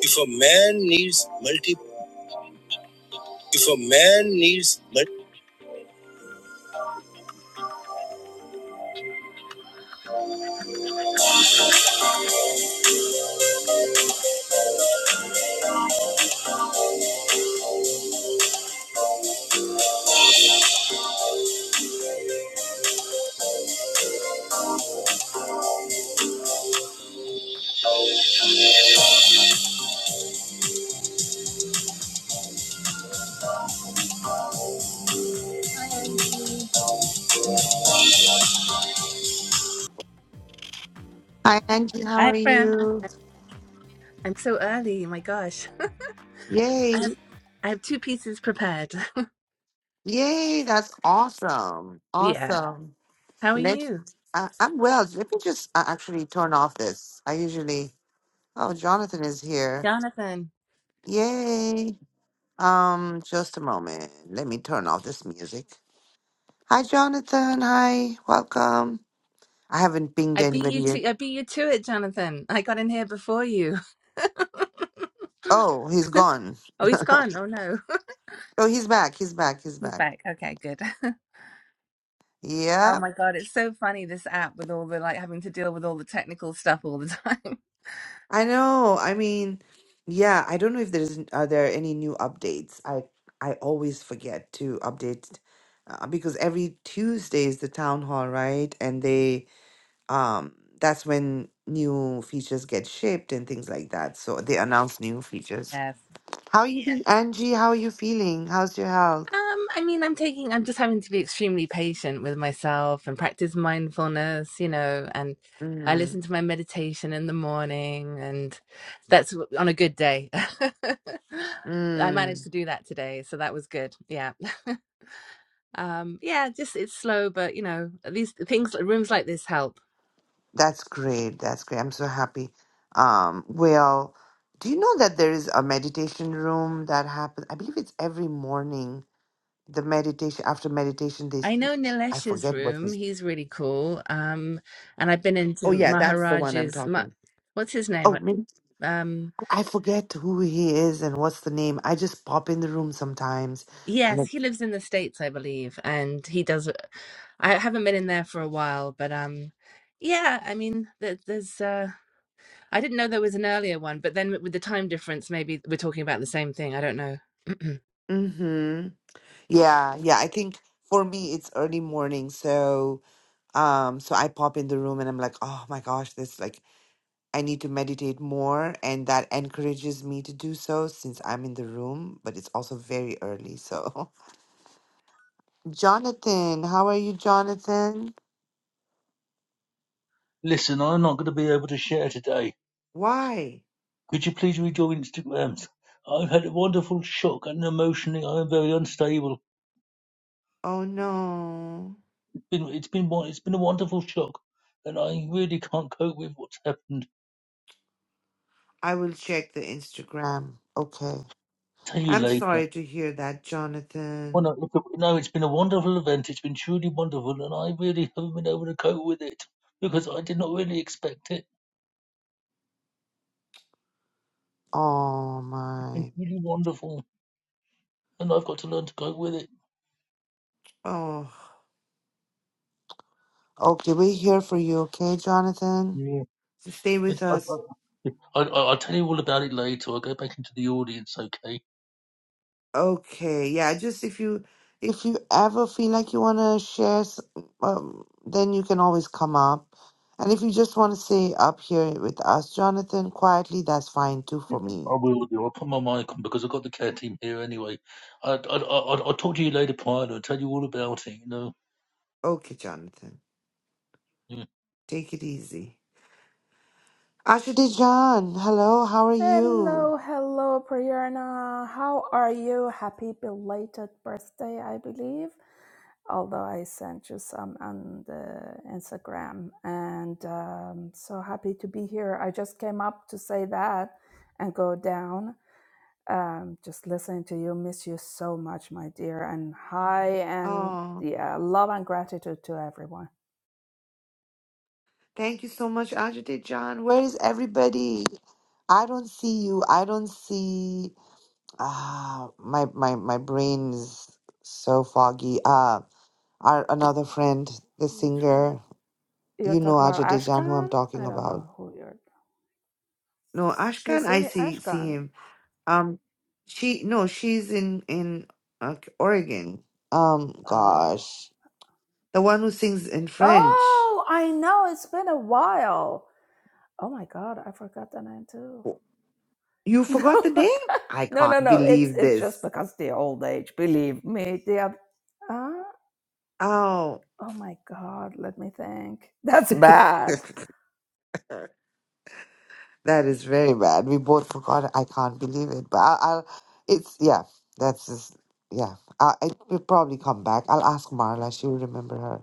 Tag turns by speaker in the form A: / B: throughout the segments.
A: If a man needs multi, if a man needs multi, hi Angie, how are
B: Hi, Brianna.
A: you?
B: I'm so early. My gosh, I have
A: Yay,
B: I have two pieces prepared.
A: yay, that's awesome,
B: Yeah.
A: awesome.
B: How are
A: Let's.
B: you,
A: I, I'm well. Let me just uh, actually turn off this. I usually. Oh, Jonathan is here.
B: Jonathan?
A: Yay. Um, just a moment. Let me turn off this music. Hi, Jonathan. Hi, welcome. I haven't pinged
B: I beat
A: anybody
B: you
A: yet.
B: to I beat you to it, Jonathan. I got in here before you.
A: Oh, he's gone.
B: Oh, he's gone. Oh no,
A: Oh, he's back. He's back. He's
B: he's
A: back.
B: back. Okay, good.
A: Yeah.
B: Oh my God, it's so funny this app with all the like having to deal with all the technical stuff all the time.
A: I know. I mean, yeah, I don't know if there's are there any new updates. I I always forget to update uh, because every Tuesday is the town hall, right? And they um that's when new features get shipped and things like that. So they announce new features.
B: Yes.
A: How are you been, Angie? How are you feeling? How's your health?
B: Um, I mean, I'm taking, I'm just having to be extremely patient with myself and practice mindfulness, you know, and I
A: Mm.
B: listen to my meditation in the morning, and that's w- on a good day. I
A: Mm.
B: managed to do that today, so that was good. Yeah. Um, yeah, just it's slow, but you know, at least things rooms like this help.
A: That's great. That's great. I'm so happy. Um, well, do you know that there is a meditation room that happens? I believe it's every morning. The meditation after meditation, they s-
B: I know
A: I
B: Nilesh's
A: forget what
B: room,
A: this.
B: he's really cool. Um, and I've been
A: Oh
B: into
A: yeah, that's the one I'm
B: Maharaj's, Ma-
A: talking.
B: what's his name?
A: Oh,
B: Uh,
A: maybe,
B: Um,
A: I forget who he is and what's the name. I just pop in the room sometimes. And
B: Yes,
A: it.
B: he lives in the States, I believe, and he does. uh, I haven't been in there for a while, but um, yeah, I mean, there, there's. Uh, I didn't know there was an earlier one, but then with the time difference, maybe we're talking about the same thing. I don't know.
A: mm-hmm. Yeah, yeah. I think for me it's early morning, so um, so I pop in the room and I'm like, oh my gosh, this like I need to meditate more, and that encourages me to do so since I'm in the room, but it's also very early. So, Jonathan, how are you, Jonathan?
C: Listen, I'm not going to be able to share today.
A: Why?
C: Could you please read your Instagrams? I've had a wonderful shock, and emotionally, I am very unstable.
A: Oh no.
C: It's been, it's been, won- it's been a wonderful shock, and I really can't cope with what's happened.
A: I will check the Instagram. Okay.
C: Tell you
A: I'm
C: later.
A: sorry to hear that,
C: Well,
A: Jonathan.
C: no, look, no, it's been a wonderful event. It's been truly wonderful, and I really haven't been able to cope with it because I did not really expect it.
A: Oh
C: It's been
A: my.
C: really wonderful, and I've got to learn to cope with it.
A: Oh. Okay, we're here for you, okay, Jonathan?
C: Yeah.
A: So stay
C: I,
A: with us.
C: I, I, I- I'll tell you all about it later. I'll go back into the audience, okay?
A: Okay, yeah, just if you if you ever feel like you want to share, s- um, then you can always come up. And if you just want to stay up here with us, Jonathan, quietly, that's fine too
C: Yeah,
A: for me.
C: I will do. I'll put my mic on because I've got the care team here anyway. I, I, I, I- I'll talk to you later, Pyle. I'll tell you all about it. You know.
A: Okay, Jonathan, take it easy. ajay hello, how are you? Oh, thank you so much, Ajay-Jan. is everybody? I don't see you. I don't see. Ah, my my my brain is so foggy. Uh our another friend, the singer. You know Ajay Dejan, who I'm talking about. No, Ashkan, I see see him. Um, she no, she's in in uh, Oregon. Um, gosh, the one who sings in French. You forgot the name? I can't believe this. Oh. That is very bad. We both forgot. I can't believe it. But I, I'll, it's, yeah, that's just, yeah. I, it will probably come back. I'll ask Marla. She'll remember her.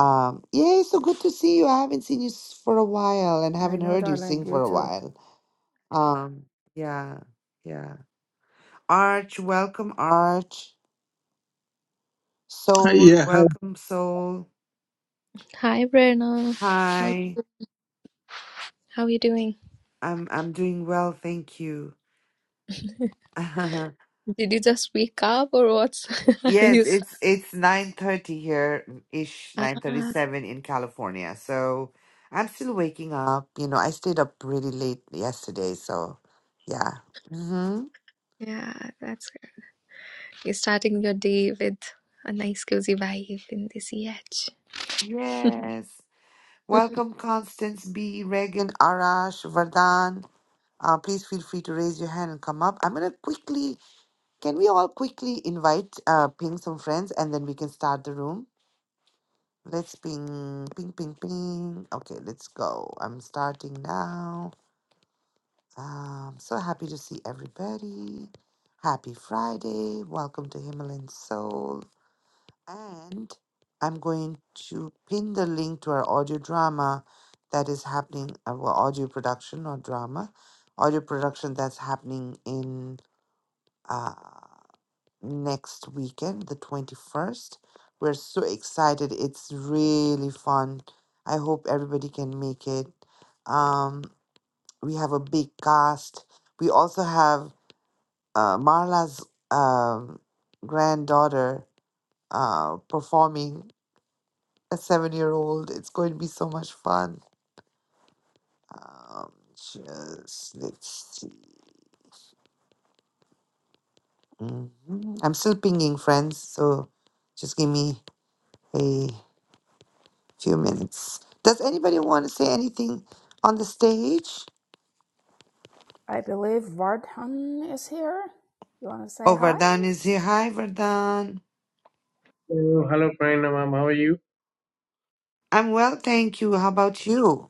A: Um, yay, so good to see you. I haven't seen you s- for a while and haven't heard you sing for a while. Um, yeah, yeah. Arch, welcome, Arch.
D: Uh,
A: Soul,
D: Yeah,
A: welcome, Soul.
E: Hi, Brenna. How
A: Hi.
E: how you doing?
A: I'm I'm doing well, thank you.
E: Did you just wake up or what's are
A: Yes,
E: you s-
A: it's it's 9:30 here ish,
E: Ah,
A: 9:37 in California. So I'm still waking up. You know, I stayed up really late yesterday, so yeah. Mm-hmm.
E: yeah, that's good. You're starting your day with a nice cozy vibe in the CH.
A: Yes. Welcome Constance B, Regan, Arash, Vardhan. Uh, please feel free to raise your hand and come up. I'm gonna quickly, can we all quickly invite, uh, ping some friends and then we can start the room? Let's ping, ping, ping, ping. Okay, let's go. I'm starting now. Um, so happy to see everybody. Happy Friday. Welcome to Himalayan Soul. And I'm going to pin the link to our audio drama that is happening, uh, well, audio production or drama, audio production that's happening in uh, next weekend, the 21st. We're so excited. It's really fun. I hope everybody can make it. Um, we have a big cast. We also have uh, Marla's um, granddaughter uh, performing a seven year old. It's going to be so much fun. Um, just let's see. Mhm. I'm still pinging friends, so just give me a few minutes. Does anybody want to say anything on the stage? Oh, Vardhan is here. Hi, Vardhan.
F: Oh, hello, Pranam. ma'am. How are you?
A: I'm well, thank you. How about you?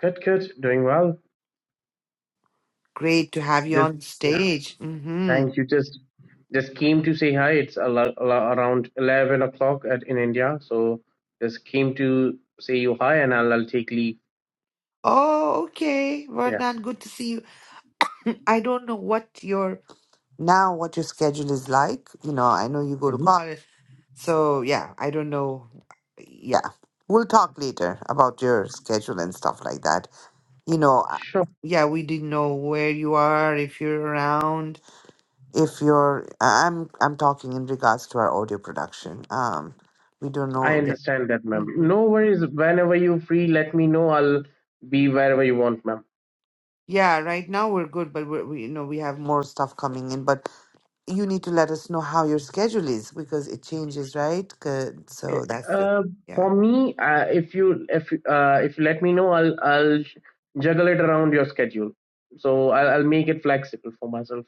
F: Good, good. Doing well.
A: Great to have you
F: Just
A: on the
F: yeah.
A: stage. Mm-hmm.
F: Thank you. Just just came to say hi. It's a lo- lo- around eleven o'clock at in India, so just came to say you hi, and I'll, I'll take leave.
A: Oh, okay,
F: Yeah.
A: Vernon, good to see you. I don't know what your now what your schedule is like. You know, I know you go to
F: hmm
A: college. So, yeah, I don't know. Yeah. We'll talk later about your schedule and stuff like that. You know, I-
F: Sure.
A: yeah, we didn't know where you are, if you're around, if you're I- I'm I'm talking in regards to our audio production. Um, we don't
F: I
A: know. Yeah,
F: understand that, ma'am.
A: Mhm.
F: No worries. Whenever you're free, let me know. I'll be wherever you want, ma'am.
A: Yeah, right now we're good, but we're, we you know we have more stuff coming in, but you need to let us know how your schedule is because it changes, right? Good. So that's the
F: Uh,
A: yeah.
F: for me, uh, if you if uh, if you let me know, I'll I'll juggle it around your schedule. So I'll, I'll make it flexible for myself.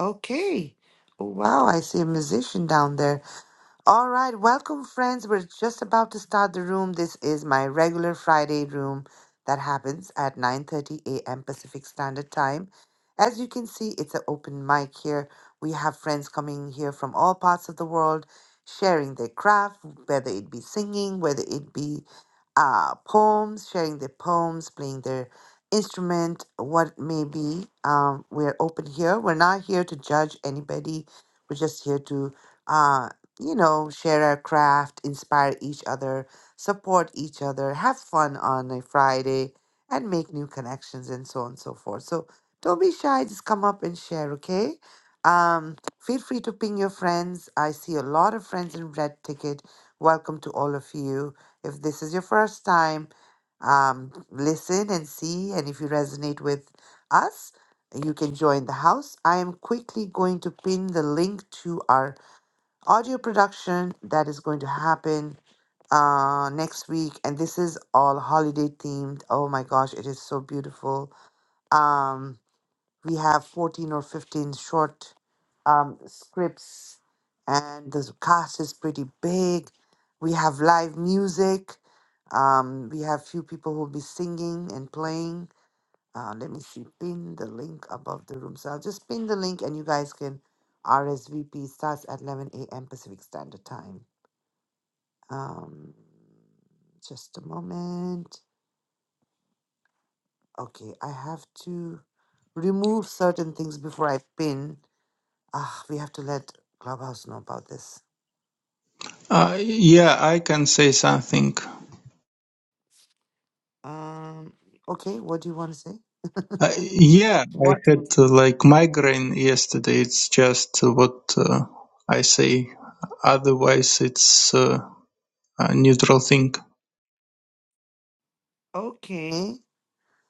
A: Okay. Wow, I see a musician down there. All right, welcome, friends. We're just about to start the room. This is my regular Friday room that happens at 9:30 a.m. Pacific Standard Time. As you can see, it's an open mic here. We have friends coming here from all parts of the world, sharing their craft, whether it be singing, whether it be uh, poems, sharing their poems, playing their instrument, what it may be. Um, we're open here. We're not here to judge anybody. We're just here to. Uh, you know, share our craft, inspire each other, support each other, have fun on a Friday, and make new connections and so on and so forth. So don't be shy, just come up and share, okay? Um, feel free to ping your friends. I see a lot of friends in Red Ticket. Welcome to all of you. If this is your first time, um, listen and see. And if you resonate with us, you can join the house. I am quickly going to pin the link to our audio production that is going to happen uh next week and this is all holiday themed oh my gosh it is so beautiful um we have 14 or 15 short um scripts and the cast is pretty big we have live music um we have few people who will be singing and playing uh, let me see, pin the link above the room. So I'll just pin the link and you guys can RSVP starts at 11 a.m. Pacific Standard Time. Um, just a moment. Okay, I have to remove certain things before I pin. Ah, we have to let Clubhouse know about this.
D: uh, yeah, I can say something.
A: Um, okay, what do you want to say?
D: Uh, yeah, I
A: What would
D: had uh, like migraine yesterday. It's just uh, what uh, I say. Otherwise, it's uh, a neutral thing.
A: Okay.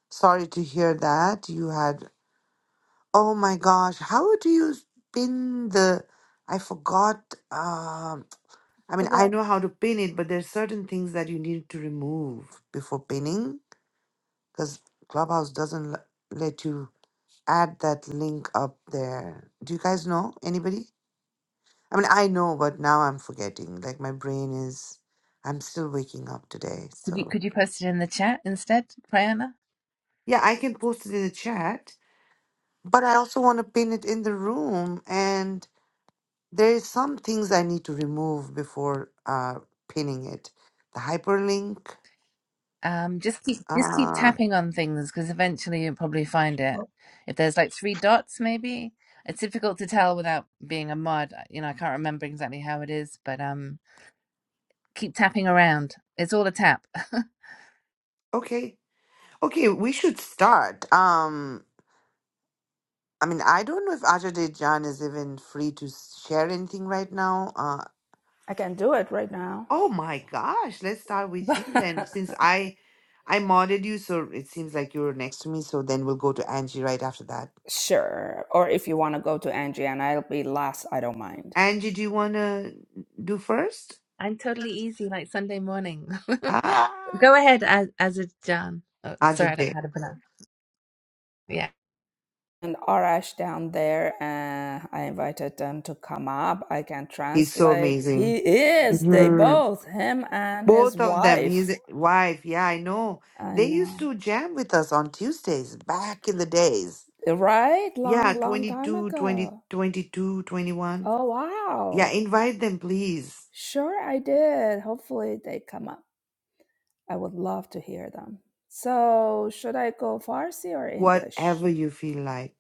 A: Sorry to hear that. You had Oh my gosh, how do you pin the? I forgot. Um, I mean, I know how to pin it, but there's certain things that you need to remove before pinning because Clubhouse doesn't l- let you add that link up there. Do you guys know anybody? I mean, I know, but now I'm forgetting. Like my brain is, I'm still waking up today.
B: Could you
A: So
B: could you post it in the chat instead, Prayana?
A: yeah, I can post it in the chat, but I also want to pin it in the room and There is some things I need to remove before uh, pinning it. The hyperlink.
B: Um, just keep just keep
A: Uh,
B: tapping on things because eventually you'll probably find it. If there's like three dots, maybe it's difficult to tell without being a mod. You know, I can't remember exactly how it is, but um, keep tapping around. It's all a tap.
A: okay. Okay, we should start. Um, I mean, I don't know if Ajay Jan is even free to share anything right now. Uh, oh my gosh, let's start with you then, since I I modded you, so it seems like you're next to me. So then we'll go to Angie right after that. Angie, do you wanna do first?
B: I'm totally easy, like Sunday morning.
A: Ah,
B: Go ahead, as as a John. Oh, sorry, I don't know
A: Ajay,
B: how to pronounce. Yeah,
A: he's so amazing. Mm-hmm. Both of them, his wife. Yeah, I know. They used to jam with us on Tuesdays back in the days. Yeah, 22, 20 22, 21. Yeah, invite them, please. Whatever you feel like.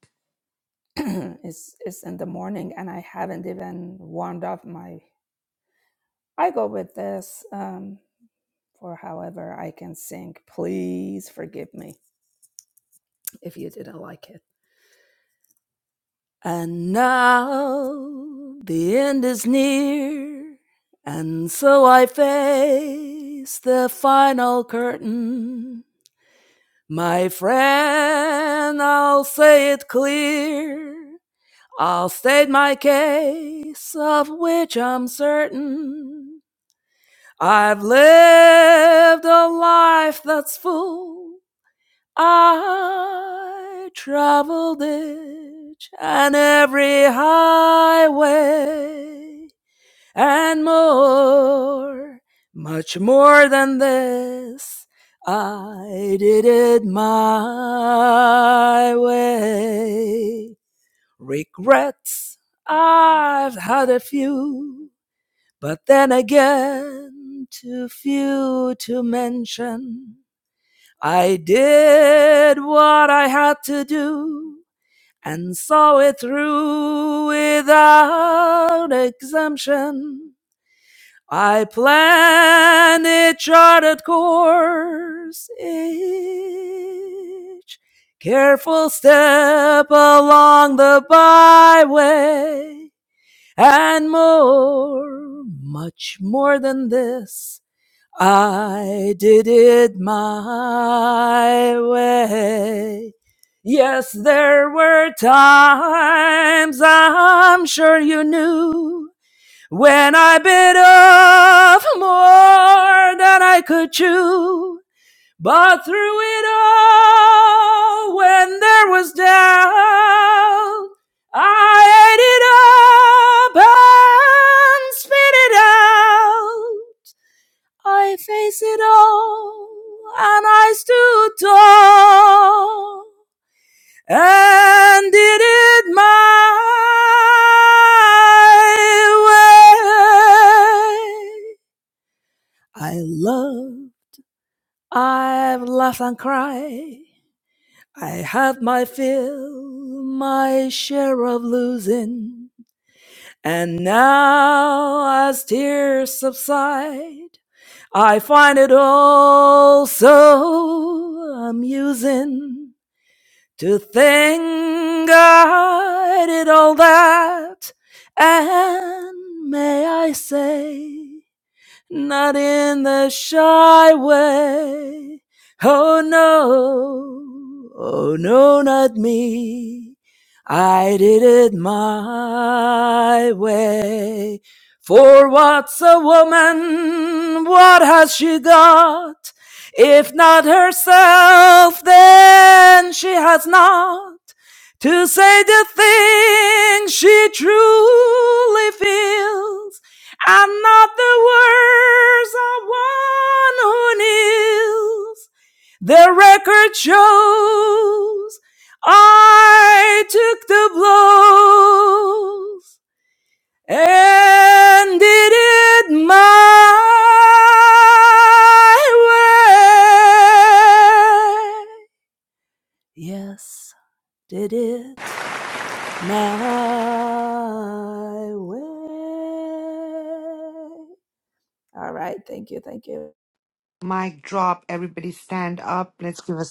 A: Mic drop. Everybody stand up. Let's give a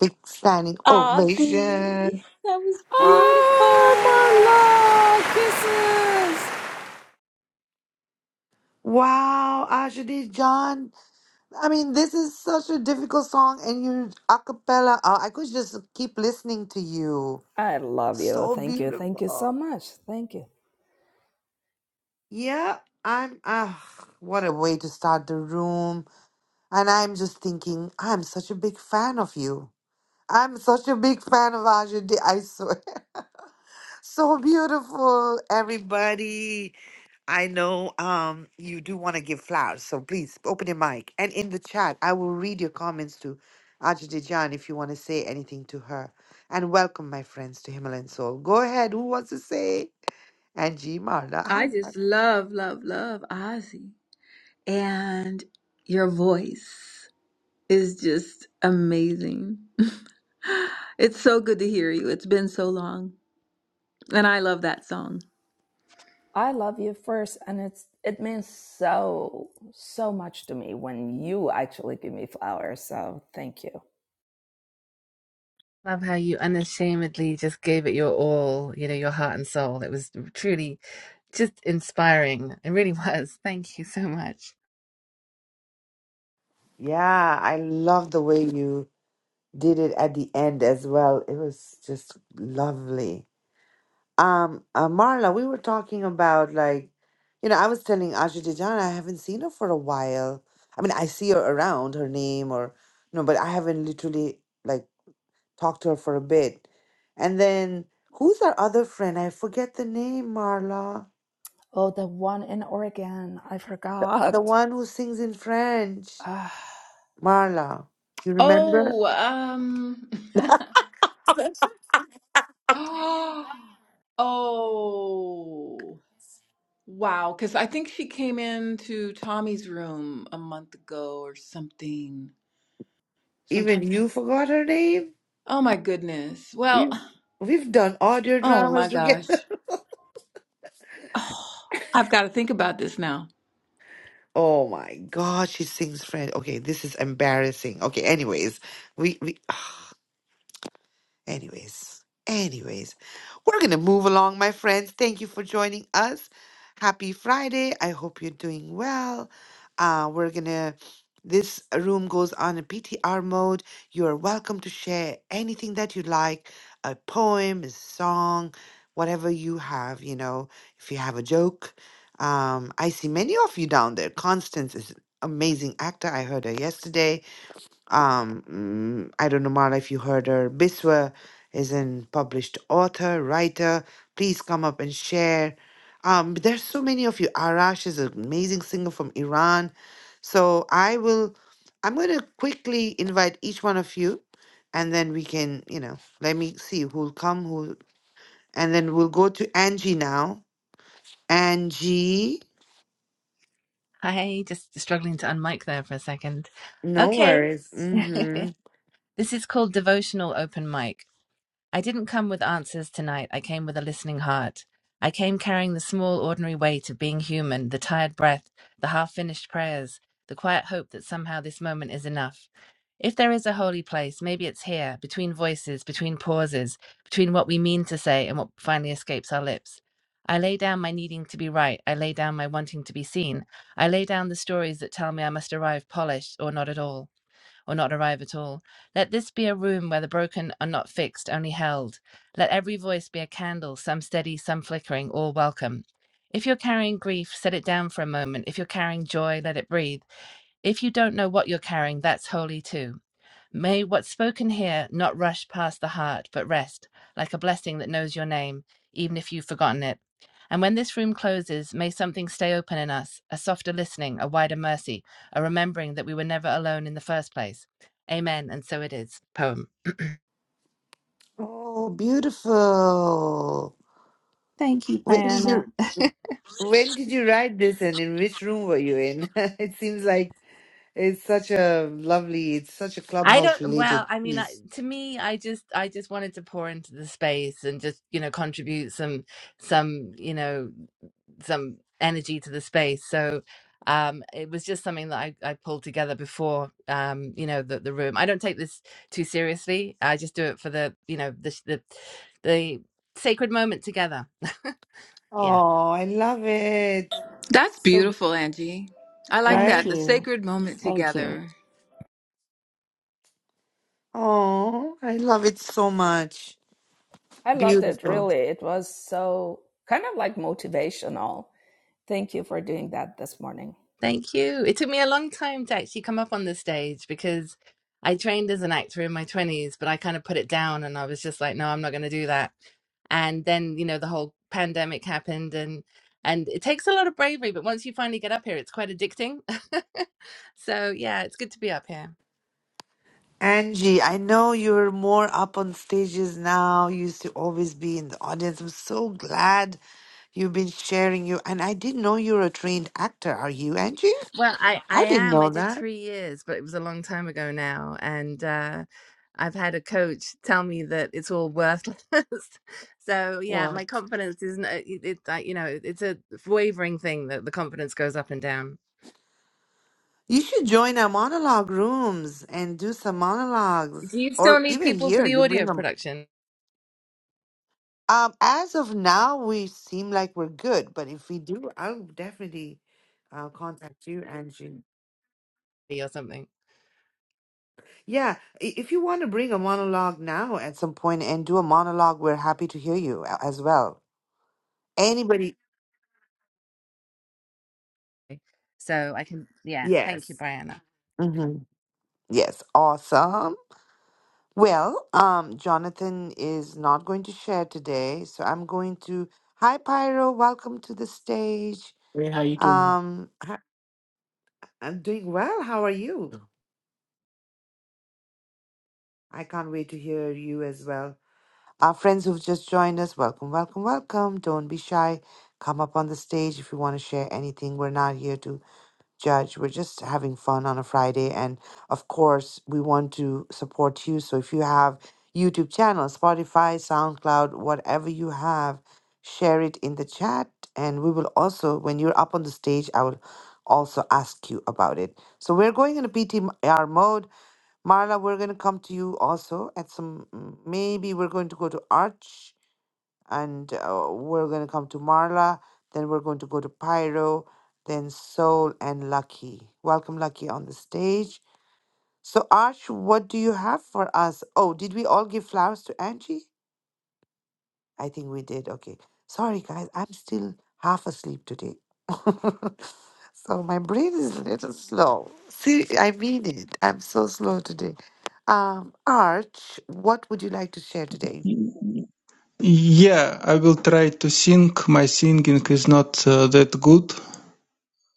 A: big standing
G: Ozzy,
A: ovation.
G: that was
A: Ah.
G: beautiful.
A: Wow, Ashadi John. I mean, this is such a difficult song, and you a cappella. Uh, I could just keep listening to you. So beautiful. Yeah, I'm. ah, what a way to start the room. And I'm just thinking, I'm such a big fan of you. I'm such a big fan of Ajay. Dee, I swear. So beautiful, everybody. I know um you do want to give flowers, so please open your mic. And in the chat, I will read your comments to Ajay Dee if you want to say anything to her. And welcome, my friends, to Himalayan Soul. Go ahead. Who wants to say? Angie Marla?
G: I
A: Hi.
G: just love, love, love Ozzy. And your voice is just amazing. It's so good to hear you. It's been so long. And I love that song.
B: love how you unashamedly just gave it your all. You know, your heart and soul. It was truly just inspiring. It really was. Thank you so much.
A: Yeah, I love the way you did it at the end as well. It was just lovely. Um, uh, Marla, we were talking about like, you know, I was telling Aja Dejan I haven't seen her for a while. I mean, I see her around, her name or no, but I haven't literally like talked to her for a bit. And then who's our other friend? I forget the name, Marla. The one who sings in French. Marla, you remember?
G: Oh, um. oh, oh, wow. Because I think she came into Tommy's room a month ago or something.
A: Even
G: Sometimes.
A: you forgot her name?
G: Oh my goodness. Well,
A: We've we've done audio
G: oh
A: dramas
G: my
A: together.
G: gosh. Oh, I've got to think about this now.
A: Oh my God, she sings French. Okay, this is embarrassing. Okay, anyways, we we ah. Anyways, anyways, we're going to move along, my friends. Thank you for joining us. Happy Friday. I hope you're doing well. Uh, we're going to, this room goes on a PTR mode. You are welcome to share anything that you like a poem, a song, whatever you have, you know, if you have a joke. Um, I see many of you down there. Constance is an amazing actor. I heard her yesterday um, mm, I don't know, Mara, if you heard her. Biswa is an published author, writer. Please come up and share. Um, but there's so many of you. Arash is an amazing singer from Iran. So I will, I'm going to quickly invite each one of you, and then we can, you know, let me see who'll come, who, and then we'll go to Angie now. Angie,
B: Hi, just struggling to unmic there for a second.
A: no
B: Okay.
A: worries. Mm-hmm.
B: this is called Devotional Open Mic. I didn't come with answers tonight. I came with a listening heart. I came carrying the small, ordinary weight of being human, the tired breath, the half finished prayers, the quiet hope that somehow this moment is enough. If there is a holy place, maybe it's here, between voices, between pauses, between what we mean to say and what finally escapes our lips. I lay down my needing to be right. I lay down my wanting to be seen. I lay down the stories that tell me I must arrive polished or not at all or not arrive at all. Let this be a room where the broken are not fixed, only held. Let every voice be a candle, some steady, some flickering, all welcome. If you're carrying grief, set it down for a moment. If you're carrying joy, let it breathe. If you don't know what you're carrying, that's holy too. May what's spoken here not rush past the heart, but rest, like a blessing that knows your name, even if you've forgotten it. And when this room closes, may something stay open in us a softer listening, a wider mercy, a remembering that we were never alone in the first place. Amen. And so it is. Poem.
A: Oh, beautiful. When did
B: Diana.
A: you? When did you write this and in which room were you in? It seems like it's such a lovely, it's such a
B: I
A: clubhouse
B: don't, well,
A: related
B: I mean, I,
A: piece.
B: to me, I just, I just wanted to pour into the space and just, you know, contribute some, some, you know. some energy to the space. So um, it was just something that I, I pulled together before, um, you know, the, the room. I don't take this too seriously. I just do it for the, you know, the, the, the sacred moment together. Yeah.
A: Oh, I love it.
G: That's
A: So,
G: beautiful, Angie. I like
B: Thank
G: that.
A: right?
G: The
B: you.
G: sacred moment
B: Thank you.
G: together.
A: Oh, I love it so much. Beautiful.
B: Thank you. It took me a long time to actually come up on the stage because I trained as an actor in my 20s, but I kind of put it down and I was just like, no, I'm not going to do that. And then, you know, the whole pandemic happened and and it takes a lot of bravery, but once you finally get up here, it's quite addicting. so, yeah, it's good to be up here.
A: Angie, I know you're more up on stages now. You used to always be in the audience. I'm so glad you've been sharing you. And I didn't know you're a trained actor. Are you, Angie?
B: Well, I I
A: I didn't
B: am. I
A: know
B: did
A: that.
B: three years, but it was a long time ago now, and uh, I've had a coach tell me that it's all worthless. so yeah,
A: What?
B: my confidence isn't. It's it, it- like you know, it's a wavering thing that the confidence goes up and down.
A: You should join our monologue rooms and do some monologues,
B: Do you still
A: or
B: need
A: even
B: people for
A: here,
B: the
A: you bring
B: audio
A: them.
B: production
A: Um, as of now, we seem like we're good, but if we do, I'll definitely uh, contact you, Angie.
B: or something?
A: Yeah, i- if you want to bring a monologue now at some point and do a monologue, we're happy to hear you a- as well. Anybody?
B: So I can. Yeah, thank you,
A: Yes.
B: Brianna.
A: hmm Yes. Awesome. Well, um, Jonathan is not going to share today, so I'm going to. Hi, Pyro. Welcome to the stage.
H: Hey, how you doing?
A: Um, h- I'm doing well. How are you? I can't wait to hear you as well. Our friends who've just joined us, welcome, welcome, welcome. Don't be shy. Come up on the stage if you want to share anything. We're not here to Judge. We're just having fun on a Friday. And of course, we want to support you. So if you have YouTube channel, Spotify, SoundCloud, whatever you have, share it in the chat. And we will also, when you're up on the stage, I will also ask you about it. So we're going in a PTR mode. Marla, we're going to come to you also at some, maybe we're going to go to Arch and uh, we're going to come to Marla. Then we're going to go to Pyro, then Soul, and Lucky. Welcome, Lucky, on the stage. So, Arch, what do you have for us? Oh, did we all give flowers to Angie? I think we did. Okay. Sorry, guys. I'm still half asleep today. so, my brain is a little slow. See, I mean it. I'm so slow today. Um, Arch, what would you like to share today?
D: Yeah, I will try to sing. My singing is not uh, that good,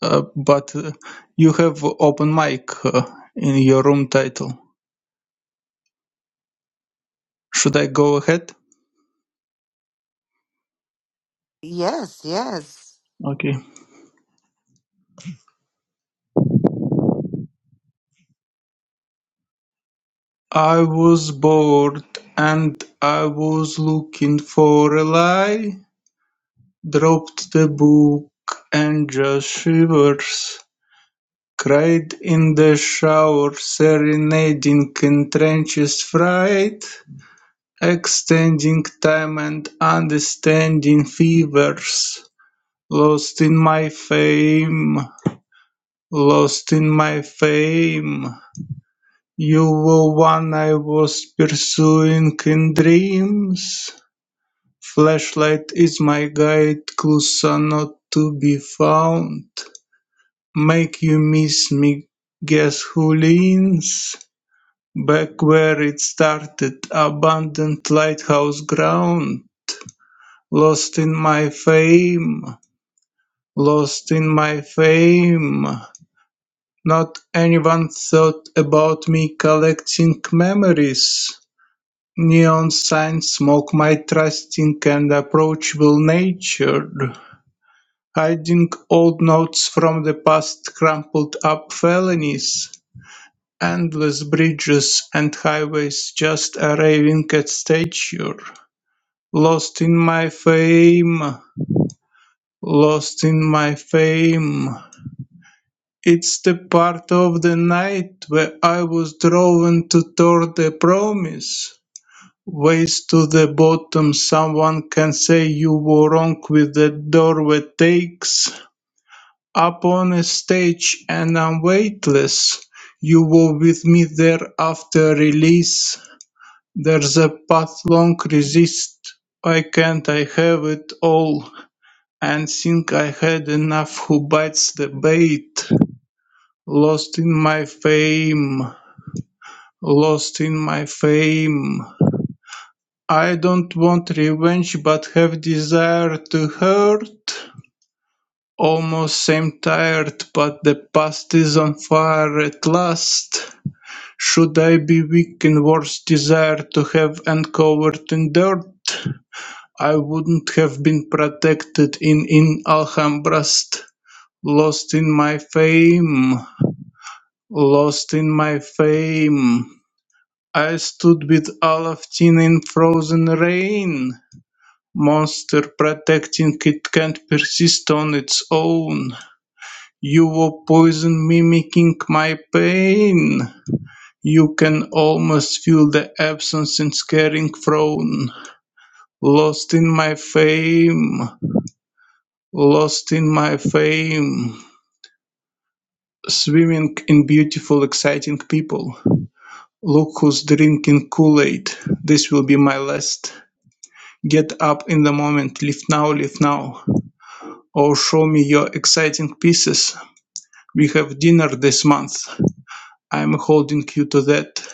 D: uh, but uh, you have open mic uh, in your room title. Should I go ahead?
A: Yes, yes.
D: Okay. I was bored and I was looking for a lie, dropped the book and just shivers, cried in the shower, serenading entrenches fright, extending time and understanding fevers, lost in my fame, lost in my fame. You were one I was pursuing in dreams. Flashlight is my guide, Clusa not to be found. Make you miss me, guess who leans? Back where it started, abandoned lighthouse ground. Lost in my fame, lost in my fame. Not anyone thought about me collecting memories. Neon signs mock my trusting and approachable nature. Hiding old notes from the past, crumpled up felonies, endless bridges and highways just arriving at stature. Lost in my fame, lost in my fame. It's the part of the night where I was drawn to toward the promise. ways to the bottom, someone can say you were wrong with that door that takes Up on a stage and I'm weightless. You were with me there after release. There's a path long resist. Why can't I have it all? And think I had enough who bites the bait. Lost in my fame. Lost in my fame. I don't want revenge but have desire to hurt. Almost am tired, but the past is on fire at last. Should I be weak in worse desire to have uncovered in dirt? I wouldn't have been protected in in Alhambrast. Lost in my fame, lost in my fame. I stood with Alaftin in frozen rain. Monster protecting it can't persist on its own. You were poison mimicking my pain. You can almost feel the absence in scaring frown. Lost in my fame, lost in my fame. Swimming in beautiful, exciting people. Look who's drinking Kool Aid. This will be my last. Get up in the moment, live now, live now. Or show me your exciting pieces. We have dinner this month. I'm holding you to that.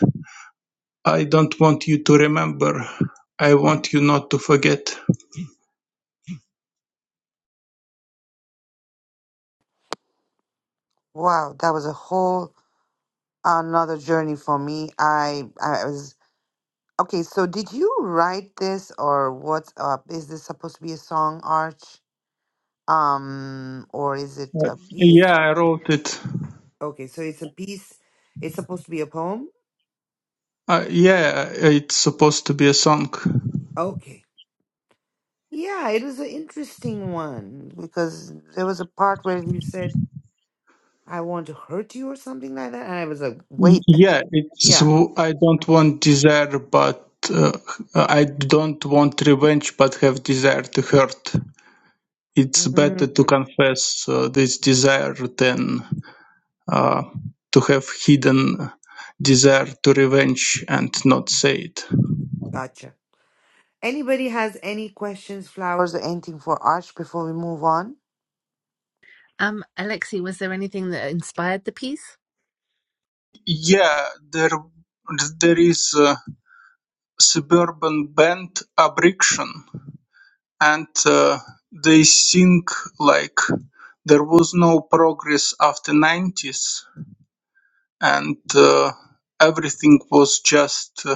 D: I don't want you to remember. I want you not to forget.
A: Wow, that was a whole another journey for me. I I was okay. So did you write this or what's up? Is this supposed to be a song, Arch? Um, or is it a piece?
D: Yeah, I wrote it.
A: Okay, so it's a piece. It's supposed to be a poem.
D: Uh, yeah, it's supposed to be a song.
A: Okay. Yeah, it was an interesting one because there was a part where you said, "I want to hurt you" or something like that, and I was like, "Wait,
D: Yeah, it's
A: yeah,
D: I don't want desire, but uh, I don't want revenge, but have desire to hurt. It's
A: mhm,
D: better to confess uh, this desire than uh, to have hidden desire to revenge and not say it.
A: gotcha." Anybody has any questions, flowers, or anything for Arch before we move on?
B: Um, Alexi, was there anything that inspired the piece,
D: Yeah, there there is a suburban band Abriction, and uh, they sing like there was no progress after 90s and uh, everything was just uh,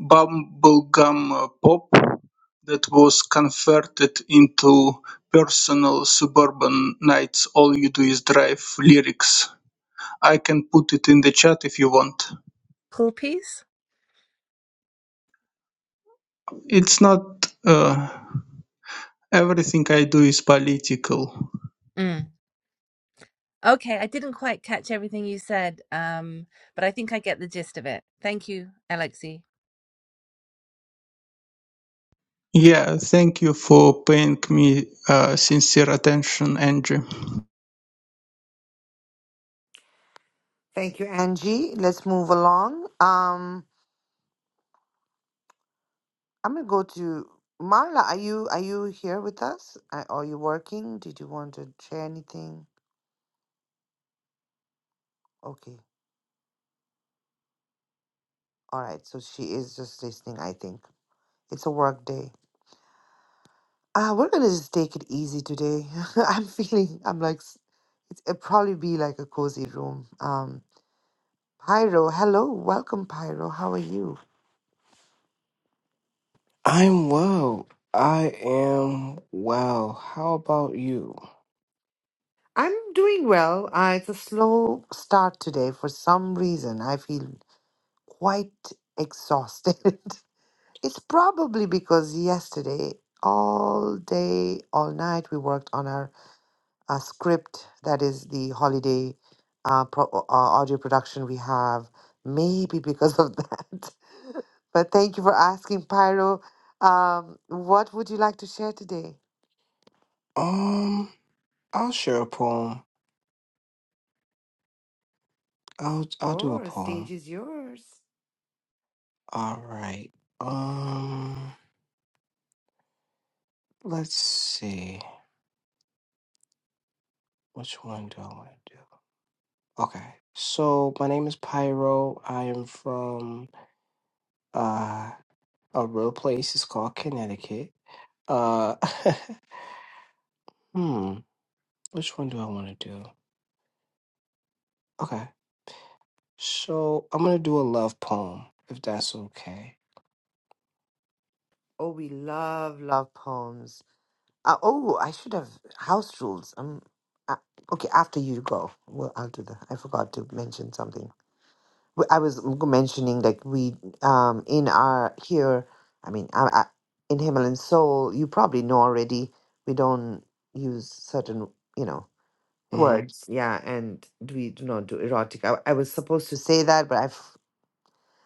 D: bubblegum uh, pop that was converted into personal suburban nights all you do is drive lyrics i can put it in the chat if you want
B: whole piece?
D: it's not uh, Everything I do is political.
B: Okay, I didn't quite catch everything you said, um, but I think I get the gist of it. Thank you, Alexi.
D: Yeah, thank you for paying me uh, sincere attention, Andrew.
A: Thank you, Angie. Let's move along. Um, I'm gonna go to Marla. Are you are you here with us? Are are you working? Did you want to share anything? Okay. All right. So she is just listening. I think it's a work day. Uh, we're gonna just take it easy today. I'm feeling. I'm like, s- it's, it'll probably be like a cozy room. Um, Pyro, hello, welcome, Pyro. How are you?
H: I'm well. I am well. How about you?
A: I'm doing well. Uh, it's a slow start today for some reason. I feel. quite exhausted. it's probably because yesterday, all day, all night, we worked on our uh, script that is the holiday uh, pro- uh, audio production we have. Maybe because of that. But thank you for asking, Pyro. Um, what would you like to share today?
H: Um, I'll share a poem. I'll I'll do a
A: Sure, stage
H: poem.
A: is yours.
H: All right. Um, let's see. Which one do I want to do? Okay. So my name is Pyro. I am from uh a real place. It's called Connecticut. Uh, hmm. Which one do I want to do? Okay. So I'm gonna do a love poem, if that's okay.
A: Oh, we love love poems. Uh, oh, I should have house rules. Um, uh, okay, after you go, well, I'll do that. I forgot to mention something. W- I was m- mentioning like we um in our here. I mean, I, I, in Himalayan Soul, you probably know already. We don't use certain, you know,
H: hmm
A: words. Yeah, and we do not do erotic. I, I was supposed to say that, but I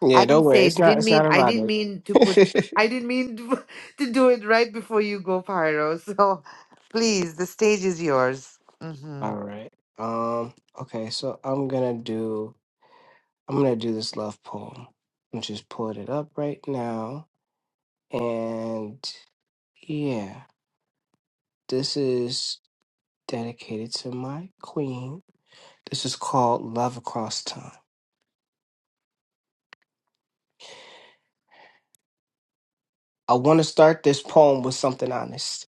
H: Yeah,
A: I
H: don't
A: didn't
H: worry.
A: say
H: It's not.
A: didn't
H: It's not
A: mean I didn't
H: erotic.
A: mean to put I didn't mean to, to do it right before you go pyro. So please, the stage is yours. hmm
H: All right. Um. Okay. So I'm gonna do. I'm gonna do this love poem. I'm just pulling it up right now, and yeah, this is dedicated to my queen. This is called Love Across Time. I want to start this poem with something honest,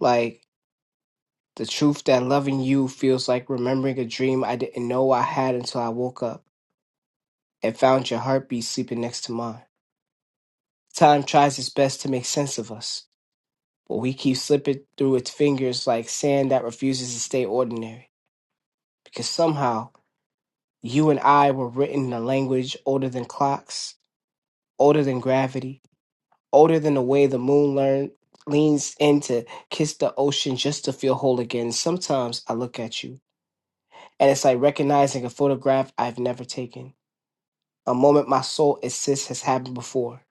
H: like. The truth that loving you feels like remembering a dream I didn't know I had until I woke up and found your heartbeat sleeping next to mine. Time tries its best to make sense of us, but we keep slipping through its fingers like sand that refuses to stay ordinary. Because somehow, you and I were written in a language older than clocks, older than gravity, older than the way the moon learn, leans in to kiss the ocean just to feel whole again. Sometimes I look at you, and it's like recognizing a photograph I've never taken A moment my soul insists has happened before,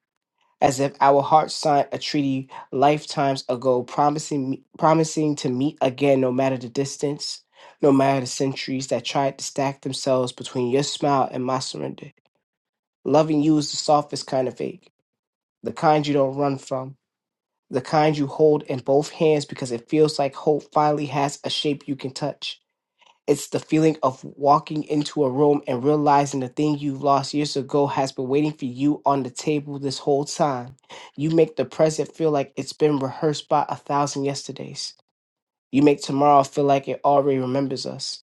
H: as if our hearts signed a treaty lifetimes ago, promising promising to meet again, no matter the distance, no matter the centuries that tried to stack themselves between your smile and my surrender. Loving you is the softest kind of ache, the kind you don't run from, the kind you hold in both hands because it feels like hope finally has a shape you can touch it's the feeling of walking into a room and realizing the thing you lost years ago has been waiting for you on the table this whole time. You make the present feel like it's been rehearsed by a thousand yesterdays. You make tomorrow feel like it already remembers us.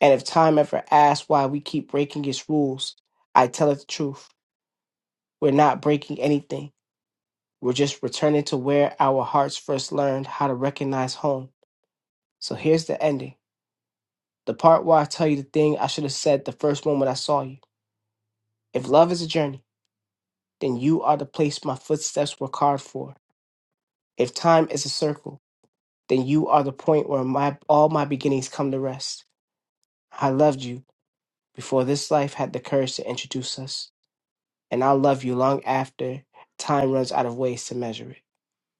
H: And if time ever asks why we keep breaking its rules, I tell it the truth. We're not breaking anything. We're just returning to where our hearts first learned how to recognize home. So here's the ending. The part where I tell you the thing I should have said the first moment I saw you If love is a journey, then you are the place my footsteps were carved for. If time is a circle, then you are the point where my all my beginnings come to rest. I loved you before this life had the courage to introduce us, and I'll love you long after time runs out of ways to measure it.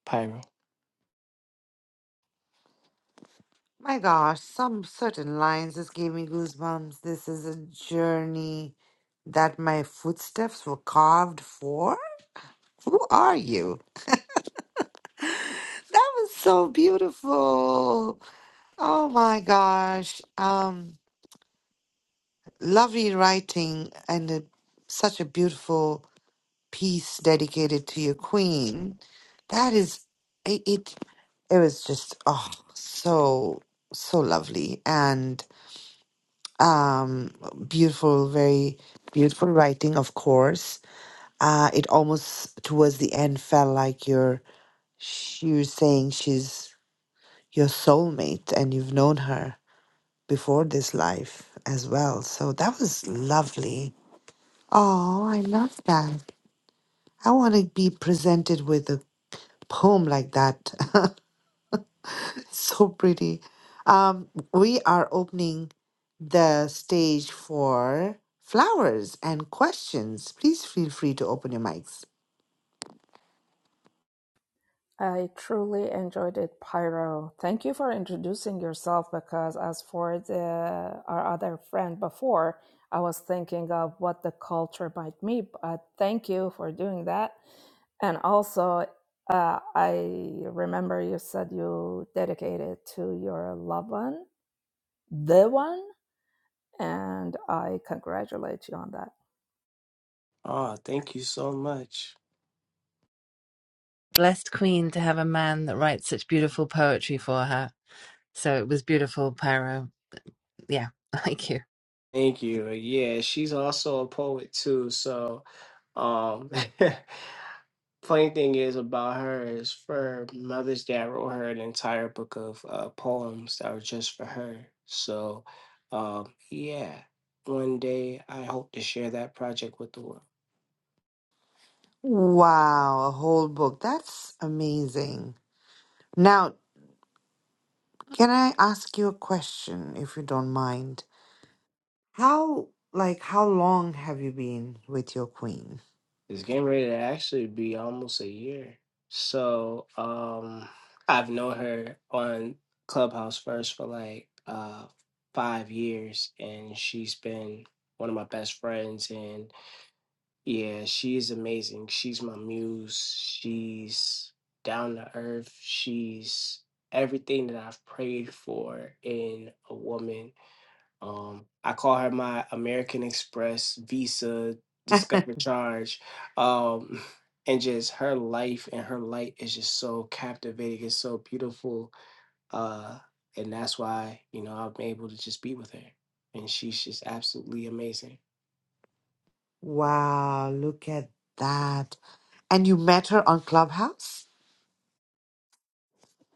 H: Pyro.
A: My gosh, some certain lines just gave me goosebumps. This is a journey that my footsteps were carved for. Who are you? That was so beautiful. Oh my gosh. Um lovely writing and a, such a beautiful piece dedicated to your queen. That is it. It, it was just oh so so lovely and um beautiful, very beautiful writing. Of course, uh, it almost towards the end felt like you're she was saying she's your soulmate and you've known her before this life as well. So that was lovely. Oh, I love that. I want to be presented with a poem like that. so pretty. Um, we are opening the stage for flowers and questions. Please feel free to open your mics.
H: Oh, thank you so much.
B: Blessed queen to have a man that writes such beautiful poetry for her. So it was beautiful, Pyro. Yeah, thank you.
H: Thank you. Yeah, she's also a poet too, so um funny thing is about her is for Mother's Day, I wrote her an entire book of uh, poems that were just for her. So, um, yeah, one day I hope to share that project with the world.
A: Wow, a whole book. That's amazing. Now, can I ask you a question if you don't mind? How like how long have you been with your queen?
H: It's getting ready to actually be almost a year. So, um, I've known her on Clubhouse first for like uh, five years, and she's been one of my best friends. and. Yeah, she's amazing. She's my muse. She's down to earth. She's everything that I've prayed for in a woman. Um, I call her my American Express, Visa, Discover Charge. Um, and just her life and her light is just so captivating. It's so beautiful. Uh, and that's why, you know, I'm able to just be with her. And she's just absolutely amazing.
A: Wow, look at that. And you met her on Clubhouse?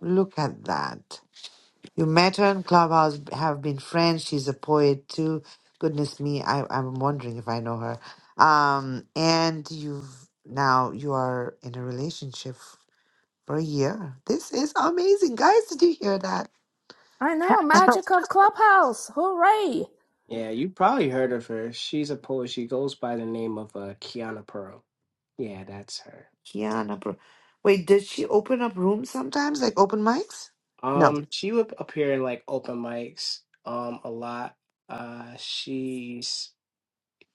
A: Look at that. You met her in Clubhouse, have been friends. She's a poet too. Goodness me, I, I'm wondering if I know her. Um, and you've now you are in a relationship for a year. This is amazing, guys. Did you hear that?
H: Yeah, you probably heard of her. She's a poet. She goes by the name of uh, Kiana Pearl. Yeah, that's her.
A: Kiana, Bro- wait, did she open up rooms sometimes, like open mics? No.
H: Um, she would appear in like open mics um a lot. Uh, she's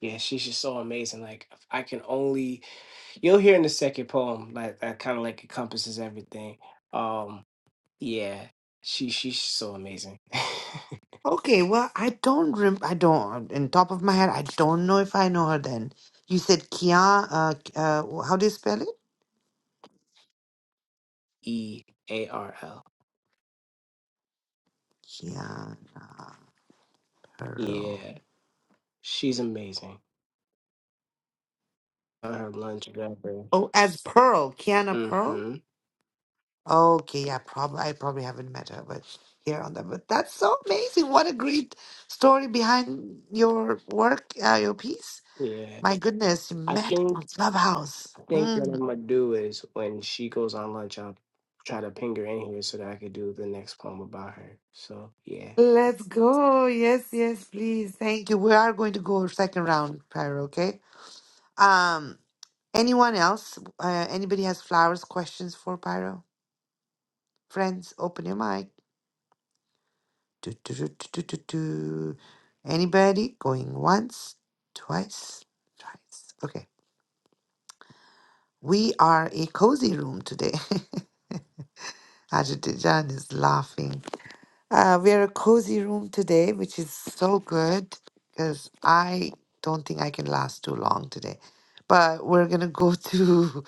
H: yeah, she's just so amazing. Like I can only you'll hear in the second poem like that kind of like encompasses everything. Um, yeah, she she's so amazing.
A: Okay, well, I don't rem- I don't in top of my head, I don't know if I know her then. You said Kia uh, uh how do you spell it?
H: E A R L.
A: Kiana.
H: Yeah, she's amazing. Her lunch grabber.
A: Oh, as Pearl, Kiana Pearl.
H: Mm-hmm.
A: Okay, yeah, probably I probably haven't met her, but here on that. But that's so amazing! What a great story behind your work, uh, your piece.
H: Yeah.
A: My goodness, you
H: I
A: met
H: think
A: on Clubhouse.
H: I think what I'm
A: Mm.
H: gonna do is when she goes on lunch, I'll try to ping her in here so that I could do the next poem about her. So yeah.
A: Let's go. Yes, yes, please. Thank you. We are going to go second round, Pyro. Okay. Um, anyone else? Uh, anybody has flowers questions for Pyro? Friends, open your mic. Do, do, do, do, do, do, do. Anybody going once, twice, thrice? Okay. We are a cozy room today. Ajitajan is laughing. Uh, we are a cozy room today, which is so good because I don't think I can last too long today. But we're going to go to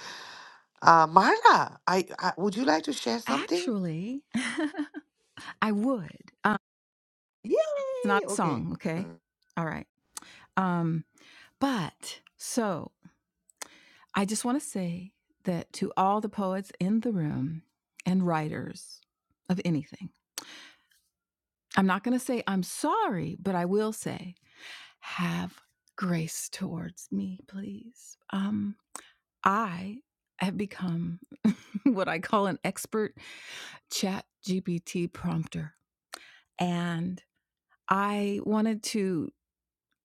A: uh, Marla. I, I, would you like to share something?
G: Actually, I would. Um, it's not
A: Yay!
G: a
A: Okay.
G: song, okay? All right. Um, but so I just want to say that to all the poets in the room and writers of anything. I'm not going to say I'm sorry, but I will say have grace towards me, please. Um, I have become what I call an expert chat GPT prompter. And I wanted to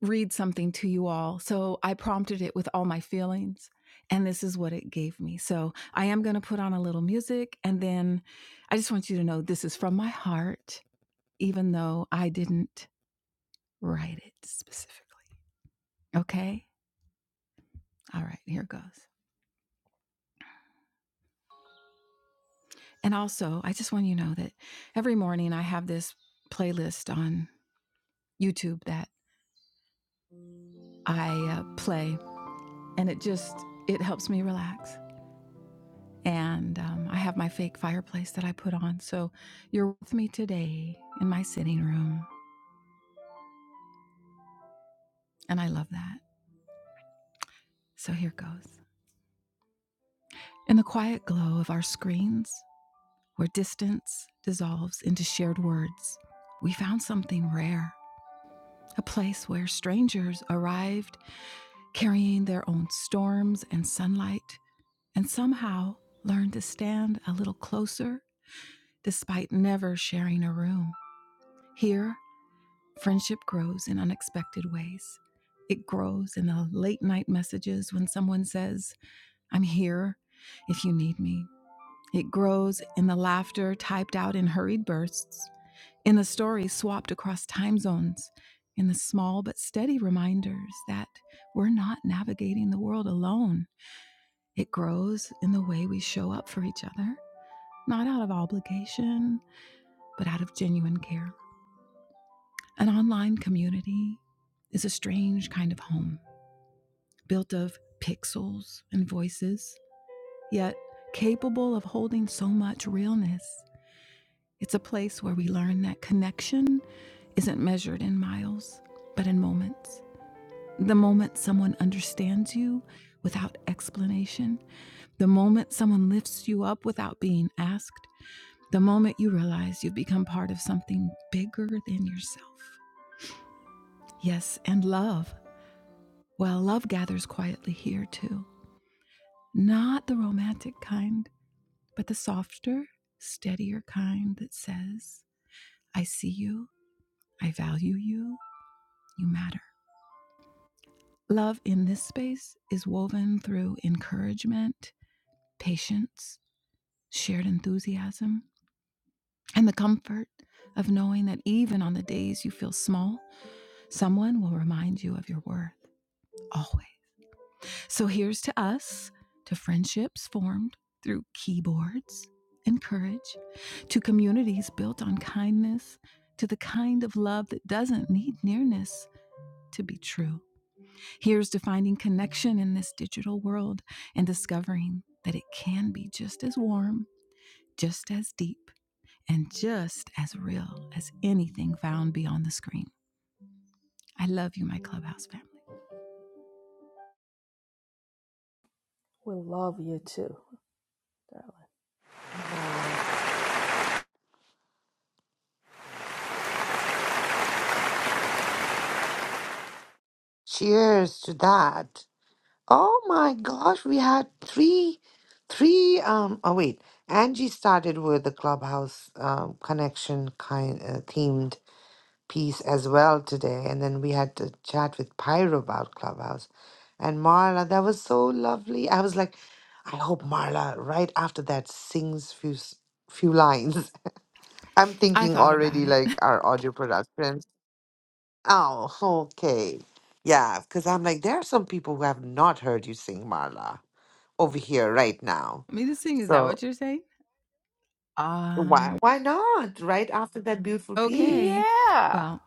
G: read something to you all. So I prompted it with all my feelings. And this is what it gave me. So I am going to put on a little music. And then I just want you to know this is from my heart, even though I didn't Write it specifically. Okay? All right, here goes. And also, I just want you to know that every morning I have this playlist on YouTube that I uh, play, and it just it helps me relax. And um, I have my fake fireplace that I put on. So you're with me today in my sitting room, and I love that. So here goes. In the quiet glow of our screens, where distance dissolves into shared words, we found something rare a place where strangers arrived carrying their own storms and sunlight, and somehow learned to stand a little closer despite never sharing a room. Here, friendship grows in unexpected ways. It grows in the late night messages when someone says, I'm here if you need me. It grows in the laughter typed out in hurried bursts in a story swapped across time zones, in the small but steady reminders that we're not navigating the world alone. It grows in the way we show up for each other, not out of obligation, but out of genuine care. An online community is a strange kind of home, built of pixels and voices, yet capable of holding so much realness. It's a place where we learn that connection isn't measured in miles, but in moments The moment someone understands you without explanation, the moment someone lifts you up without being asked, the moment you realize you've become part of something bigger than yourself. Yes, and love. Well, love gathers quietly here too. Not the romantic kind, but the softer, steadier kind that says, I see you, I value you, you matter. Love in this space is woven through encouragement, patience, shared enthusiasm, and the comfort of knowing that even on the days you feel small, someone will remind you of your worth always. So here's to us, to friendships formed through keyboards and courage, to communities built on kindness, to the kind of love that doesn't need nearness. To be true. Here's to finding connection in this digital world and discovering that it can be just as warm, just as deep and just as real as anything found beyond the screen. I love you, my Clubhouse family.
A: Wow. Cheers to that. Oh my gosh, we had three, three. Um, oh wait, Angie started with the clubhouse um, connection kind uh, themed piece as well today, and then we had to chat with Pyro about clubhouse, and Marla. That was so lovely. I was like, I hope Marla right after that sings few s- few lines. I'm
G: I
A: thinking
G: thought about
A: already
G: it.
A: like our audio production. Oh, okay, yeah, because I'm like there are some people who have not heard you sing, Marla over here right now.
G: Me to sing, is that
A: So
G: what you're saying?
A: why
G: Um,
A: why not right after that beautiful piece?
G: okay. Well,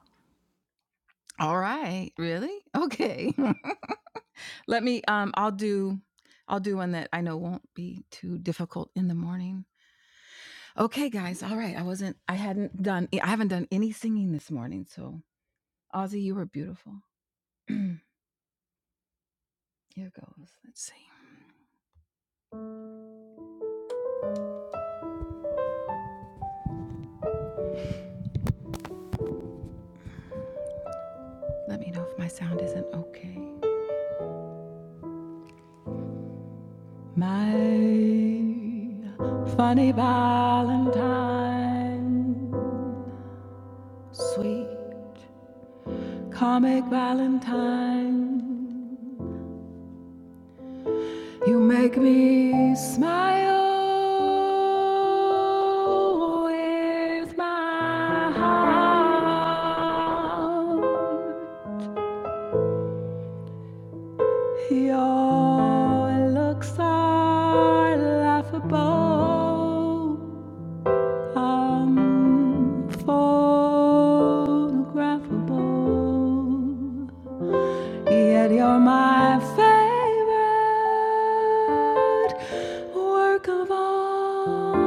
G: all right. Really? Okay. Let me um I'll do I'll do one that I know won't be too difficult in the morning. Okay, guys. All right. I wasn't I hadn't done I haven't done any singing this morning, so Ozzy, you were beautiful. Here goes. Let's see. Let me know if my sound isn't okay. My funny Valentine, sweet comic Valentine, you make me smile with my heart. Your looks are laughable, unphotographable. Yet you're my favorite work of art.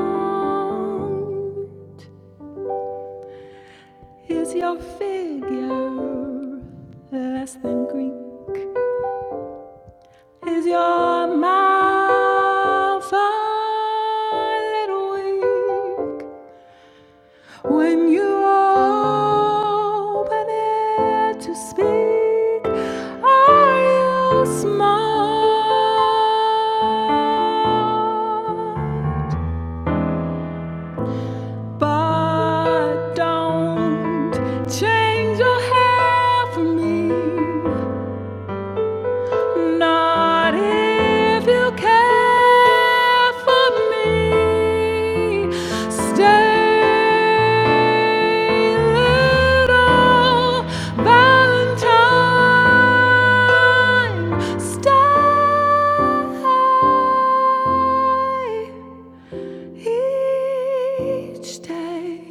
G: Is your figure less than Greek? Is your mouth a little weak when you open it to speak? Are you smart? But don't change your hair for me. Not if you care for me. Stay, little Valentine. Stay. Each day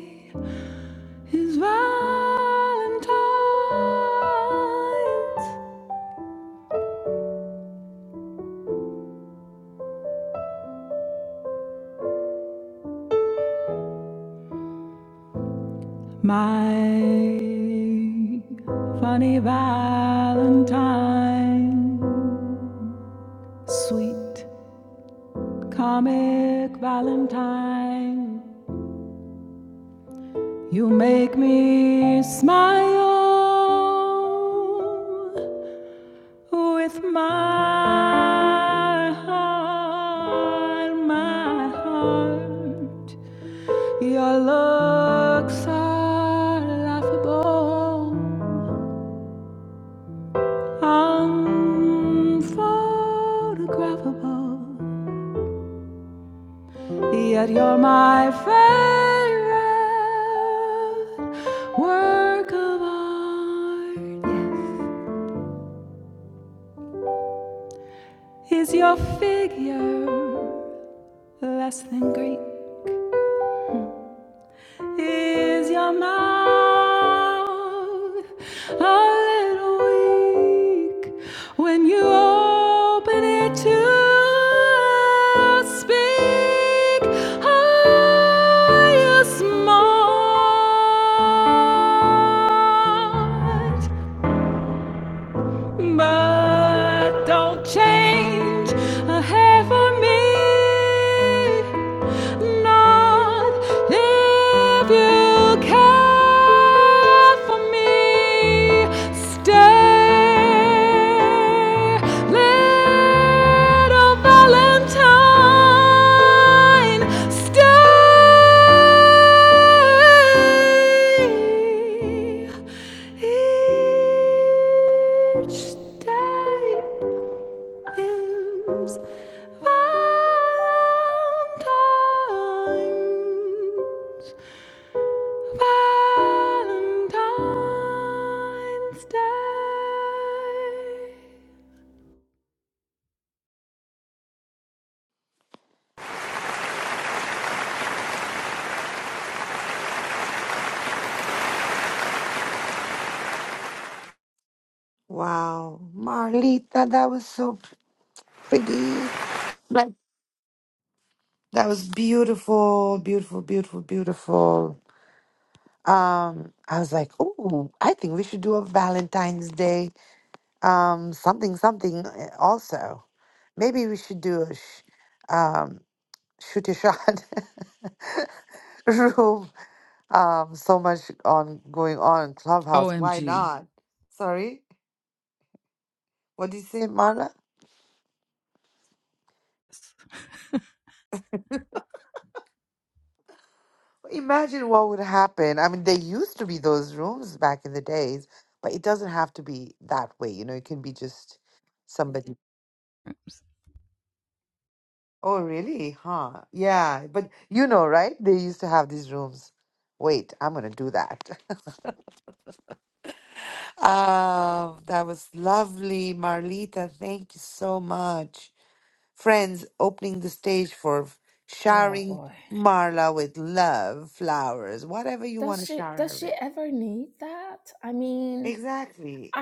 G: is Valentine's. My funny Valentine, sweet comic Valentine, you make me smile with my heart, my heart. Your looks are laughable. unphotographable. Yet you're my favorite work of art. Yes. Is your figure less than Greek? Is your mouth a little weak when you open it to speak? Are you smart? but don't change a hair for me. Not if you care for me. Stay. Little Valentine, stay each day is Valentine's. Valentine's Day.
A: Wow, Marlita, that was so p- pretty. Like that was beautiful, beautiful, beautiful, beautiful. Um, I was like, oh, I think we should do a Valentine's Day, um, something, something. uh, Also, maybe we should do a sh- um, shoot a shot room um so much on going on in Clubhouse. Why
G: OMG.
A: not? Sorry, what did you say, Marla? Imagine what would happen. I mean, there used to be those rooms back in the days, but it doesn't have to be that way. You know, it can be just somebody. Oh, really? Huh? Yeah, but you know, right? They used to have these rooms. Wait, I'm gonna do that. um, that was lovely, Marlita. Thank you so much. friends opening the stage for showering Marla with love, flowers, whatever you want to shower her with. Exactly.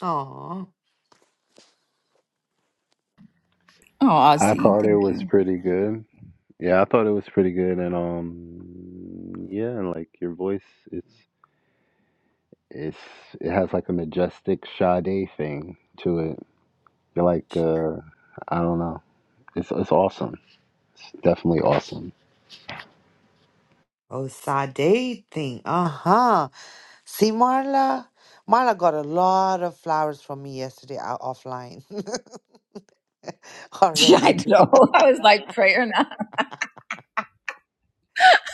A: Oh,
G: Oh,
I: I
G: Ozzy.
I: thought it was pretty good. Yeah, I thought it was pretty good, and um, yeah, and, like your voice, it's it's it has like a majestic Sade thing to it. You're like, uh, I don't know, it's it's awesome. It's definitely awesome.
A: oh, Sade thing. Uh huh. See, Marla, Marla got a lot of flowers from me yesterday out offline
G: Yeah,
A: already.
G: I know. I was like praying.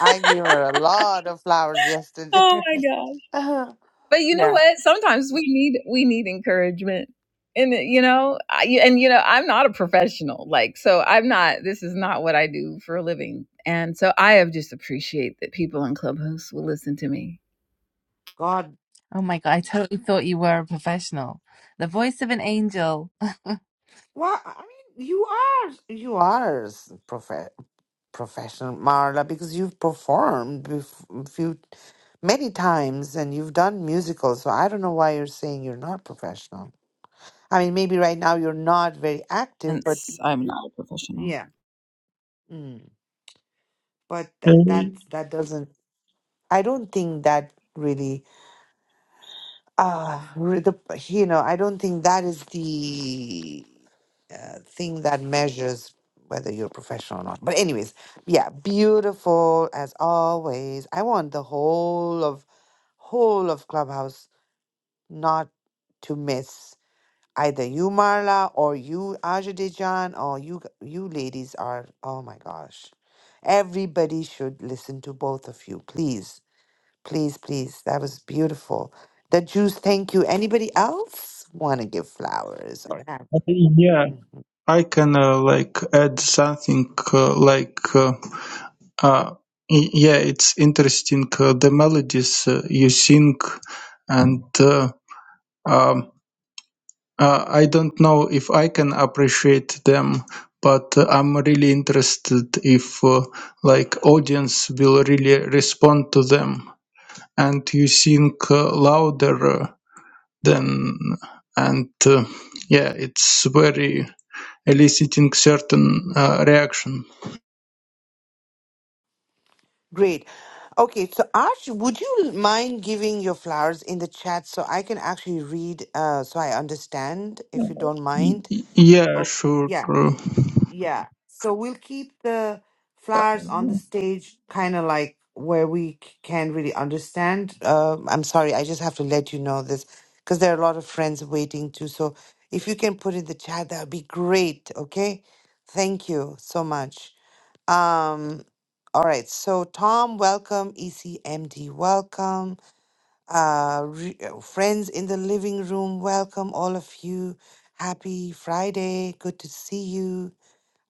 A: I gave her a lot of flowers yesterday.
G: Oh my God.
A: Uh huh.
G: But you know
A: yeah.
G: what? Sometimes we need we need encouragement. And you know, I, and you know, I'm not a professional. Like, so I'm not. This is not what I do for a living. And so I have just appreciate that people on Clubhouse will listen to me
A: God,
B: Oh my God, I totally thought you were a professional. The voice of an angel.
A: well, I mean, you are, you are s- prophet. professional, Marla, because you've performed bef- few many times and you've done musicals. So I don't know why you're saying you're not professional. I mean, maybe right now you're not very active, but
G: since I'm not a professional.
A: yeah. Mm. But
D: Uh,
A: that that that doesn't. I don't think that really. Uh, re- the, you know, I don't think that is the uh, thing that measures whether you're professional or not. But anyways, yeah, beautiful as always. I want the whole of whole of Clubhouse not to miss either you, Marla, or you, Ajadejan, or you, g- you ladies are. Oh my gosh, everybody should listen to both of you, please, please, please. That was beautiful. The juice, thank you. Anybody else want to give flowers or have?
D: yeah,
A: Mhm.
D: I can uh, like add something uh, like. Uh, Uh, y- yeah, it's interesting uh, the melodies uh, you sing, and uh, um, uh, I don't know if I can appreciate them, but uh, I'm really interested if uh, like audience will really respond to them. And you sing uh, louder uh, than, and uh, yeah, it's very eliciting certain uh, reaction.
A: Great. Okay, so Arch, would you mind giving your flowers in the chat so I can actually read, uh, so I understand, if you don't
D: Y-
A: mind?
D: y- yeah,
A: Oh,
D: sure.
A: yeah. Yeah. So we'll keep the flowers on the stage, kind of like where we c- can really understand. Uh, I'm sorry, I just have to let you know this because there are a lot of friends waiting too. So if you can put in the chat, that would be great. Okay. Thank you so much. Um, all right. So Tom, welcome. ECMD, welcome. Uh, re- uh, friends in the living room, welcome all of you. Happy Friday. Good to see you.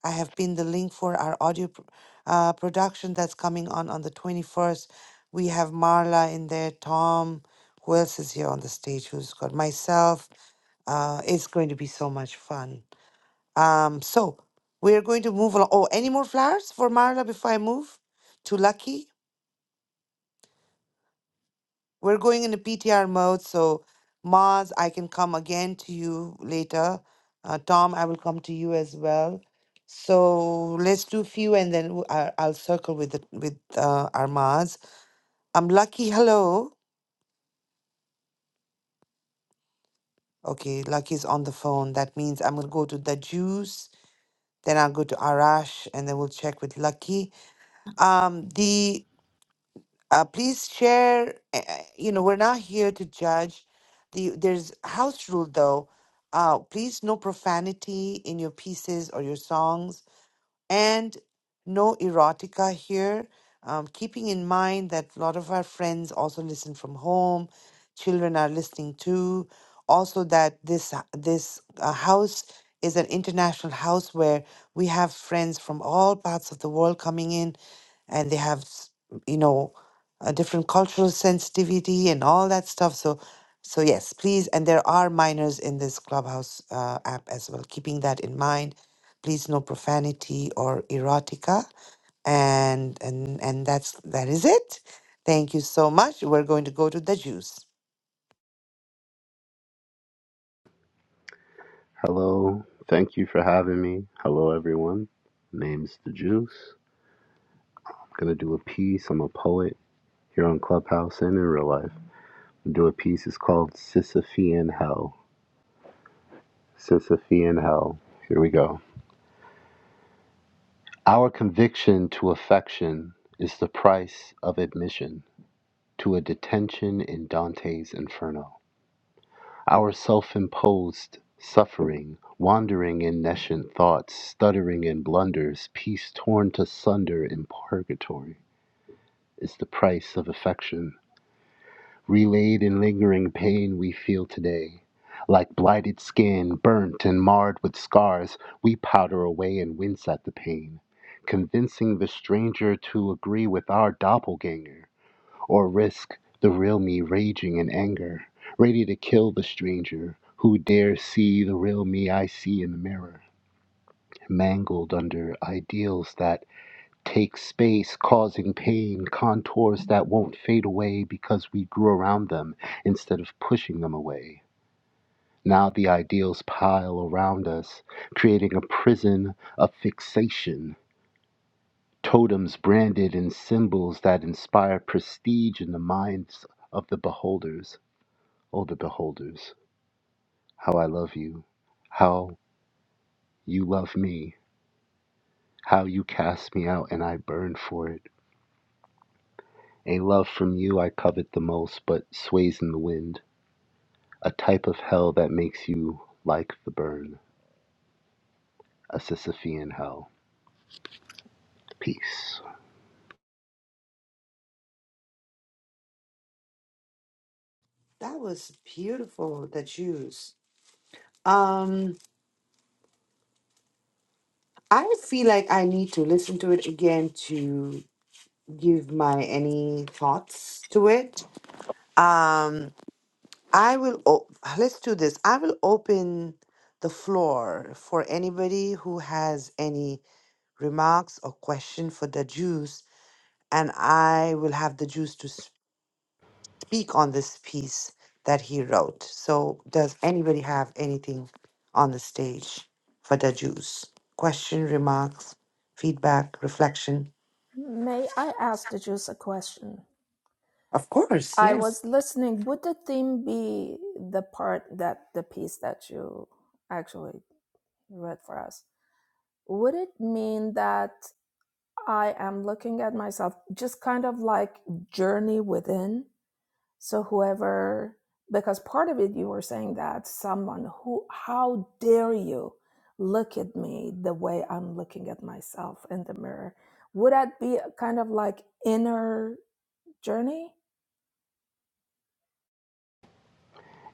A: I have pinned the link for our audio pr- uh, production that's coming on on the 21st. We have Marla in there, Tom. Who else is here on the stage? Who's got myself? Uh, it's going to be so much fun. Um, so we're going to move along. Oh, any more flowers for Marla before I move to Lucky? We're going into PTR mode, so Maz, I can come again to you later. Uh, Tom, I will come to you as well. So let's do few, and then w- I, will circle with the, with uh, our Maz. I'm Lucky. Hello. Okay, Lucky's on the phone. That means I'm gonna go to the juice. Then I'll go to Arash, and then we'll check with Lucky. Um, the Uh, please share. uh, uh, You know, we're not here to judge. The there's house rule though. Uh, please no profanity in your pieces or your songs and no erotica here. Um, keeping in mind that a lot of our friends also listen from home, children are listening too. Also, that this uh, this uh, house is an international house where we have friends from all parts of the world coming in, and they have s- you know a different cultural sensitivity and all that stuff. So, so yes, please. And there are minors in this clubhouse uh, app as well. Keeping that in mind please no profanity or erotica and and and that's that is it thank you so much we're going to go to the juice
I: Hello, thank you for having me. Hello, everyone. Name's the Juice. I'm gonna do a piece. I'm a poet here on Clubhouse and in real life. do a piece. It's called Sisyphean Hell. Sisyphean Hell. Here we go. Our conviction to affection is the price of admission to a detention in Dante's Inferno. Our self imposed suffering, wandering in nescient thoughts, stuttering in blunders, peace torn to sunder in purgatory, is the price of affection. Relayed in lingering pain we feel today. Like blighted skin, burnt and marred with scars, we powder away and wince at the pain, convincing the stranger to agree with our doppelganger, or risk the real me raging in anger, ready to kill the stranger who dares see the real me I see in the mirror, mangled under ideals that. Takes space, causing pain, contours that won't fade away because we grew around them instead of pushing them away. Now the ideals pile around us, creating a prison of fixation, totems branded in symbols that inspire prestige in the minds of the beholders. Oh, the beholders, how I love you, how you love me, how you cast me out and I burn for it. A love from you I covet the most, but sways in the wind. A type of hell that makes you like the burn. A Sisyphean hell. Peace.
A: that was beautiful the juice um i feel like i need to listen to it again to give my any thoughts to it um i will o- let's do this i will open the floor for anybody who has any remarks or question for the juice and I will have the juice to speak on this piece that he wrote. So, does anybody have anything on the stage for the juice? Question, remarks, feedback, reflection? Of course, yes.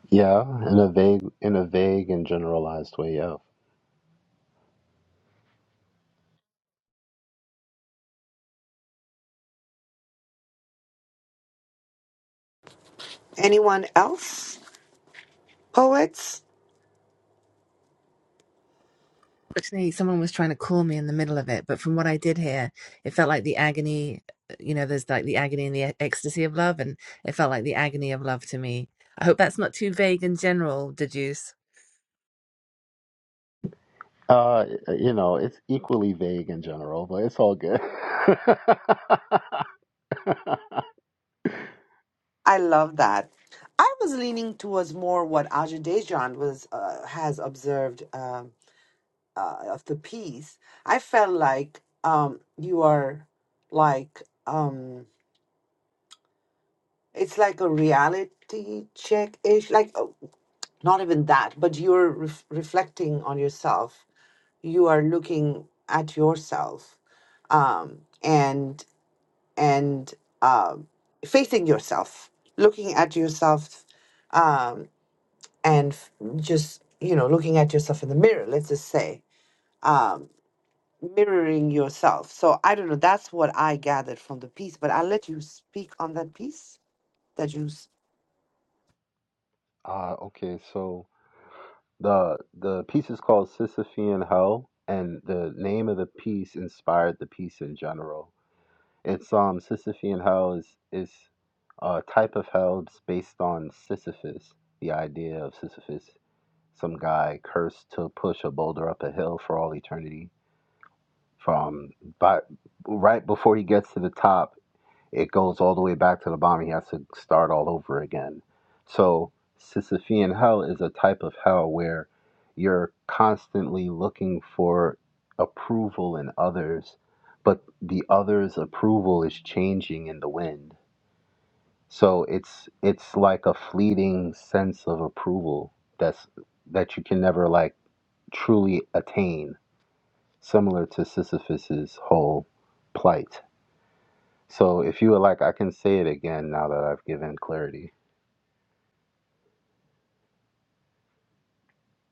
I: Yeah, in a vague, in a vague and generalized way. Yeah.
A: Anyone else? Poets?
B: Actually, someone was trying to call me in the middle of it, but from what I did hear, it felt like the agony, uh, you know, there's like the agony and the e- ecstasy of love, and it felt like the agony of love to me. I hope that's not too vague and general, Deduce.
I: Uh, you know, it's equally vague and general, but it's all good.
A: I love that. I was leaning towards more what Ajay Dejan was uh, has observed um uh, of the piece. I felt like um, you are like. Um, it's like a reality check ish like oh, not even that but you're ref- reflecting on yourself you are looking at yourself um and and um facing yourself looking at yourself um and f- just you know looking at yourself in the mirror let's just say um mirroring yourself so i don't know that's what i gathered from the piece but i'll let you speak on that piece that you
I: uh, okay, so the the piece is called Sisyphean Hell, and the name of the piece inspired the piece in general. It's um Sisyphean Hell is is a type of hell that's based on Sisyphus, the idea of Sisyphus Some guy cursed to push a boulder up a hill for all eternity. From but right before he gets to the top, it goes all the way back to the bottom. He has to start all over again. So Sisyphean hell is a type of hell where you're constantly looking for approval in others, but the others' approval is changing in the wind. So it's it's like a fleeting sense of approval that's that you can never like truly attain, similar to Sisyphus's whole plight. So, if you would like, I can say it again now that I've given clarity.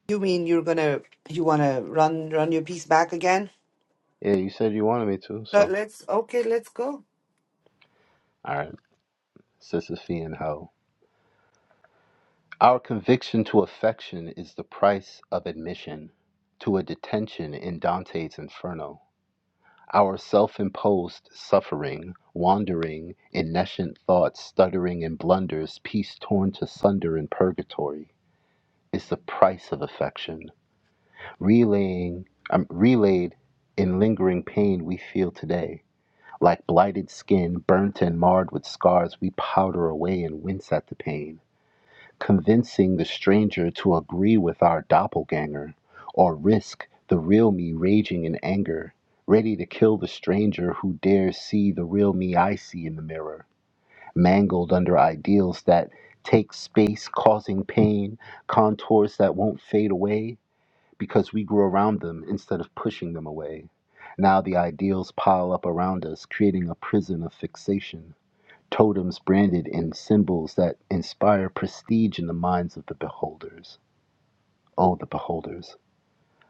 A: You mean you're gonna you wanna run run your piece back again?
I: Yeah, you said you wanted me to,
A: Let-
I: so.
A: Let's okay, let's go.
I: All right, Sisyphean hoe. Our conviction to affection is the price of admission to a detention in Dante's Inferno. Our self imposed suffering, wandering in nescient thoughts, stuttering in blunders, peace torn to sunder in purgatory, is the price of affection relaying um, relayed in lingering pain we feel today. Like blighted skin, burnt and marred with scars, we powder away and wince at the pain, convincing the stranger to agree with our doppelganger, or risk the real me raging in anger, ready to kill the stranger who dares see the real me I see in the mirror, mangled under ideals that take space, causing pain, contours that won't fade away, because we grew around them instead of pushing them away. Now the ideals pile up around us, creating a prison of fixation, totems branded in symbols that inspire prestige in the minds of the beholders. Oh, the beholders,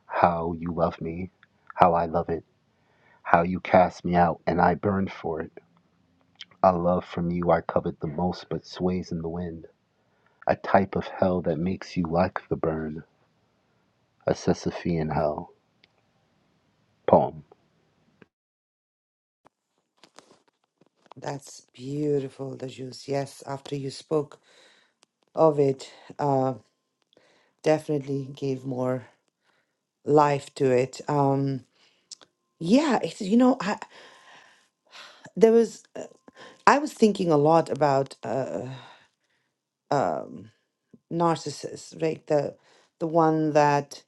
I: how you love me, how I love it, how you cast me out, and I burn for it. A love from you I covet the most, but sways in the wind. A type of hell that makes you like the burn. A Sisyphean hell. Poem.
A: That's beautiful, the juice. Yes, after you spoke of it, uh, definitely gave more life to it. Um, yeah, it's you know, I, there was I was thinking a lot about uh, um, narcissists, right? The the one that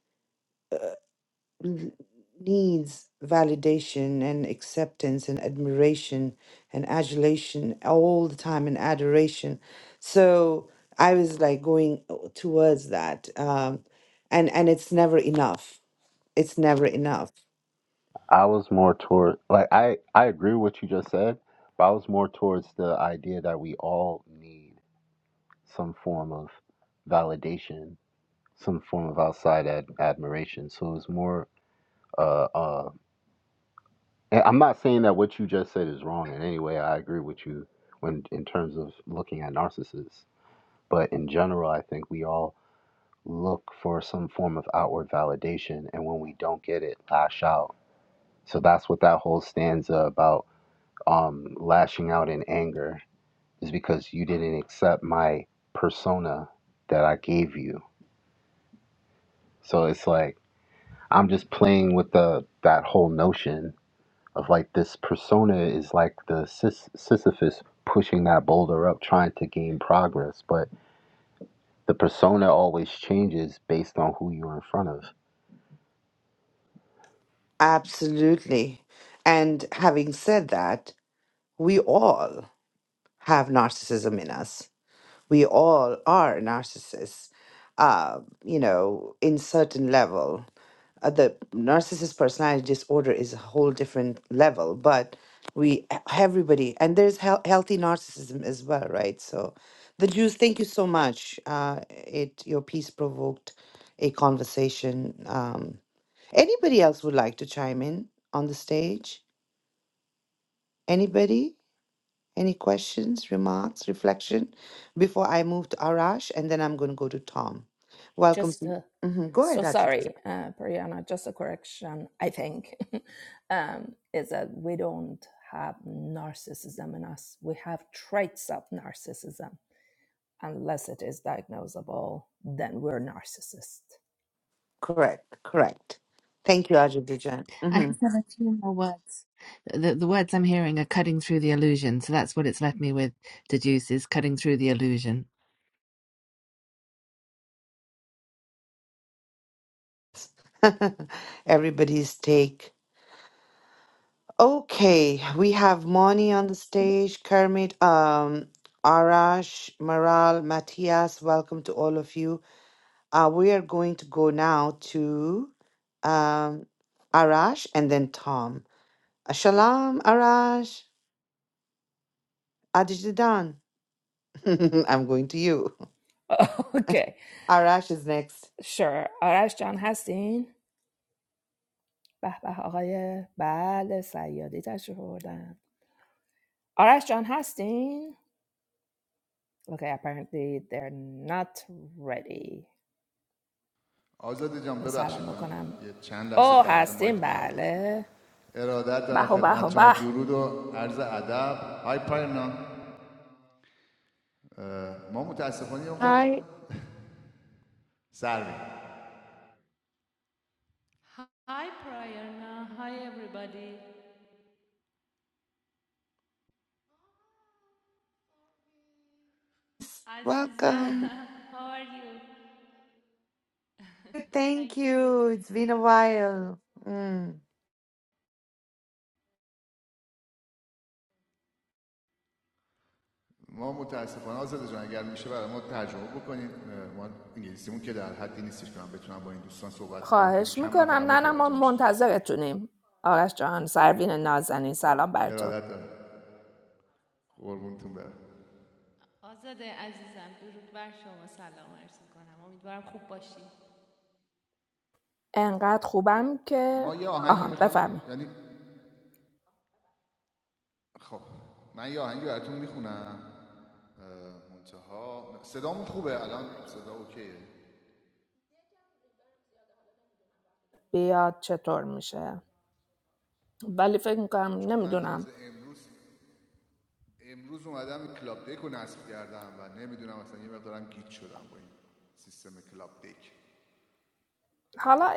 A: l- needs validation and acceptance and admiration and adulation all the time and adoration so i was like going uh, towards that um and and it's never enough it's never enough
I: I was more toward like I I agree with what you just said, but I was more towards the idea that we all need some form of validation, some form of outside ad- admiration. So it's more uh uh and I'm not saying that what you just said is wrong in any way. I agree with you when in terms of looking at narcissists, but in general, I think we all look for some form of outward validation, and when we don't get it, lash out. So that's what that whole stanza about um, lashing out in anger is because you didn't accept my persona that I gave you. So it's like I'm just playing with the that whole notion of like this persona is like the Sis- Sisyphus pushing that boulder up, trying to gain progress, but the persona always changes based on who you're in front of.
A: absolutely and having said that we all have narcissism in us we all are narcissists uh you know in certain level uh, the narcissist personality disorder is a whole different level but we everybody and there's heal- healthy narcissism as well right so the jews thank you so much uh it your piece provoked a conversation um anybody else would like to chime in on the stage anybody any questions remarks reflection before i move to arash and then i'm going to go to tom welcome to- Mhm, go ahead Correct, correct. Thank you, Ajay Bijan.
B: I
A: Mhm.
B: just have a few more words. The, the words I'm hearing are cutting through the illusion. So that's what it's left me with Deduce is cutting through the illusion.
A: Everybody's take. Okay, we have Moni on the stage, Kermit, um, Arash, Maral, Matthias. Welcome to all of you. Uh, we are going to go now to um, Arash and then Tom. Uh, Shalom, Arash. Adijidan. I'm going to you. Arash is next.
J: آزاده جان ببخشید من یه چند لحظه بغل مایک نبودم ارادت دارم خدمت شما درود و عرض ادب های پاینا ما متاسفانه یه مقدار سر می‌ریم. Hi Prayarna, hi everybody. Aziza,
A: Welcome.
J: how are you?
A: Thank
J: Thank
A: you.
J: you.
A: It's been a while. Mm.
J: ما متاسفانه آزاده جان اگر میشه برای ما ترجمه بکنید اه، ما انگلیسیمون که در حدی نیستش که من بتونم با این دوستان صحبت بکنم خیلی کم من فقط متوجه میشم. ارادت دارم قربونتون برم آزاده عزیزم درود بر شما سلام عرض میکنم امیدوارم خوب باشی ما یه آهنگی میخوام یعنی خب من یه آهنگی براتون میخونم منتها صدامون خوبه الان صدا اوکیه چون من تازه امروز امروز اومدم کلاب دک رو نصب کردم و نمیدونم اصلا یه مقدارم گیت شدم با این سیستم کلاب دک ولی خب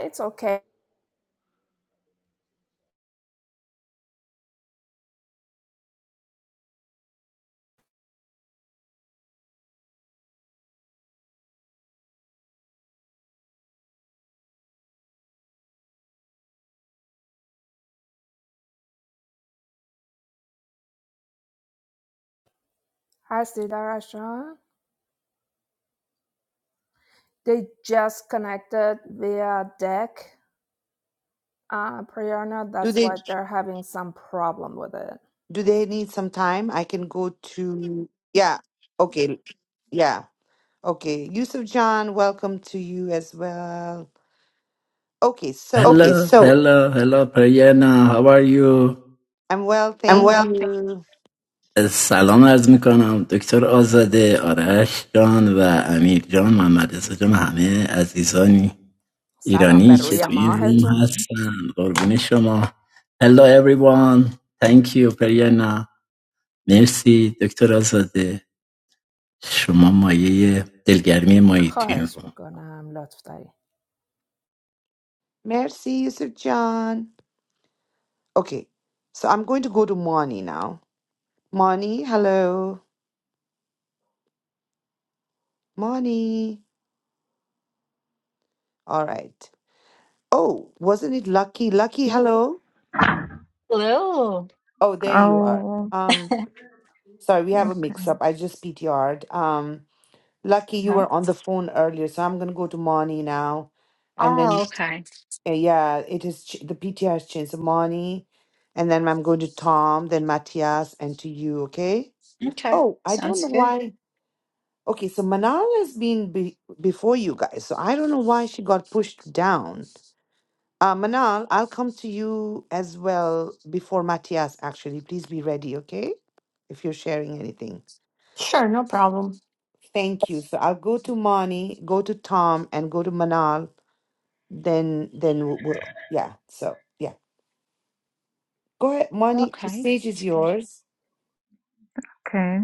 A: Do they do they need some time? I can go to yeah. Okay. Yeah. Okay. Yusuf John, welcome to you as well. Okay, so
K: Hello, Okay, so hello, hello, Periana. How are you?
A: I'm well,
K: I'm
A: thank
K: well,
A: you.
K: thank سلام عرض میکنم دکتر آزاده، آرش جان و امیر جان، محمد رضا جان، همه عزیزانی ایرانی که you. Salaam alaikum, Dr. Azade Arash John and Amir John. I'm glad to see everyone. Azizani Iranian, that you're in the room. Hello, everyone. Thank you, Periana. Merci, Dr. Azade. Shoma majyeh del garmi maji tui room.
A: Merci, Yusuf John. Okay. So I'm going to go to Moni now. Moni, hello. Moni. All right. Oh, wasn't it Lucky? Lucky, hello.
L: Hello.
A: Oh, there you are.
M: أو
A: Um. Sorry, we have a mix-up. I just PTR'd. Um, lucky you
L: Uh-huh.
A: were on the phone earlier, so I'm gonna go to Moni now, and then
L: Oh, okay.
A: uh, yeah, it is ch- the PTR has changed. So Moni, and then I'm going to Tom, then Matthias, and to you. Okay.
L: Okay.
A: Oh, I don't
L: Sounds
A: know
L: good.
A: why. Okay, so Manal has been be- before you guys, so I don't know why she got pushed down. Uh, Manal, I'll come to you as well before Matthias. Actually, please be ready. Okay, if you're sharing anything.
N: Sure, no problem.
A: Thank you. So I'll go to Moni, go to Tom, and go to Manal. Then, then we'll, we'll yeah. So yeah, go ahead, Moni. The
L: Okay.
A: stage is
L: That's good.
A: yours.
M: okay.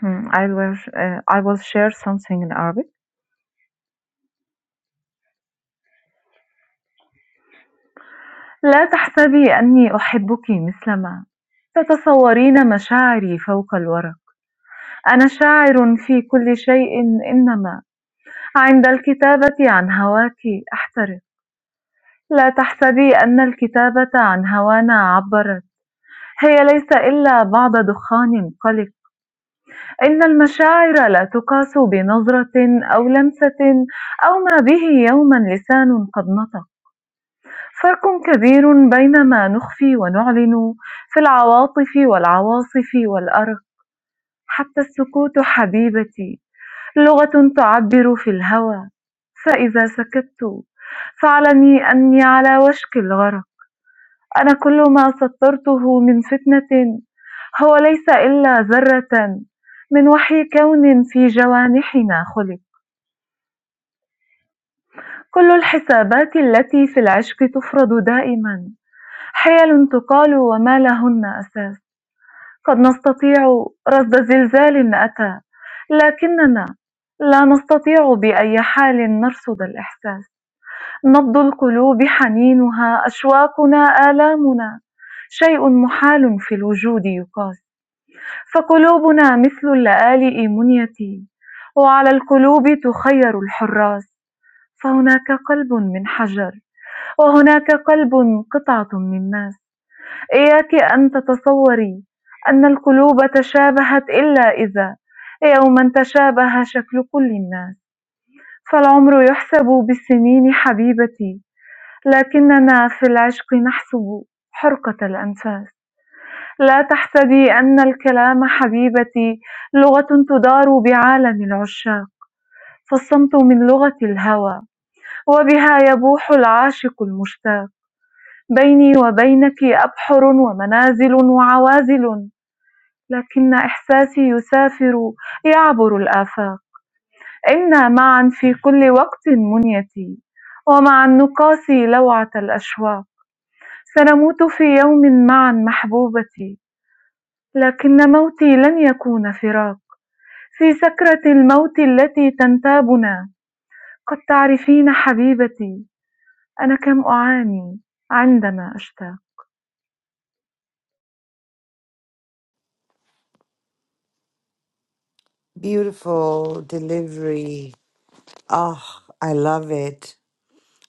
M: Hmm, I will uh, I will share something in Arabic. لا تحسبي أني أحبك مثلما تتصورين مشاعري فوق الورق أنا شاعر في كل شيء إنما عند الكتابة عن هواك أحترق لا تحسبي أن الكتابة عن هوانا عبرت هي ليس إلا بعض دخان قلق إن المشاعر لا تُقاس بنظرة أو لمسة أو ما به يومًا لسان قد نطق، فرق كبير بين ما نخفي ونعلن في العواطف والعواصف والأرق، حتى السكوت حبيبتي لغة تعبر في الهوى، فإذا سكت فاعلمي أني على وشك الغرق. أنا كل ما سطرته من فتنة هو ليس إلا ذرة من وحي كون في جوانحنا خلق كل الحسابات التي في العشق تفرض دائما حيل تقال وما لهن أساس قد نستطيع رصد زلزال أتى لكننا لا نستطيع بأي حال نرصد الإحساس نبض القلوب حنينها أشواقنا آلامنا شيء محال في الوجود يقاس فقلوبنا مثل اللآلئ منية وعلى القلوب تخير الحراس فهناك قلب من حجر وهناك قلب قطعة من ماس إياك أن تتصوري أن القلوب تشابهت إلا إذا يوما تشابه شكل كل الناس فالعمر يحسب بالسنين حبيبتي لكننا في العشق نحسب حرقة الأنفاس لا تحسبي أن الكلام حبيبتي لغة تدار بعالم العشاق فالصمت من لغة الهوى وبها يبوح العاشق المشتاق بيني وبينك أبحر ومنازل وعوازل لكن إحساسي يسافر يعبر الآفاق إنا معا في كل وقت منيتي ومع النقاس لوعة الأشواق سنموت في يوم معا محبوبتي لكن موتي لن يكون فراق في سكرة الموت التي تنتابنا قد تعرفين حبيبتي أنا كم أعاني عندما أشتاق
A: Beautiful delivery. Oh, I love it.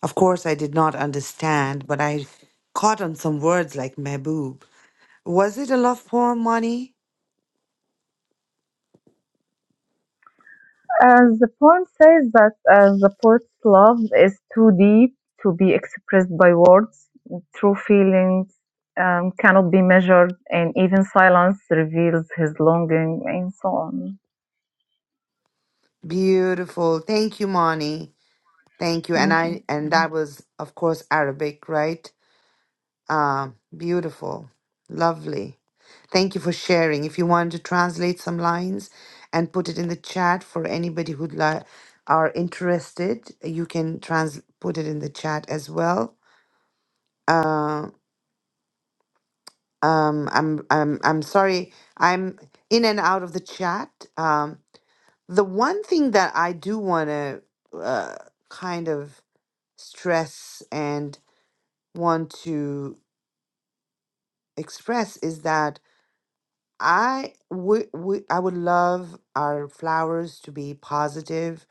A: Of course, I did not understand, but I caught on some words like mehboob. Was it a love poem, Moni?
M: As the poem says that uh, the poet's love is too deep to be expressed by words. True feelings um, cannot be measured, and even silence reveals his longing, and so on.
A: Beautiful. Thank you, Moni. Thank you. And
M: Thank you.
A: I and
M: so
A: that was, of course, Arabic, right? Ah, beautiful. Lovely. Thank you for sharing. If you want to translate some lines and put it in the chat for anybody who li- are interested, you can trans put it in the chat as well. Uh, um, I'm I'm I'm sorry. I'm in and out of the chat. Um, the one thing that I do want to uh, kind of stress and want to express is that I would, we I would love our flowers to be positive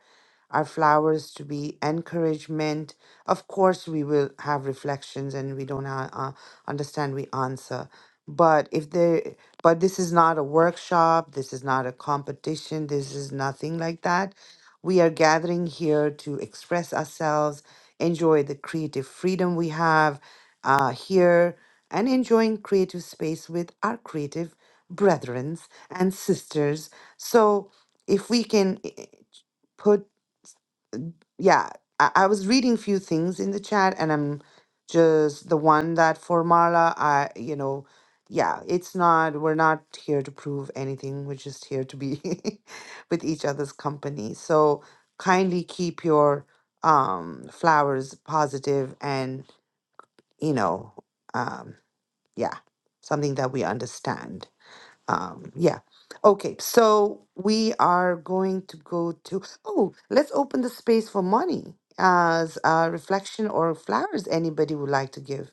A: our flowers to be encouragement. Of course, we will have reflections and we don't uh, uh, understand, we answer. But if there, but this is not a workshop, this is not a competition, this is nothing like that. We are gathering here to express ourselves, enjoy the creative freedom we have uh, here, and enjoying creative space with our creative brethrens and sisters. So if we can eh, eh, put yeah, I, I was reading few things in the chat, and I'm just the one that for Marla, I you know, yeah, it's not we're not here to prove anything. We're just here to be with each other's company. So kindly keep your um flowers positive and you know, um, yeah, something that we understand. Um, yeah. Okay, so we are going to go to, oh, let's open the space for money as a reflection or flowers anybody would like to give.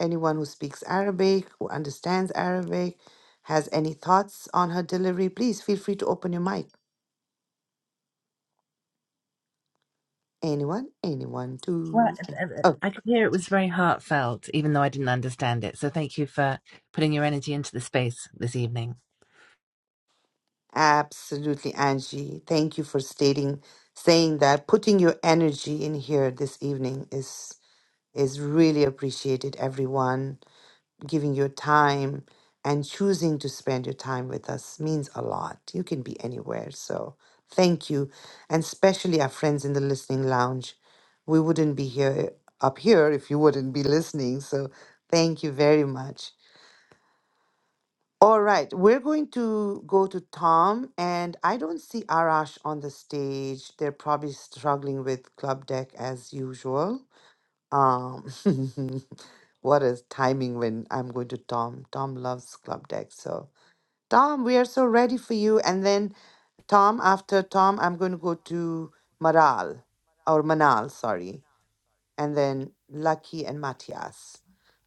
A: Anyone who speaks Arabic, who understands Arabic, has any thoughts on her delivery, please feel free to open your mic. Anyone, anyone,
B: Well,
A: two. and-
B: uh, uh, uh,
A: Oh,
B: I could hear it was very heartfelt, even though I didn't understand it. So thank you for putting your energy into the space this evening.
A: absolutely, Angie. Thank you for stating, saying that, putting your energy in here this evening is is really appreciated, everyone giving your time and choosing to spend your time with us means a lot. You can be anywhere. So thank you. And especially our friends in the listening lounge. We wouldn't be here up here if you wouldn't be listening. So thank you very much. All right, we're going to go to Tom, and I don't see Arash on the stage. They're probably struggling with Club Deck as usual. Um, what is timing when I'm going to Tom? Tom loves club deck. So, Tom, we are so ready for you. And then, Tom, after Tom, I'm going to go to Maral or Manal, sorry. And then Lucky and Matias.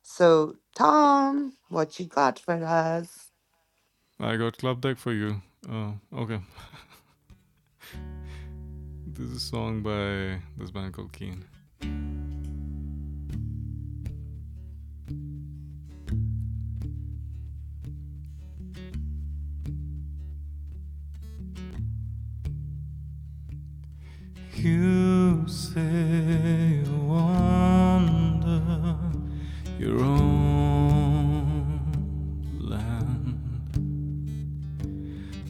A: So, Tom, what you got for us?
O: You say you wander your own land,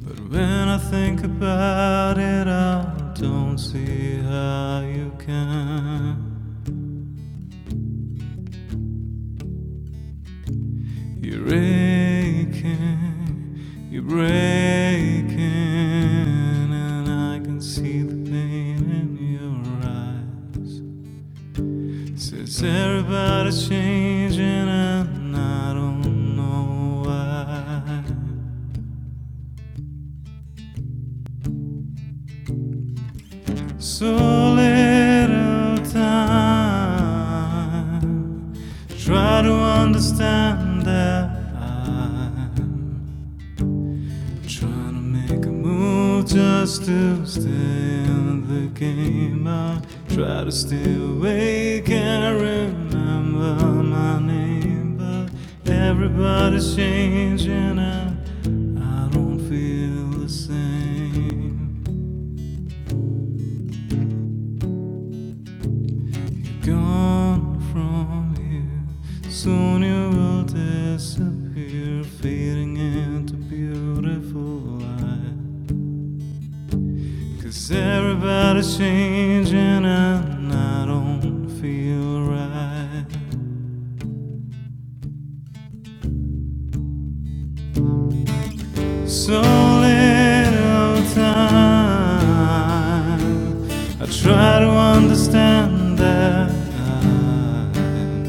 O: but when I think about it, I don't see how you can. You're aching, you're breaking, and I can see the pain in your eyes. Says everybody's changing and I don't know why. So little time. Try to understand that I'm Trying to make a move just to stay in the game. I try to stay awake and remember my name, but everybody's changing and I don't feel the same. You're gone from here, soon you will disappear, fading into beautiful light. Cause everybody's changing and I don't feel right. So little time. I try to understand that.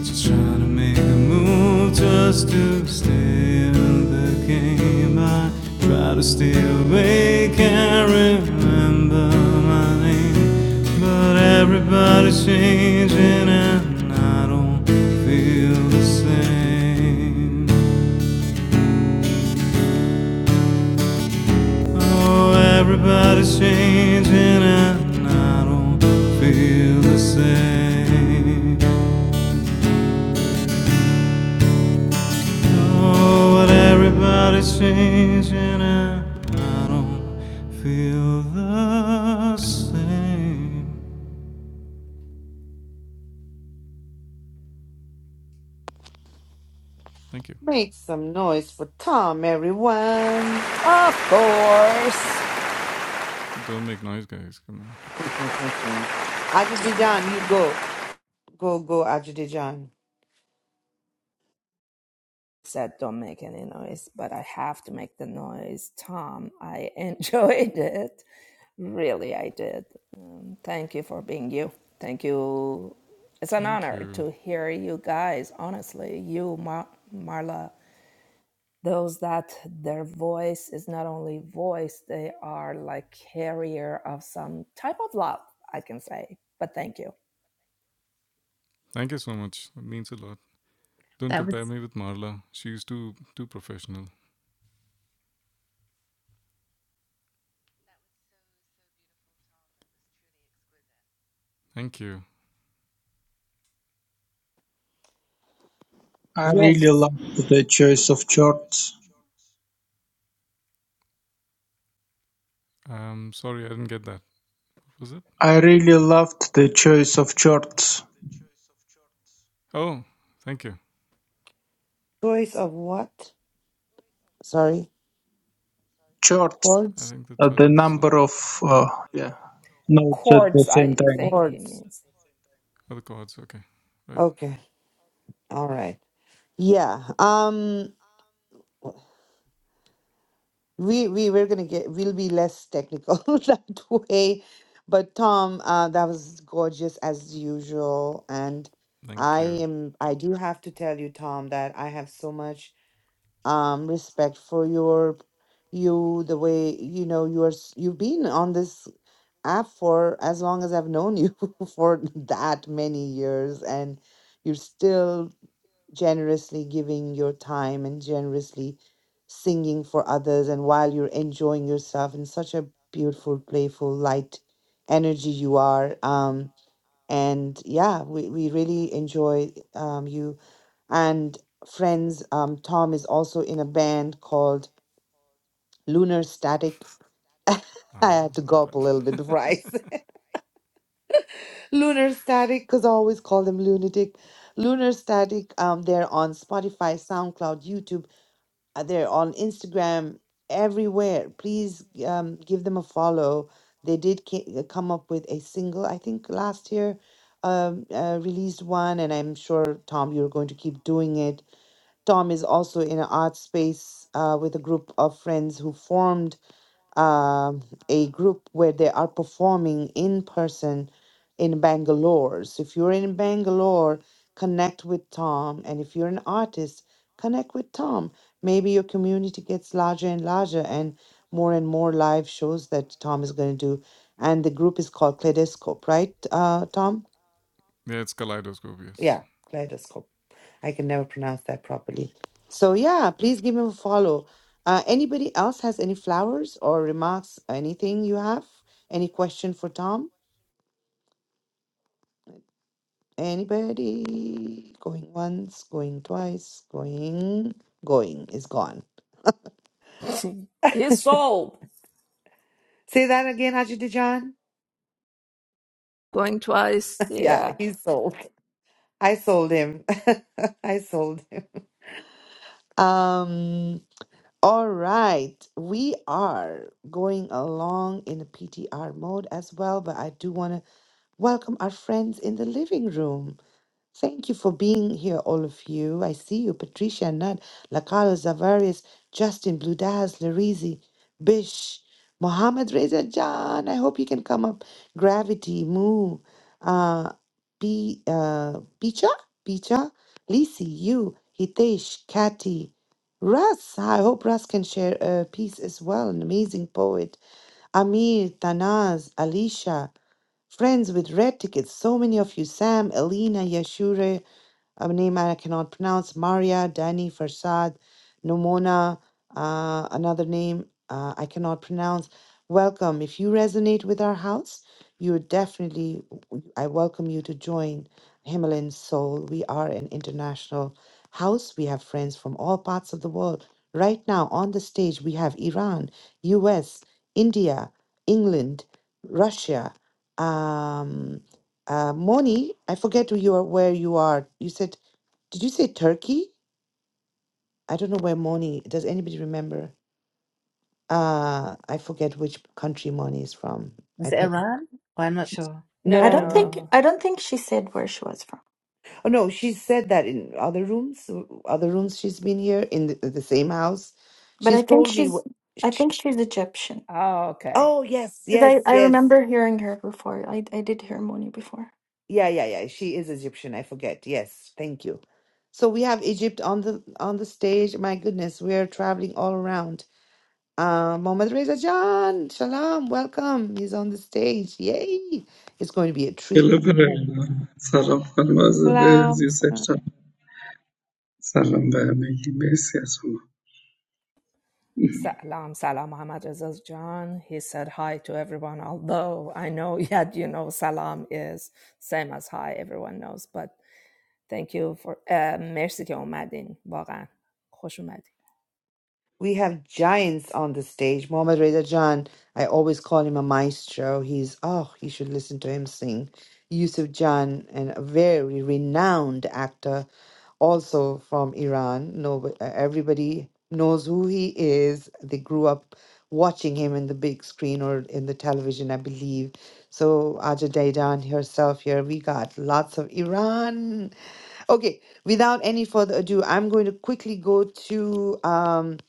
O: Just trying to make a move just to stay in the game. I try to stay awake and remember my name. But everybody's changing and I don't feel the same. Oh, everybody's changing and I don't feel the same. know what everybody's changing and I don't feel the same
A: Make some noise for Tom, everyone. Ajudijan, you go. Go, go, Ajudijan.
B: That was,
D: I
A: Yes.
D: really loved the choice of chords. I really loved the choice of chords.
A: Choice of what? sorry
D: Chords,
A: chords
D: uh, the number of uh, yeah notes at the same time.
A: chords okay all right yeah um we we we're gonna get we'll be less technical that way but tom uh that was gorgeous as usual and i am i do have to tell you tom that i have so much um respect for your you the way you know you're s- you've been on this app for as long as i've known you for that many years and you're still generously giving your time and generously singing for others and while you're enjoying yourself in such a beautiful playful light energy you are um and yeah we, we really enjoy um you and friends um tom is also in a band called lunar static i had to gulp a little bit before i said lunar static because i always call them lunatic lunar static um they're on spotify soundcloud youtube Uh, They're on Instagram everywhere. Please um, give them a follow. They did ca- uh, come up with a single, I think, last year, um, uh, released one, and I'm sure, Tom, you're going to keep doing it. Tom is also in an art space uh, with a group of friends who formed um, a group where they are performing in person in Bangalore. So if you're in Bangalore, connect with Tom. And if you're an artist, connect with Tom. Maybe your community gets larger and larger and more and more live shows that Tom is going to do. And the group is called Kaleidoscope, right, uh, Tom? Yeah, Kaleidoscope. I can never pronounce that properly. So yeah, please give him a follow. Uh, anybody else has any flowers or remarks? Anything you have? Any question for Tom? Anybody going once, going twice, going, going is gone. Say that again, Haji Dijan. yeah, he's sold. I sold him. I sold him. Um. All right, we are going along in a PTR mode as well, but I do want to Welcome our friends in the living room. Thank you for being here, all of you. I see you, Patricia, Nat, Lakalo, Zavarius, Justin, Blue Daz, Larizi, Bish, Mohammed Reza John. I hope you can come up. Gravity, Moo, uh, P, uh, Picha, Picha, Lisi, you, Hitesh, Kati, Russ. I hope Russ can share a piece as well. An amazing poet. Amir, Tanaz, Alicia. Friends with red tickets, so many of you. Sam, Alina, Yashure, a name I cannot pronounce, Maria, Danny, Farsad, Nomona, uh, another name uh, I cannot pronounce. Welcome. If you resonate with our house, you are definitely, I welcome you to join Himalayan Soul. We are an international house. We have friends from all parts of the world. Right now on the stage, we have Iran, US, India, England, Russia, um, uh, Moni, I forget who you are, where you are. You said did you say Turkey? I don't know where Moni. Does anybody remember? Uh, I forget which country Moni is from.
B: was
A: I
B: it
A: think.
B: Iran? Well, I'm not sure.
N: I
A: No,
N: don't
A: no.
N: think I don't think she said where she was from,
A: Oh no, she said that in other rooms, other rooms she's been here in the, the same house.
N: but I
A: She's
N: think
A: told me
N: she's
A: what
N: I
A: she,
N: think she's Egyptian.
A: Oh, yes,
N: 'Cause
A: yes,
N: I, I
A: yes.
N: remember hearing her before. I, I did hear Moni before.
A: Yeah, yeah, yeah. She is Egyptian. I forget. Yes. Thank you. So we have Egypt on the on the stage. My goodness, we are traveling all around. Uh, Mohammad Reza Jan, Shalom, welcome. He's on the stage. Yay! It's going to be a treat.
P: گله داره. سلام خانم آزاده
A: Shalom.
P: یوسف جان سلام به همگی مرسی از شما
A: We have giants on the stage. Mohammad Reza Jan, I always call him a maestro. He's, oh, you should listen to him sing. Yusuf Jan, and a very renowned actor also from Iran. No, everybody knows who he is. They grew up watching him in the big screen or in the television, I believe. So Aja Daidan herself here, we got lots of Iran. Okay, without any further ado, I'm going to quickly go to um,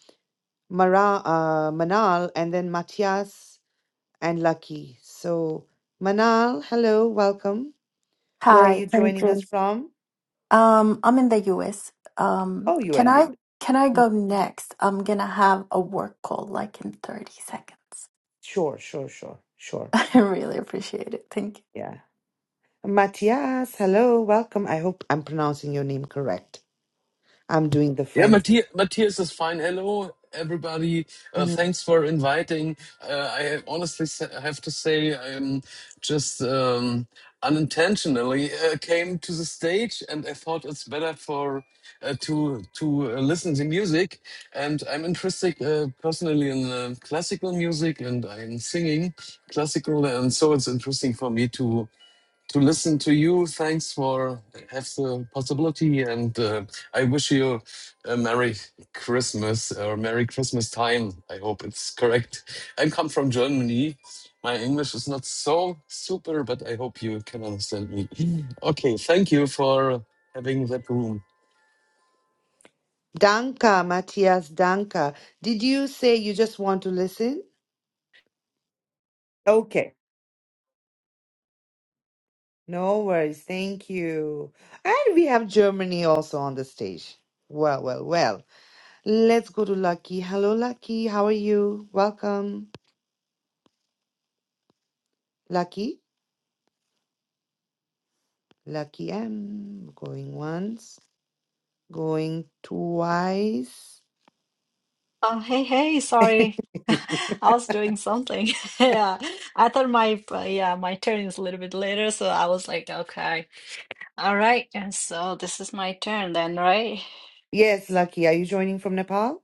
A: Mara, uh, Manal and then Matthias and Lucky. So Manal, hello, welcome. Where are
N: Hi,
A: you
N: thank
A: joining us
N: you.
A: from?
N: Um, I'm in the US. Um,
A: Oh, you are
N: can
A: in the
N: I
A: U
N: can I
A: S.
N: go next? I'm gonna have a work call like in 30 seconds.
A: Sure, sure, sure, sure.
N: I really appreciate it. Thank you.
A: Yeah. Matthias, hello, welcome. I hope I'm pronouncing your name correct. I'm doing the
Q: Yeah,
A: French.
Q: Matthias, Matthias is fine. Hello, everybody. Uh,
A: Mhm.
Q: thanks for inviting. Uh, I have- honestly s- have to say, I'm just um, unintentionally uh, came to the stage, and I thought it's better for uh, to to uh, listen to music. And I'm interested uh, personally in uh, classical music, and I'm singing classical, and so it's interesting for me to to listen to you. Thanks for have the possibility, and uh, I wish you a merry Christmas or merry Christmas time. I hope it's correct. I come from Germany. My English is not so super, but I hope you can understand me. Okay, thank you for having that room.
A: Danka, Matthias, Danka. Did you say you just want to listen? Okay. No worries. Thank you. And we have Germany also on the stage. Well, well, well. Let's go to Lucky. Hello, Lucky. How are you? Welcome. Lucky. Lucky M. Going once, going twice.
L: Oh, hey, hey. Sorry. I was doing something. Yeah. I thought my, uh, yeah, my turn is a little bit later. So I was like, okay. All right. And so this is my turn then, right?
A: Yes, Lucky. Are you joining from Nepal?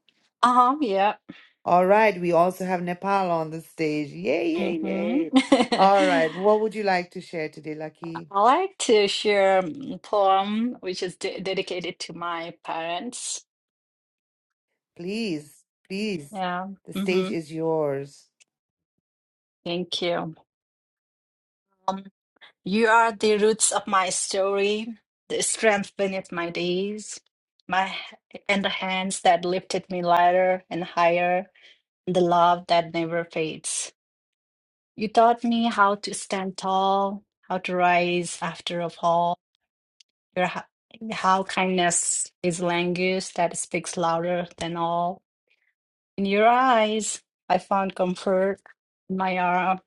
L: Um, yeah.
A: All right, we also have Nepal on the stage. Yay, yay, yay. All
L: Mm-hmm.
A: right, what would you like to share today, Lucky?
L: I like to share mm, poem which is de dedicated to my parents.
A: Please, please.
L: Yeah.
A: The stage
L: Mm-hmm.
A: is yours.
L: Thank you. Um, You are the roots of my story, the strength beneath my days, my and the hands that lifted me lighter and higher, the love that never fades. You taught me how to stand tall, how to rise after a fall. Your h- how kindness is language that speaks louder than all. In your eyes, I found comfort. In my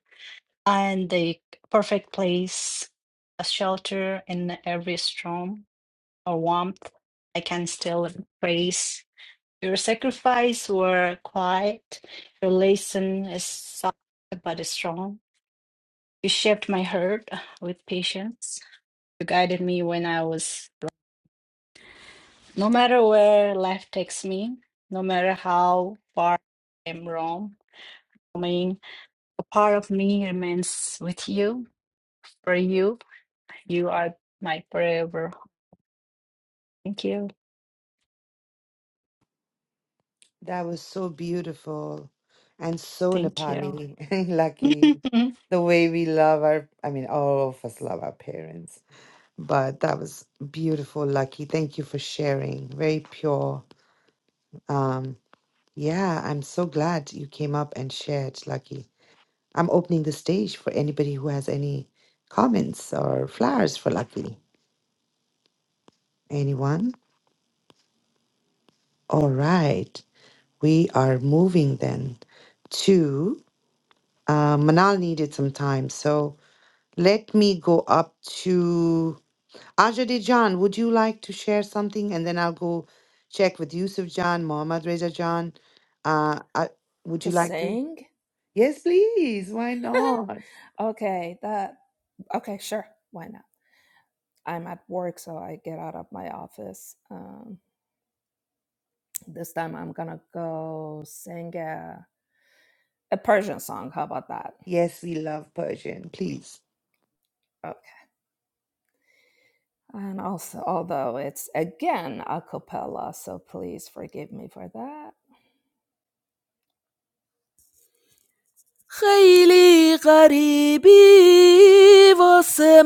L: and the perfect place, a shelter in every storm or warmth. I can still praise your sacrifice were quiet. Your lesson is soft but is strong. You shaped my heart with patience. You guided me when I was no matter where life takes me, no matter how far I'm wrong. I mean, a part of me remains with you. For you, you are my forever Thank you.
A: That was so beautiful and so
L: Thank you.
A: Nepali, Lucky. The way we love our, I mean, all of us love our parents, but that was beautiful, Lucky. Thank you for sharing. Very pure. Um, yeah, I'm so glad you came up and shared, Lucky. I'm opening the stage for anybody who has any comments or flowers for Lucky. Anyone? All right. We are moving then to uh, Manal needed some time. So let me go up to Ajadi Jan. Would you like to share something? And then I'll go check with Yusuf Jan, Mohammad Reza Jan. Uh, I, would you like to? Yes, please. Why not? Yes, we love Persian. Please.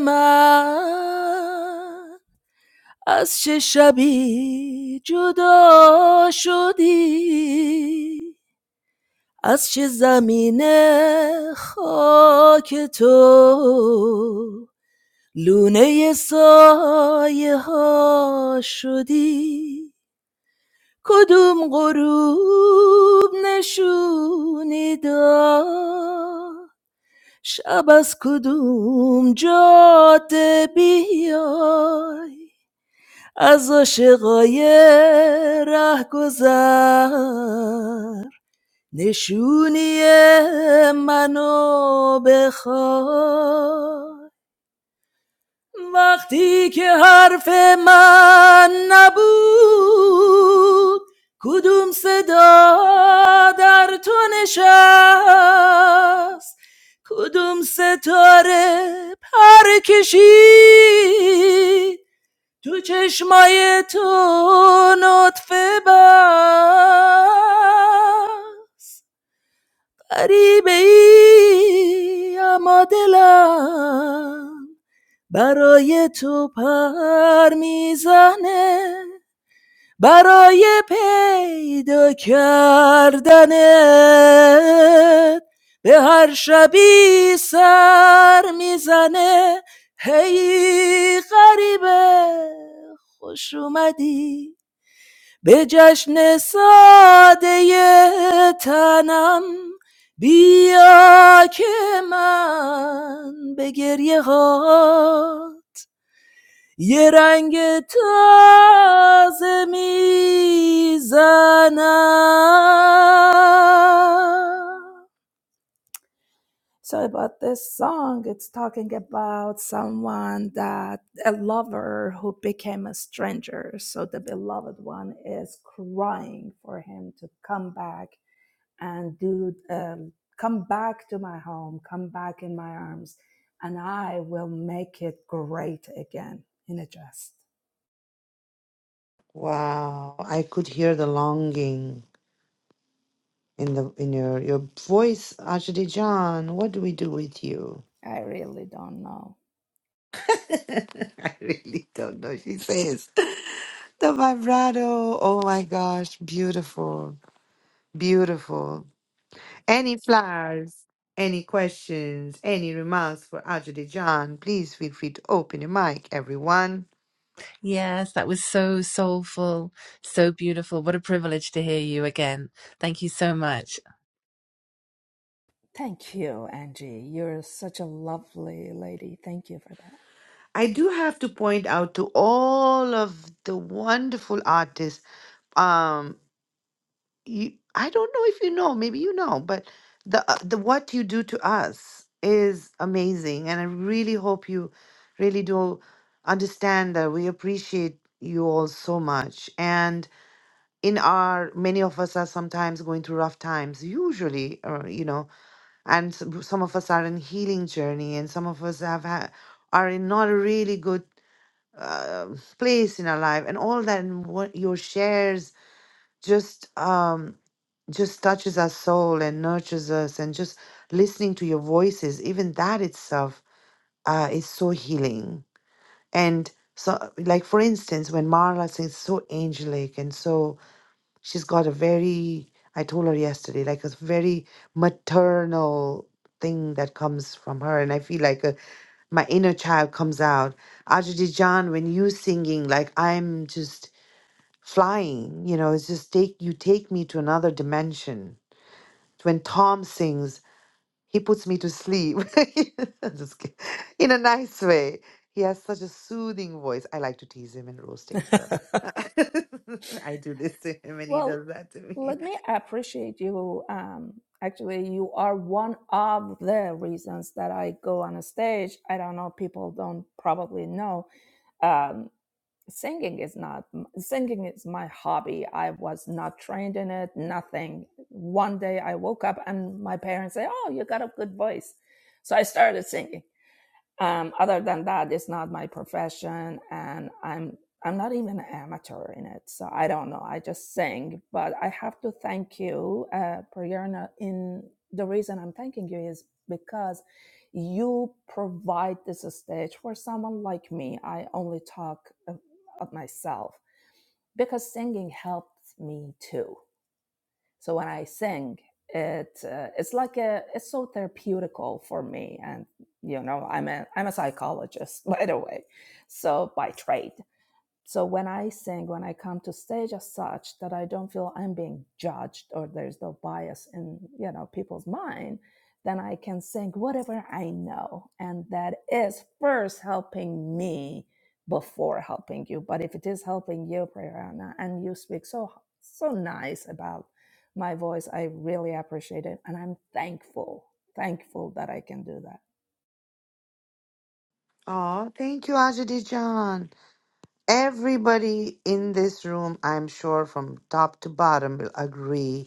R: من ازی جدا شدی از چه زمین خاک تو لایه ها شدی کدوم غروب نشونی داد شب از کدوم جاده بیای از عاشقای ره گذر نشونی منو بخواد وقتی که حرف من نبود کدوم صدا در تو نشست کدوم ستاره پر کشید تو چشمای تو نطفه بر غریبه ای اما دلم برای تو پر میزنه برای پیدا کردنت به هر شبی سر میزنه هی غریبه خوش اومدی به جشن ساده تنم بیا که من به گریه ها
A: Wow, I could hear the longing in the in your your voice, Ajdi John. What do we do with you? I really don't know. She says the vibrato. Oh my gosh, beautiful, beautiful. Any flowers? Any questions? Any remarks for Ajdi John? Please feel free to open your mic, everyone.
B: Yes, that was so soulful, so beautiful. What a privilege to hear you again. Thank you so much.
A: I do have to point out to all of the wonderful artists. um. you i don't know if you know maybe you know but the uh, the what you do to us is amazing and i really hope you really do understand that we appreciate you all so much and in our many of us are sometimes going through rough times usually or you know and s- some of us are in healing journey and some of us have had are in not a really good uh, place in our life and all that and what your shares just um just touches our soul and nurtures us and just listening to your voices even that itself uh, is so healing and so like for instance when marla sings so angelic and so she's got a very i told her yesterday like a very maternal thing that comes from her and i feel like uh my inner child comes out ajadi jan when you singing like i'm just flying you know it's just take you take me to another dimension when Tom sings, he puts me to sleep. I'm Just kid- in a nice way. He has such a soothing voice. I like to tease him and roast him. So I do this to him and he does that to me. Oh, thank you, Ajadi John. Everybody in this room, I'm sure from top to bottom, will agree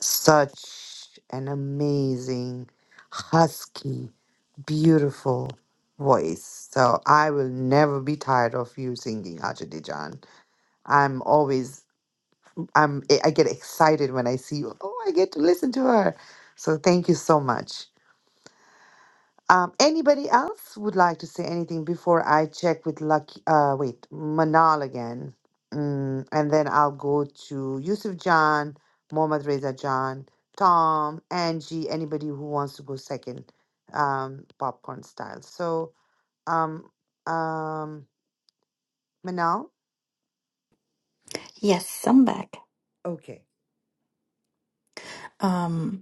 A: such an amazing, husky, beautiful voice. So I will never be tired of you singing, Ajadi Jan. I'm always I'm I get excited when I see you. Oh, I get to listen to her. So thank you so much. Um, anybody else would like to say anything before I check with Lucky? Uh, wait, Manal again, mm, and then I'll go to Yusuf John, Mohammad Reza John, Tom, Angie. Anybody who wants to go second, um, popcorn style. So, um, um, Manal.
N: Yes, I'm back.
A: Okay,
N: Um,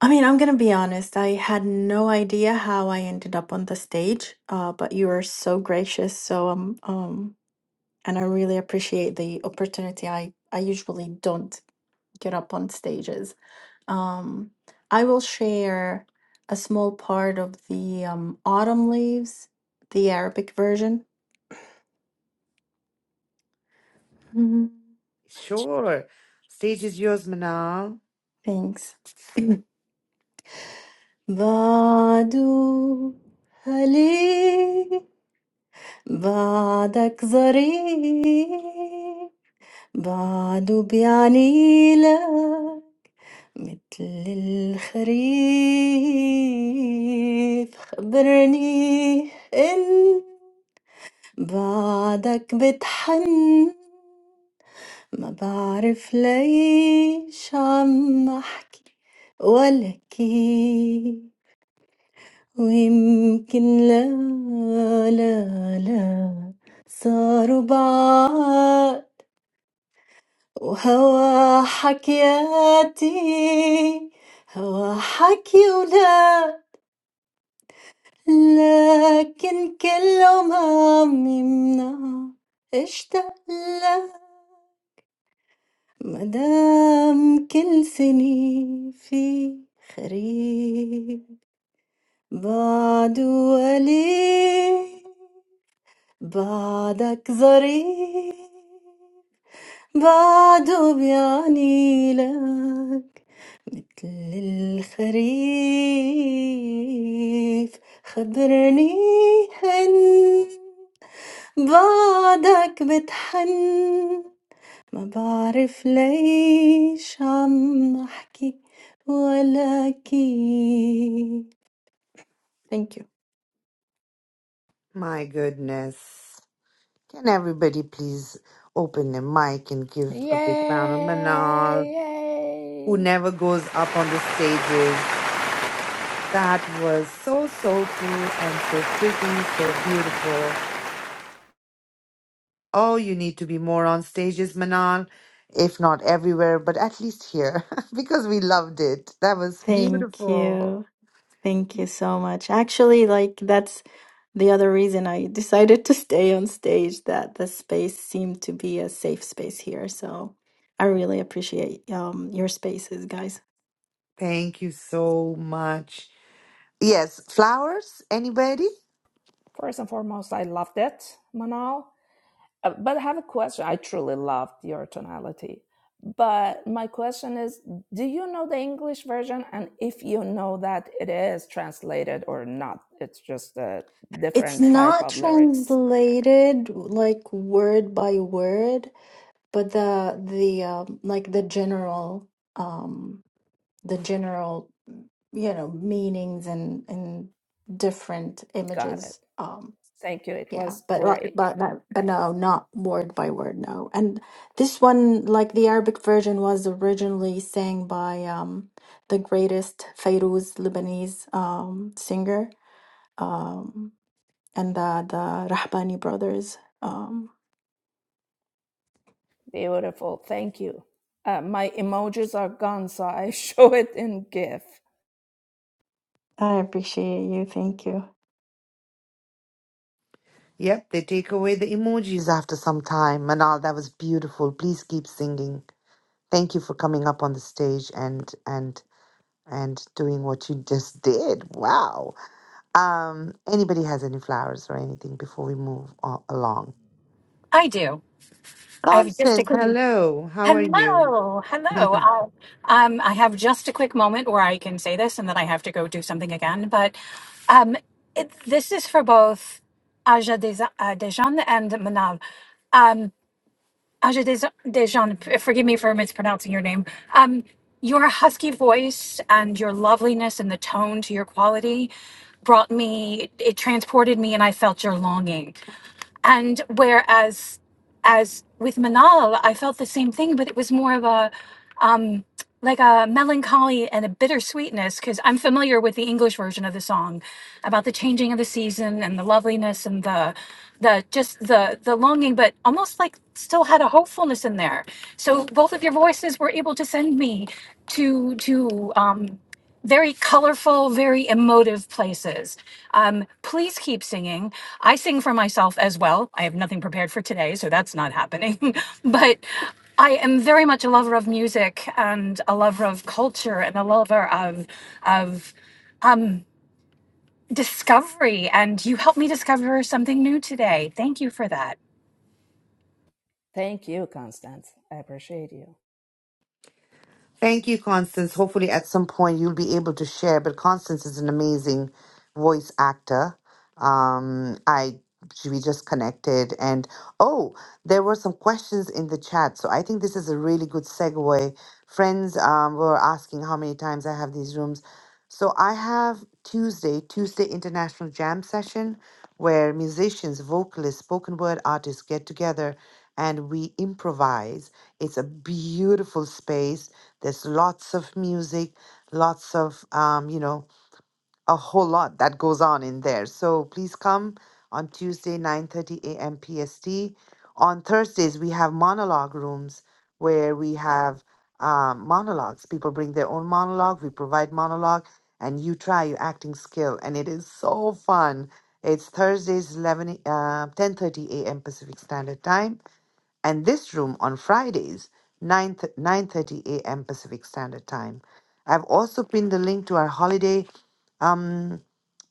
N: I mean, I'm gonna be honest. I had no idea how I ended up on the stage, uh, but you were so gracious. So um, um, and I really appreciate the opportunity. I I usually don't get up on stages. Um, I will share a small part of the um, autumn leaves, the Arabic version. Mhm.
A: sure. Stage is yours, Manal.
N: Thanks. بعد هلي بعدك ظريف بعد بيعنيلا مثل الخريف خبرني إن بعدك بتحن ما بعرف ليش عم أحكي ولا كيف ويمكن لا لا لا صاروا بعاد وهوى حكياتي هوى حكي ولا لكن كل عمري منها اشتاق لها مدام كل سنة في خريف بعد ولي بعدك ظريف بعده بيعني لك مثل الخريف خبرني هن بعدك بتحن ما بعرف ليش عم أحكي ولا كيف Thank you.
A: My goodness. Can everybody please open the mic and give a big round of Manal? who never goes up on the stages. That was so soulful and so pretty, so beautiful. Oh, you need to be more on stages, Manal, if not everywhere, but at least here, because we loved it. That was
N: Thank you.
A: beautiful.
N: Thank you so much. Actually, like that's the other reason I decided to stay on stage, that the space seemed to be a safe space here. So I really appreciate um, your spaces, guys.
A: Thank you so much. Yes, flowers, anybody?
N: It's not translated like word by word, but the the um, like the general um, the general you know meanings and and different images. Um, Yeah, but well, but but but no, not word by word, no. And this one, like the Arabic version, was originally sang by um the greatest Fairuz Lebanese um singer, um and the the Rahbani brothers. Um, I appreciate you. Thank you.
A: Yep, they take away the emojis after some time. Manal, that was beautiful. Please keep singing. Thank you for coming up on the stage and and and doing what you just did. Wow. Um, anybody has any flowers or anything before we move on, along?
S: I do. I have just a
A: Constance,
S: quick
A: hello. How are you?
S: hello, hello. Uh, um, I have just a quick moment where I can say this, and then I have to go do something again. But um, it, this is for both Aja Deza- uh, Dejan and Manal. Um, Aja Deza- Dejan, f- forgive me for mispronouncing your name. Um, your husky voice and your loveliness and the tone to your quality brought me. It transported me, and I felt your longing and whereas as with manal i felt the same thing but it was more of a like a melancholy and a bittersweetness because i'm familiar with the english version of the song about the changing of the season and the loveliness and the the just the the longing but almost like still had a hopefulness in there so both of your voices were able to send me to to um very colorful, very emotive places. Um, please keep singing. I sing for myself as well. I have nothing prepared for today, so that's not happening. but I am very much a lover of music and a lover of culture and a lover of of discovery. And you helped me discover something new today. Thank you for that.
A: Thank you, Constance. Hopefully, at some point, you'll be able to share. But Constance is an amazing voice actor. Um, I she- we just connected, and oh, there were some questions in the chat. So I think this is a really good segue. Friends um, were asking how many times I have these rooms. So I have Tuesday, Tuesday International Jam Session, where musicians, vocalists, spoken word artists get together and we improvise. It's a beautiful space there's lots of music, lots of, um, you know, a whole lot that goes on in there. So please come on Tuesday, 9.30 a.m. PST. On Thursdays, we have monologue rooms where we have um, monologues. People bring their own monologue. We provide monologue and you try your acting skill. And it is so fun. It's Thursdays, 11, uh, 10.30 a.m. Pacific Standard Time and this room on Fridays, 9 th- 9:30 a.m. Pacific Standard Time. I've also pinned the link to our holiday um,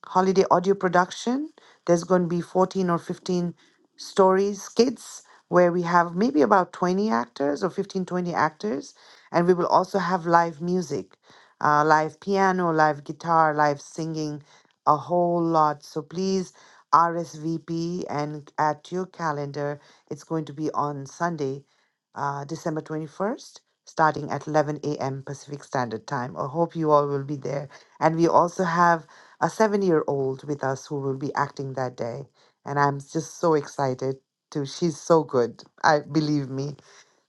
A: holiday audio production. There's going to be 14 or 15 stories, skits, where we have maybe about 20 actors or 15 20 actors. And we will also have live music, uh, live piano, live guitar, live singing, a whole lot. So please RSVP and add to your calendar. It's going to be on Sunday, uh, December 21st, starting at 11 a.m. Pacific Standard Time. I hope you all will be there. And we also have a seven year old with us who will be acting that day. And I'm just so excited to she's so good. I believe me.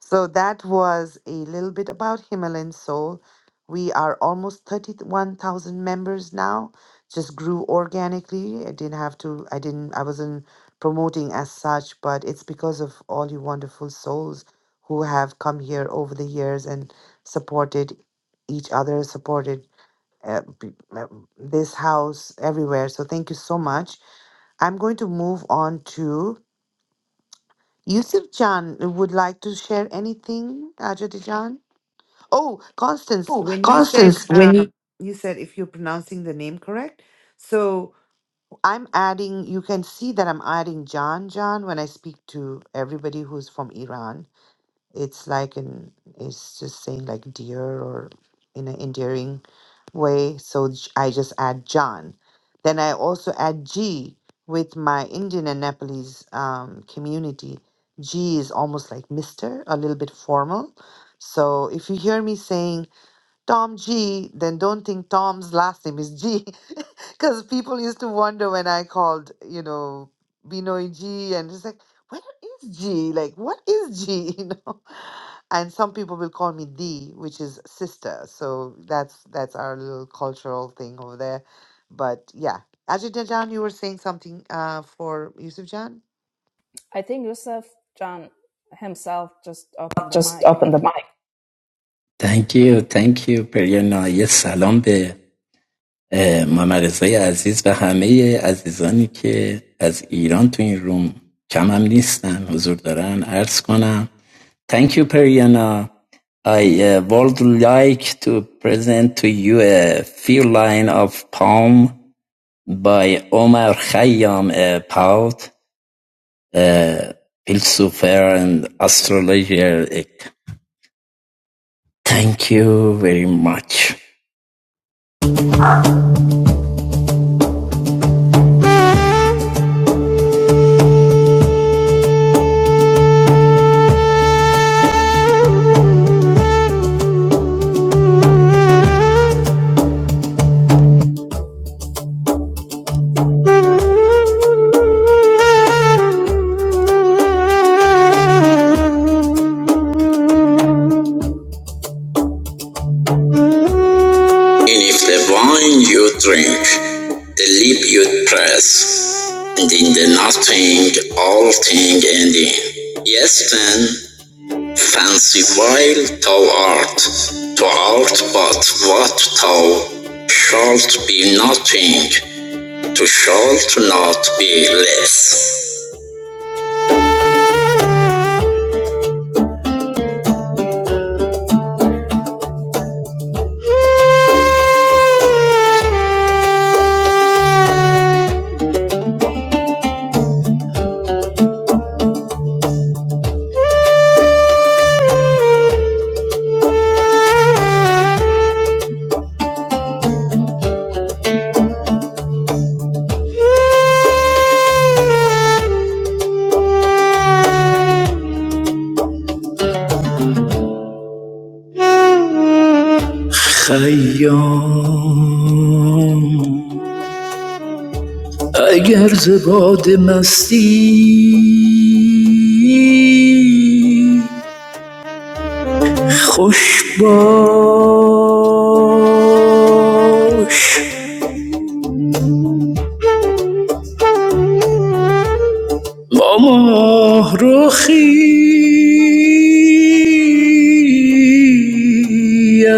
A: So that was a little bit about Himalayan Soul. We are almost 31,000 members now. Just grew organically. I didn't have to I didn't I wasn't promoting as such, but it's because of all you wonderful souls who have come here over the years and supported each other, supported uh, b- uh, this house everywhere. So thank you so much. I'm going to move on to Yusuf Jan. Would like to share anything, Ajadi Jan? Oh, Constance,
K: Oh,
A: when you said
K: Constance, when you
A: um, you said if you're pronouncing the name correct, so I'm adding. You can see that I'm adding Jan Jan when I speak to everybody who's from Iran it's like an it's just saying like dear or in an endearing way. So j- I just add John. Then I also add G with my Indian and Nepalese um, community. G is almost like Mister, a little bit formal. So if you hear me saying Tom G, then don't think Tom's last name is G. Because people used to wonder when I called, you know, Binoy G, and it's like, what is G? Like, what is G? You know? And some people will call me D, which is sister. So that's that's our little cultural thing over there. But yeah. Ajita Jan, you were saying something uh, for Yusuf Jan?
K: just open the mic. Thank you, thank you, Periana. Yes, salaam be. اه، محمد رضای عزیز و همه عزیزانی که از ایران تو این روم کم هم نیستن حضور دارن عرض کنم Thank you Periana I uh, would like to present to you a few lines of poem by Omar Khayyam a poet a philosopher and astrologer Thank you very much And if the wine you drink, the lip you press, and in the nothing all thing ending. Yes then, fancy while thou art, to art but what thou shalt be nothing, to shalt not be less. خیام Ayer zabad masti, khushba. Ma mahroohi,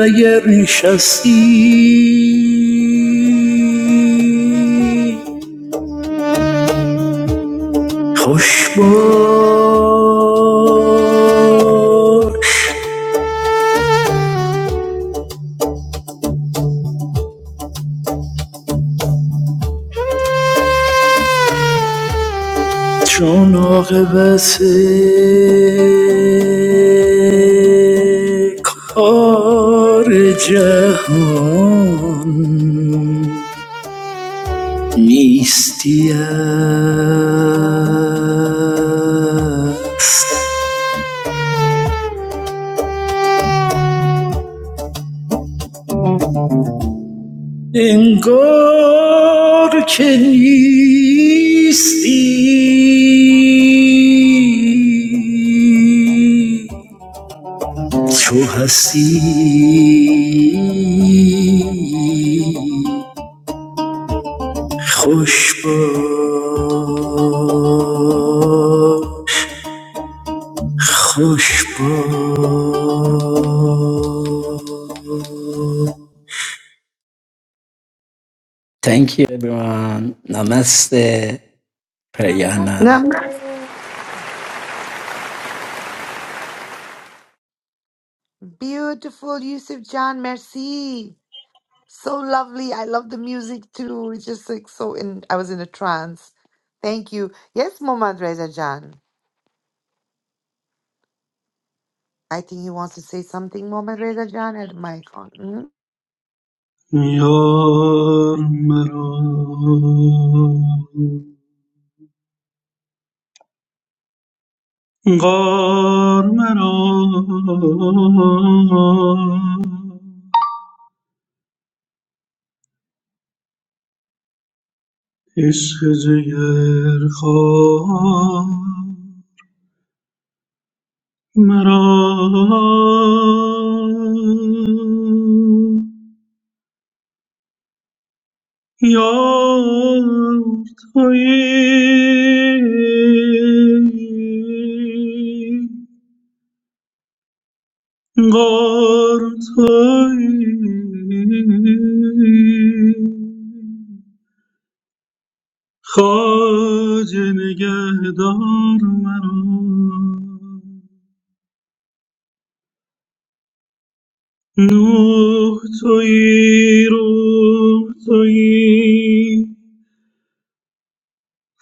K: ayer shasi, khushba. Chonagvase kharge mistia engorke misti chhasi. Khushbu. Thank you, everyone. Namaste,
A: Namaste.
K: Prayana. Namaste.
A: Beautiful Yusuf Jan, merci. So lovely. I love the music too. It's just like so in I was in a trance. Thank you. Yes, Mohammad Reza Jan. I think he wants to say something, Mohammad Reza Jan, had mic on. Mhm.
P: یار مرا غار مرا عشق جگر خواه مرا یار تویی غار تویی خواجه نگهدار مرا نوح تویی روح تویی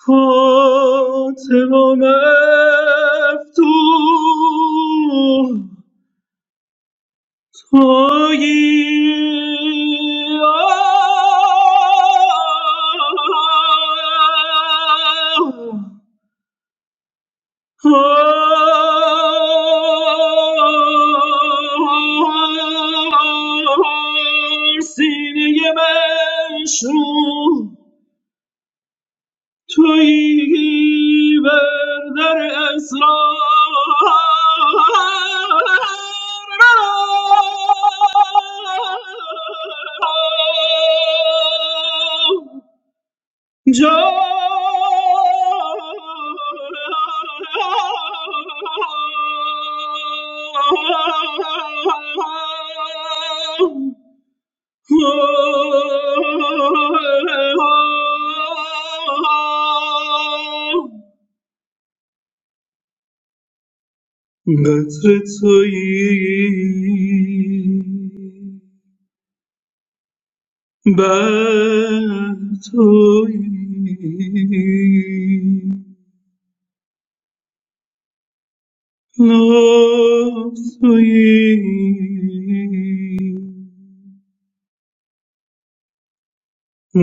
P: فاطمه مفتوح 可以啊，可惜你也没说。تویی بر در اسرار جا قطر تویی بر تویی لطف تویی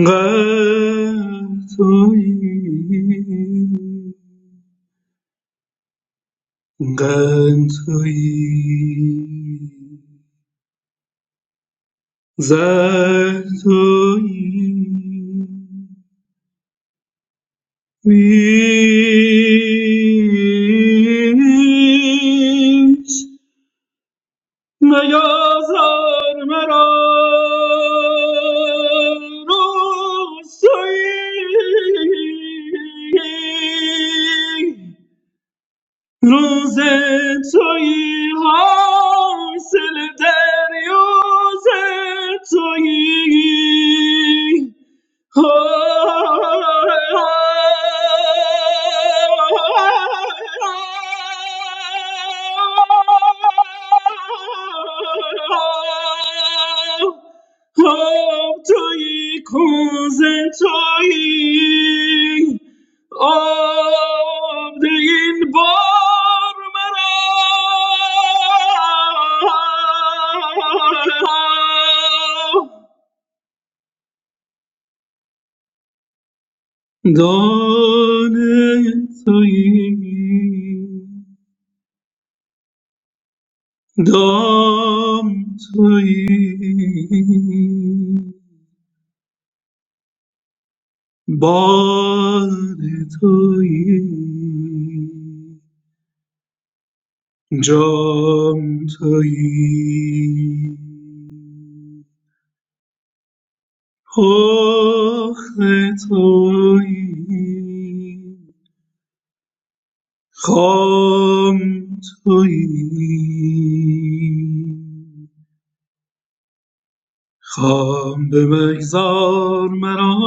P: قدر تویی قند تویی زر تویی نیست میازار مرا روزی روز توی حاصل دریوز توی توی کوزه توی آب این بار مرا دانه تویی دام تویی باد تویی جام تویی پخت تویی خام تویی خام بمگذار مرا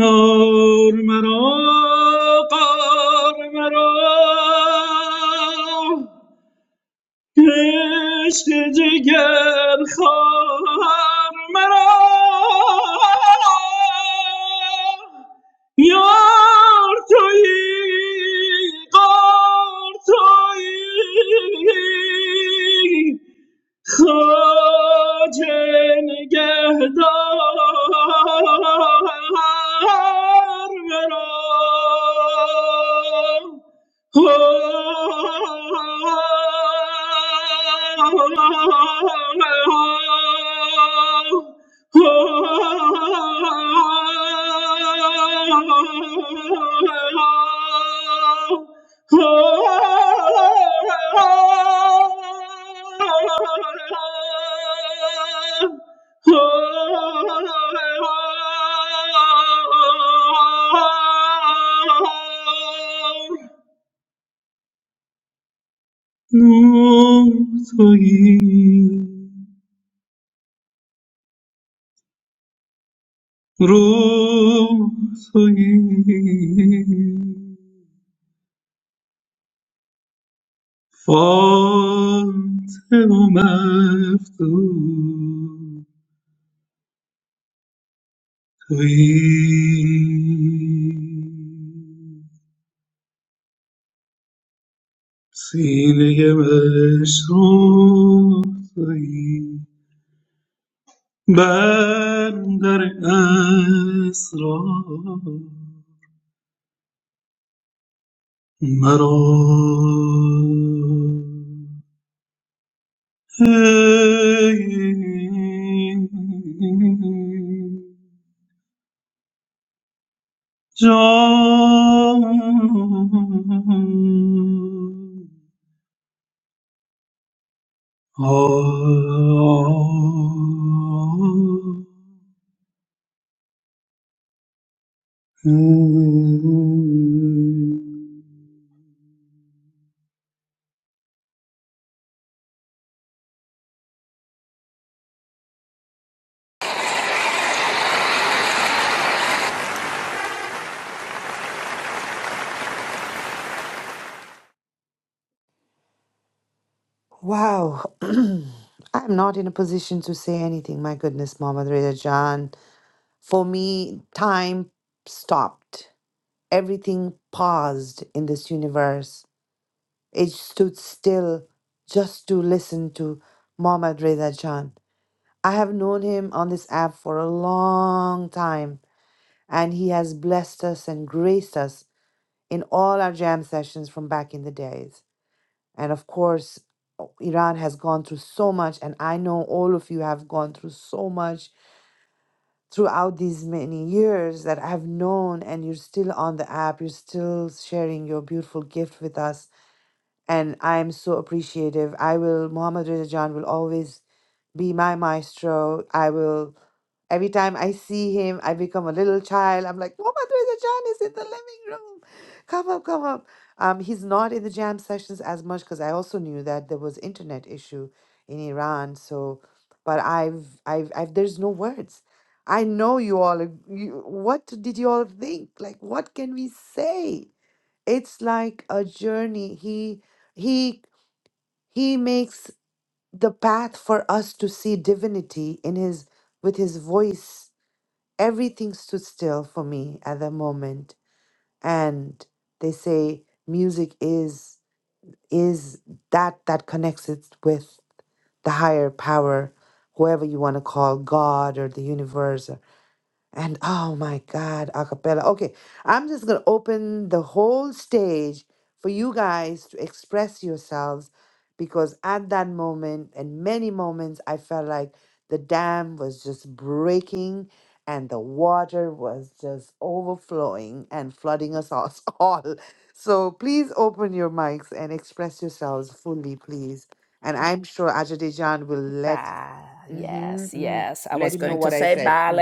P: یار مرا قار مرا عشق جگر خار مرا یار تویی قار تویی خواجه نگهدار مرا روح تویی روح فاتح و مفتون تویی سینه مشروب تویی بندر اسرار مرا ای جان من اه، اه،
A: Wow. I'm not in a position to say anything. My goodness, Mohammad Reza Jan. For me, time stopped. Everything paused in this universe. It stood still just to listen to Mohammad Reza Jan. I have known him on this app for a long time, and he has blessed us and graced us in all our jam sessions from back in the days. And of course, Iran has gone through so much, and I know all of you have gone through so much throughout these many years that I've known, and you're still on the app, you're still sharing your beautiful gift with us. And I'm so appreciative. I will, Mohammad Reza Jan will always be my maestro. I will Every time I see him, I become a little child. I'm like, Mama Teresa John is in the living room. Come up, come up. Um, he's not in the jam sessions as much because I also knew that there was internet issue in Iran. So, but I've, I've, I've there's no words. I know you all. ag- You, what did you all think? Like, what can we say? It's like a journey. He, he, he makes the path for us to see divinity in his with his voice everything stood still for me at that moment and they say music is is that that connects it with the higher power whoever you want to call god or the universe and oh my God, a cappella. Okay, I'm just going to open the whole stage for you guys to express yourselves because at that moment and many moments, I felt like the dam was just breaking and the water was just overflowing and flooding us all. all. So please open your mics and express yourselves fully, please. And I'm sure Ajay Dejan will let, hmm let him know what I said. Mm.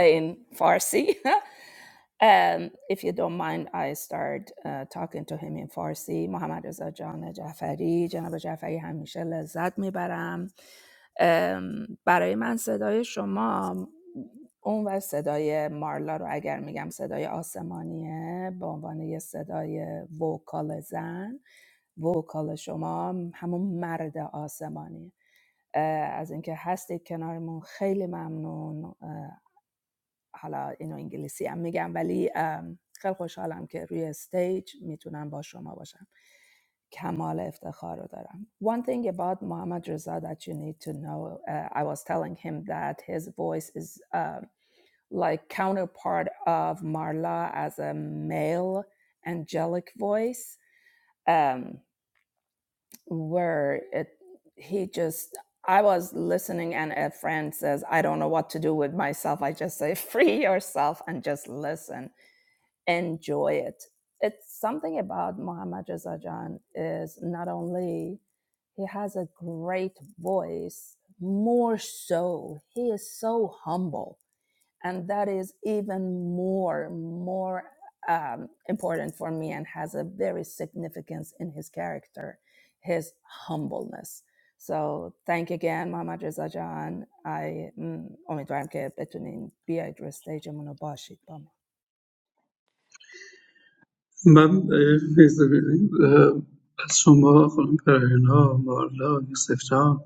P: از شما خانم پرهینا مارلا یوسف جان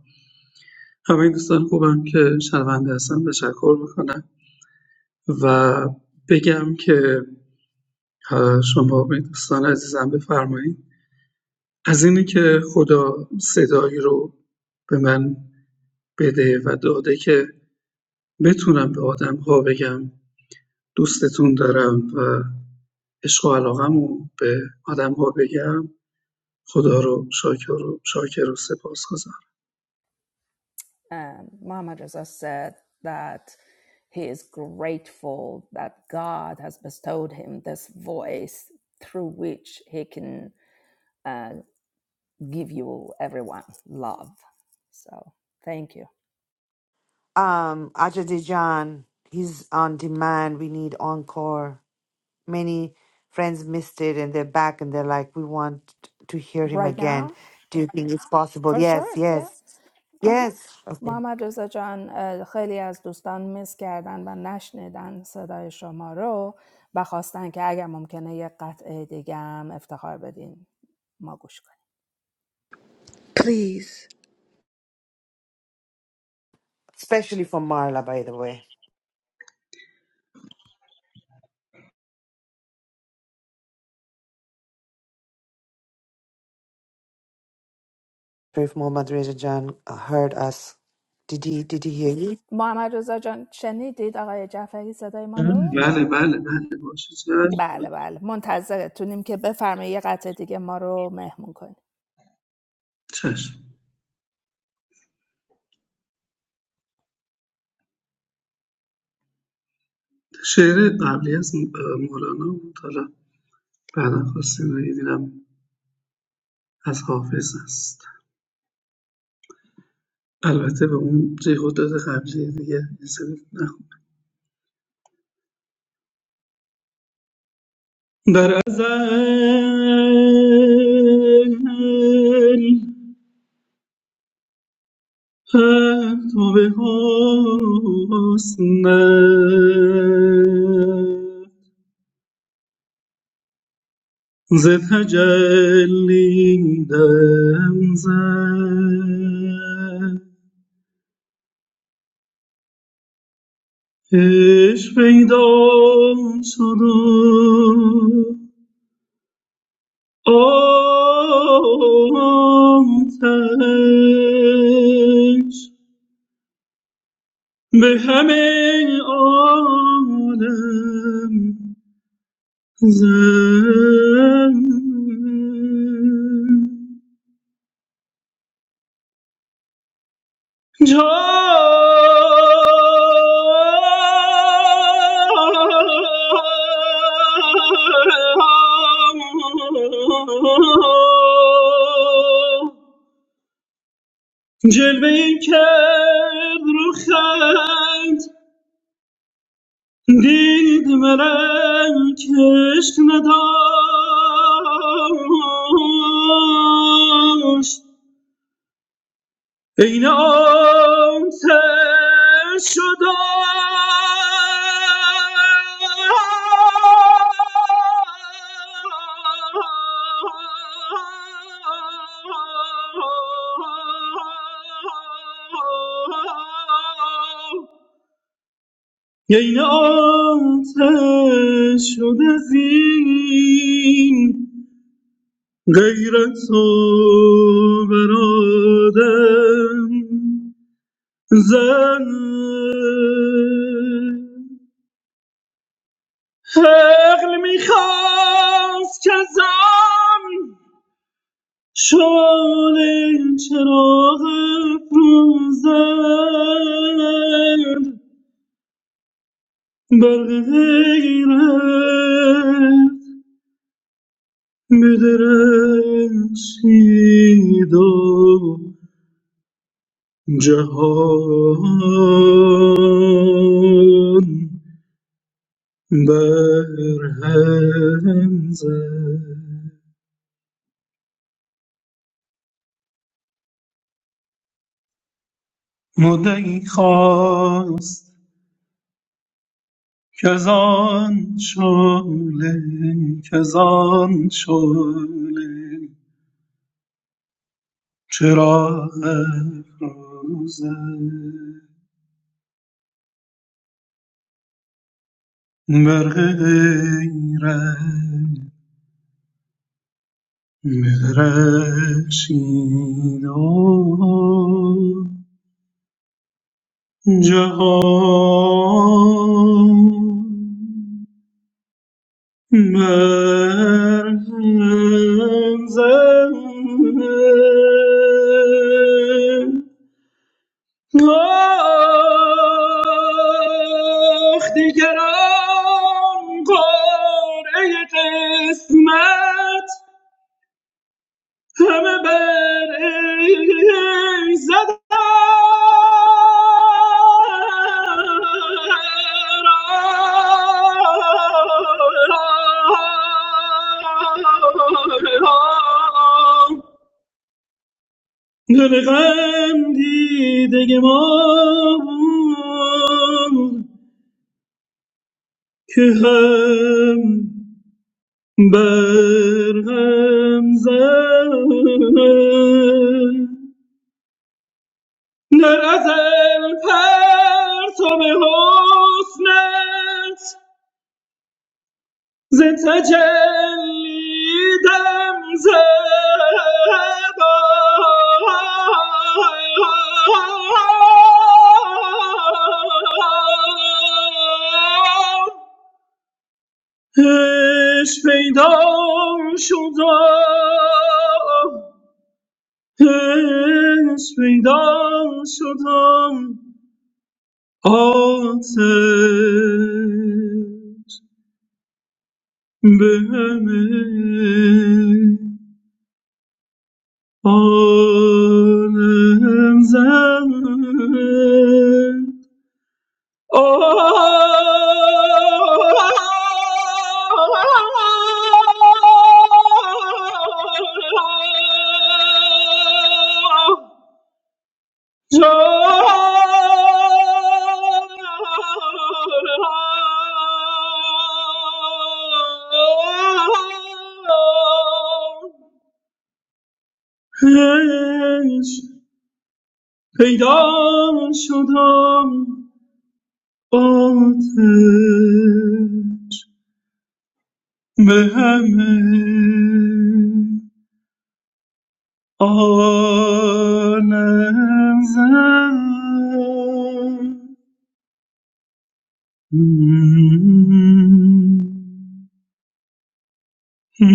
P: همه این دوستان خوبم که شنونده هستم تشکر میکنم و بگم که اه، شما به دوستان عزیزم بفرمایید از اینی که خدا صدایی رو به من بده و داده که بتونم به آدم‌ها بگم دوستتون دارم و عشق و علاقه‌مو به آدم‌ها بگم خدا رو شاکر و شاکر و سپاسگزارم
A: Um, Ajadijan, he's on demand. We need encore. Many friends missed it and they're back and they're like, we want to hear him again. Do you think it's possible? Yes, yes, yes. Okay. Especially for Marla, by the way. If Mohammad Reza Jan heard us, did he? Did he hear you?
P: بله بله بله باشه چشم چشم. شعر قبلی از مولانا بود حالا بعدا خواستین رو دیدم از حافظ است البته به اون جهودات قبلی دیگه نسبت نخورد. در ازل پرتو به حسن ز تجلی دم زد عشق پیدا شد و آمتش به همه عالم جلوه ای کرد رو خند دید مرم کشک نداشت عین آتش شدم عین آتش شده زین غیرت و برادم زن حقل میخواست که زن شال چراغ افروزد برق غیرت بدرخشید و جهان برهم زد مدعی خواست که زان شعله که زان شعله چرا افروزد بر غیرت بدرخشید و جهان من زن- آخ دیگران قاره قسمت همه بر ای زدم دل غم دیده ما بود که هم بر هم زد در ازل پرتاب حسنت ز تجلی دم زد عشق پیدا شدم عشق پیدا شدم آتش به همه عالم زد آه عشق پیدا شدم آتش به همه عالم زن جان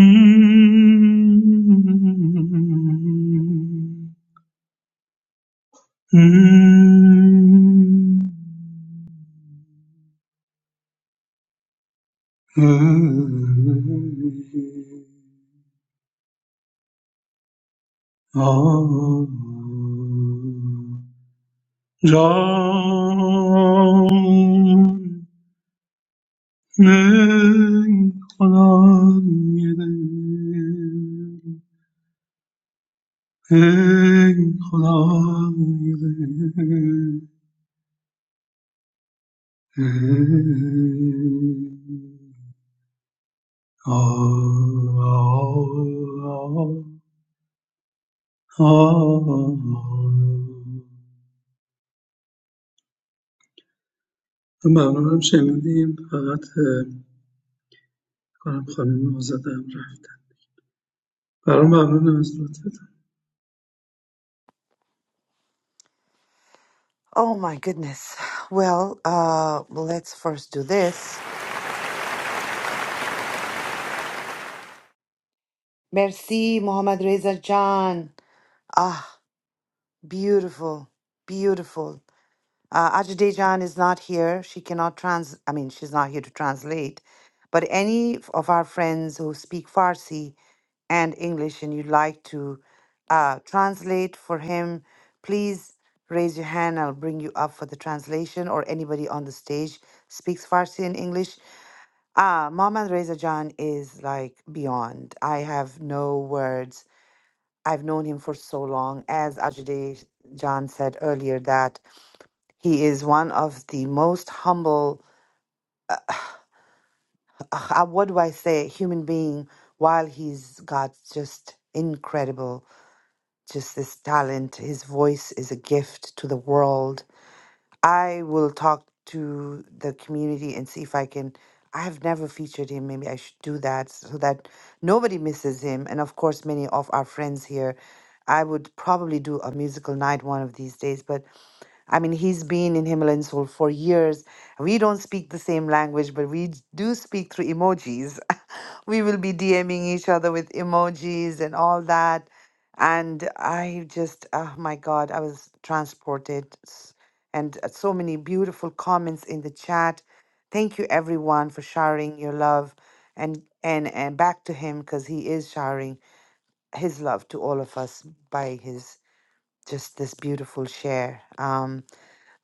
P: ای خدای دل ای خدای دل ای ممنونم شنیدیم فقط اه، کنم خانم آزادم رفتن برام ممنونم از لطفتون
A: Oh my goodness. Well, uh, let's first do this. Merci, Mohammad Reza Jan. Ah, beautiful, beautiful. Uh, Ajdejan is not here. She cannot trans, I mean, she's not here to translate. But any f- of our friends who speak Farsi and English and you'd like to uh, translate for him, please raise your hand. I'll bring you up for the translation or anybody on the stage speaks Farsi and English. Uh, Mohammad Reza Jan is like beyond. I have no words. I've known him for so long. As Ajdejan said earlier, that he is one of the most humble, uh, uh, what do I say, human being, while he's got just incredible, just this talent. His voice is a gift to the world. I will talk to the community and see if I can. I have never featured him. Maybe I should do that so that nobody misses him. And of course, many of our friends here. I would probably do a musical night one of these days, but I mean, he's been in Himalayan Soul for years. We don't speak the same language, but we d- do speak through emojis. we will be DMing each other with emojis and all that. And I just, oh my God, I was transported. S- And uh, so many beautiful comments in the chat. Thank you, everyone, for sharing your love and and and back to him because he is showering his love to all of us by his just this beautiful share. Um,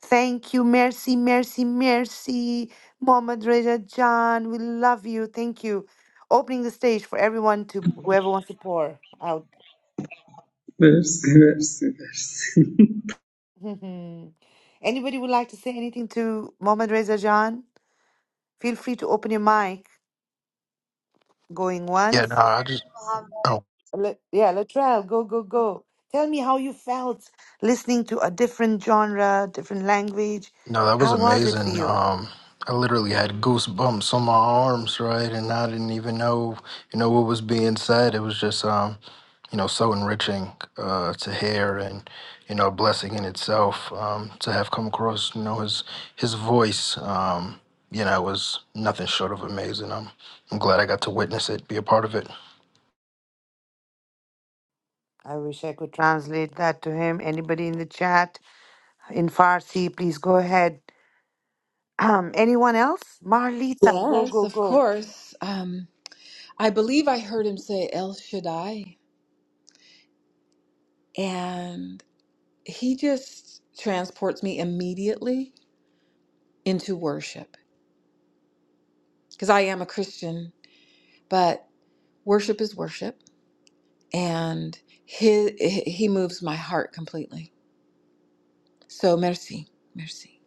A: Thank you, mercy, mercy, mercy. Mohammed Reza Jan. we love you. Thank you. Opening the stage for everyone to whoever wants to pour out.
P: مرسی مرسی مرسی
A: Anybody would like to say anything to Mohammed Reza Jan? Feel free to open your mic. Going
T: Yeah, no,
A: once.
T: I just
U: Um,
T: oh
A: Le- yeah, Latrell, go, go, go. Tell me how you felt listening to a different genre, different language.
T: no, that was
A: How was it for
T: amazing.
A: you?
T: Um, I literally had goosebumps on my arms, right, and I didn't even know, you know, what was being said. It was just, um, you know, so enriching uh, to hear, and you know, a blessing in itself um, to have come across. You know, his his voice, um, you know, was nothing short of amazing. I'm I'm glad I got to witness it, be a part of it.
A: I wish I could translate that to him. Anybody in the chat? in Farsi. Please go ahead. Um, anyone else? Marlita, go,
G: Yes,
A: go,
G: of
A: go.
G: course. Um, I believe I heard him say El Shaddai, and he just transports me immediately. into worship because I am a Christian, but worship is worship and he he moves my heart completely. So merci, merci.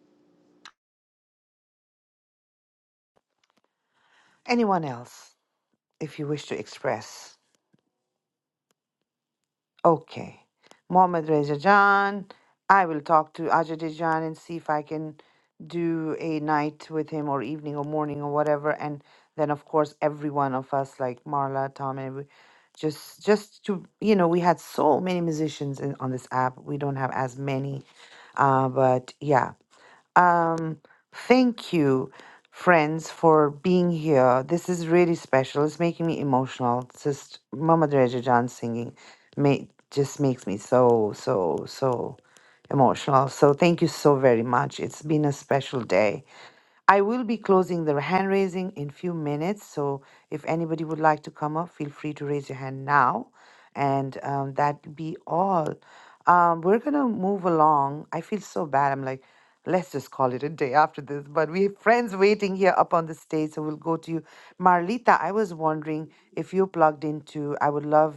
A: Anyone else, if you wish to express. Okay. Mohammad Reza Jan. I will talk to Ajay Jan and see if I can do a night with him or evening or morning or whatever. And then, of course, every one of us, like Marla, Tom, and every- just just to you know, we had so many musicians in, on this app. We don't have as many, uh, but yeah. Um, thank you, friends, for being here. This is really special. It's making me emotional. It's just Mama Dereja John singing ma- just makes me so, so, so emotional. So thank you so very much. It's been a special day. I will be closing the hand raising in few minutes. So if anybody would like to come up, feel free to raise your hand now and um, that be all. Um, we're gonna move along. I feel so bad. I'm like, let's just call it a day after this. But we have friends waiting here up on the stage, so we'll go to you, Marlita. I was wondering if you plugged into. I would love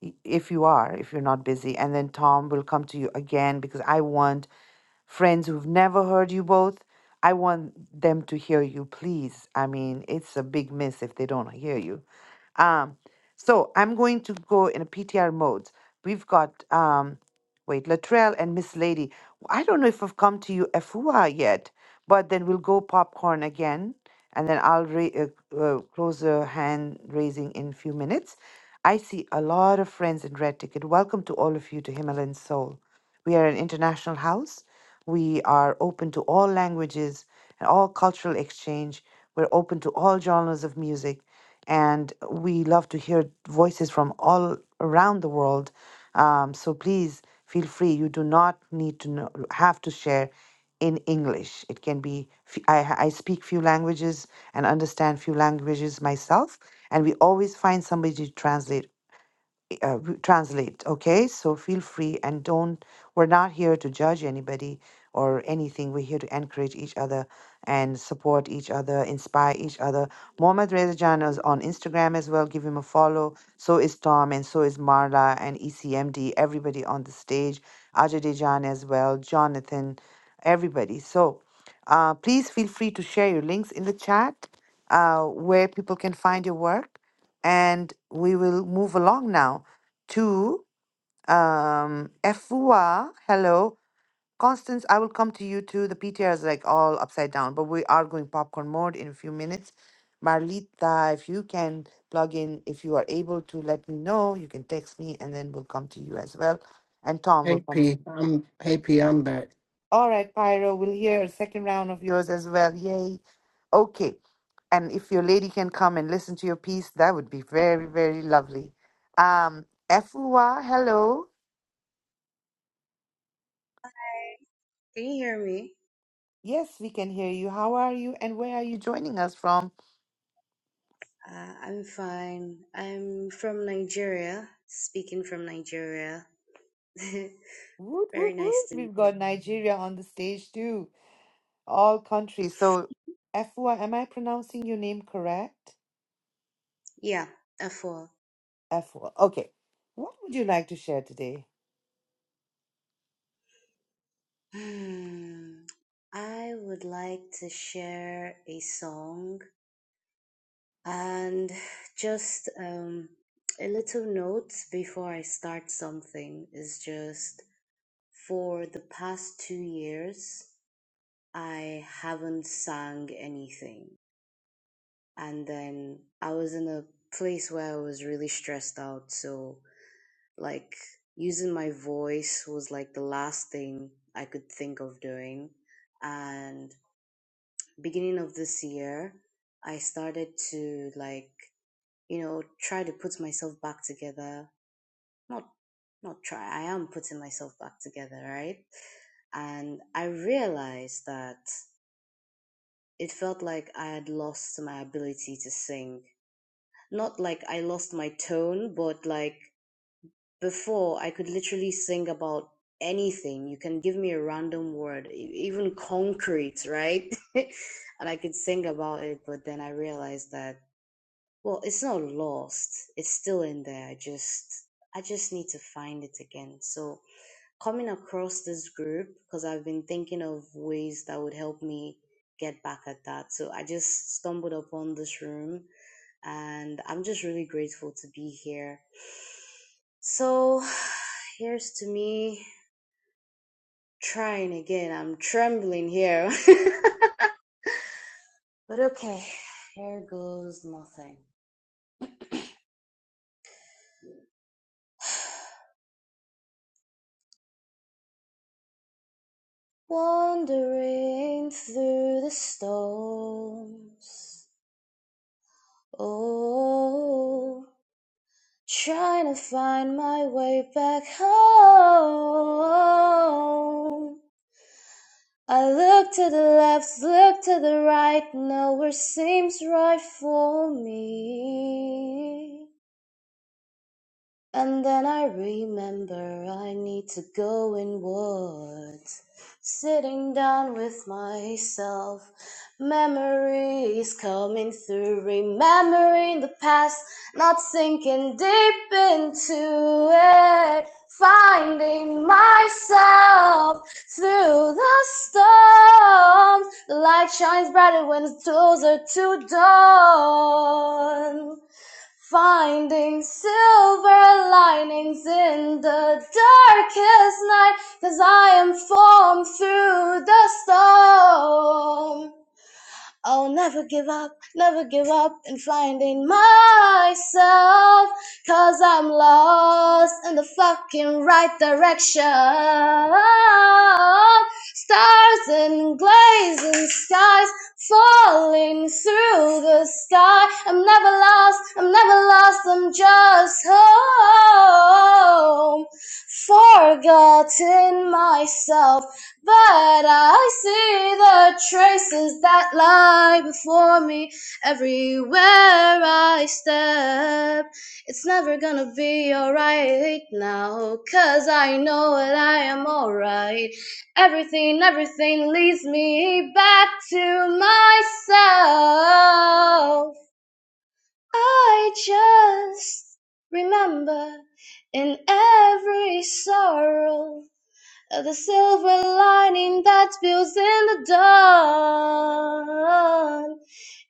A: y- if you are, if you're not busy, and then Tom will come to you again because I want friends who've never heard you both. I want them to hear you, please. I mean, it's a big miss if they don't hear you. Um, so I'm going to go in a PTR modes. We've got um wait, Latrell and Miss Lady. I don't know if I've come to you Afua yet, but then we'll go popcorn again, and then I'll ra- uh, uh, close the hand raising in a few minutes. I see a lot of friends in red ticket. Welcome to all of you to Himalayan Soul. We are an international house. We are open to all languages and all cultural exchange. We're open to all genres of music. And we love to hear voices from all around the world. Um, so please feel free. You do not need to know, have to share in English. It can be, f- I, I speak few languages and understand few languages myself. And we always find somebody to translate uh, w- translate okay so feel free and don't we're not here to judge anybody or anything we're here to encourage each other and support each other inspire each other Mohammad reza Jan is on instagram as well give him a follow so is tom and so is marla and ecmd everybody on the stage ajay Dejan as well jonathan everybody so uh, please feel free to share your links in the chat uh, where people can find your work and we will move along now to um Efua. Hello. Constance, I will come to you too. The PTR is like all upside down, but we are going popcorn mode in a few minutes. Marlita, if you can plug in, if you are able to let me know, you can text me and then we'll come to you as well. And Tom will
H: Hey
A: come to you.
H: P, I'm hey P, I'm back.
A: All right, Pyro, we'll hear a second round of yours as well. Yay. Okay. And if your lady can come and listen to your piece, that would be very, very lovely. Um, Efua, hello.
U: Can you hear me?
A: Yes, we can hear you. How are you and where are you joining us from?
U: Uh, I'm fine. I'm from Nigeria, speaking from Nigeria.
A: Woot,
U: Very
A: woot, woot.
U: nice to meet
A: We've
U: you.
A: got Nigeria on the stage too. All countries. So, Afua, am I pronouncing your name correct?
U: Yeah, F4.
A: Afua. Okay. What would you like to share today?
U: Hmm. I would like to share a song and just um, a little note before I start something is just for the past two years, I haven't sang anything and then I was in a place where I was really stressed out. So, like, using my voice was like the last thing I could think of doing. And beginning of this year, I started to like, you know, try to put myself back together. Not not try. I am putting myself back together, right? And I realized that it felt like I had lost my ability to sing not like I lost my tone, but like before I could literally sing about anything. You can give me a random word, e- even concrete, right? and I could sing about it, but then I realized that well, it's not lost. It's still in there. I just I just need to find it again. So coming across this group because I've been thinking of ways that would help me get back at that. So I just stumbled upon this room and I'm just really grateful to be here. So here's to me trying again. I'm trembling here. but okay, here goes nothing. Wandering through the storms. Oh. Trying to find my way back home. I look to the left, look to the right, nowhere seems right for me. And then I remember I need to go inwards. Sitting down with myself, memories coming through, remembering the past, not sinking deep into it. Finding myself through the storm. The light shines brighter when it's closer to dawn. Finding silver linings in the darkest night, 'cause I am formed through the storm. I'll never give up, never give up in finding myself. i I'm lost in the fucking right direction. Stars and glazing skies falling through the sky. I'm never lost, I'm never lost, I'm just home. Forgotten myself. But I see the traces that lie before me everywhere I step. It's never gonna be alright now, cause I know that I am alright. Everything, everything leads me back to myself. I just remember in every sorrow the silver lining that spills in the dawn.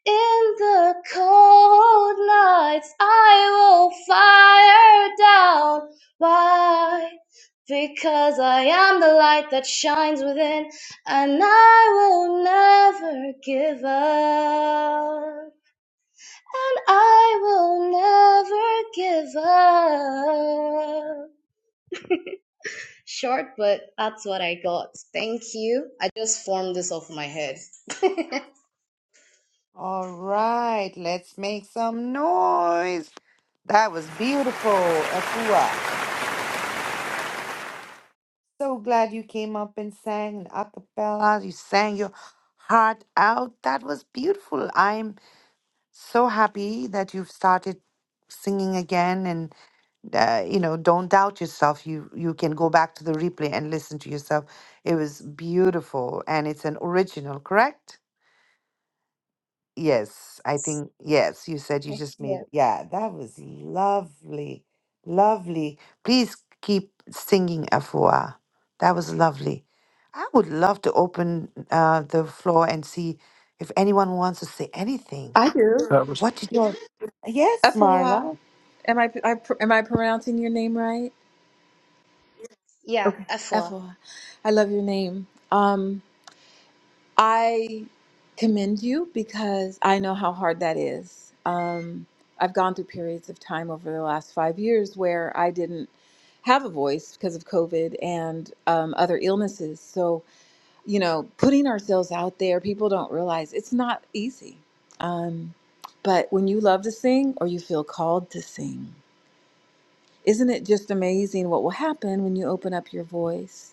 U: In the cold nights, I will fire down. Why? Because I am the light that shines within, and I will never give up. And I will never give up. Short, but that's what I got. Thank you. I just formed this off my head. yes.
A: All right, let's make some noise. That was beautiful, Afua. So glad you came up and sang an acapella. You sang your heart out. That was beautiful. I'm so happy that you've started singing again and uh, you know don't doubt yourself you you can go back to the replay and listen to yourself it was beautiful and it's an original correct yes i think yes you said you just made yeah that was lovely lovely please keep singing afua that was lovely i would love to open uh, the floor and see if anyone wants to say anything
G: I do.
T: That was-
A: what did you? Yes,
G: Efua.
A: Marla.
G: Am I, I am I pronouncing your name right?
U: Yeah, F4.
G: Efua. I love your name. Um I commend you because I know how hard that is. Um, I've gone through periods of time over the last five years where I didn't have a voice because of COVID and um, other illnesses. So, you know, putting ourselves out there, people don't realize it's not easy. Um, but when you love to sing or you feel called to sing, isn't it just amazing what will happen when you open up your voice?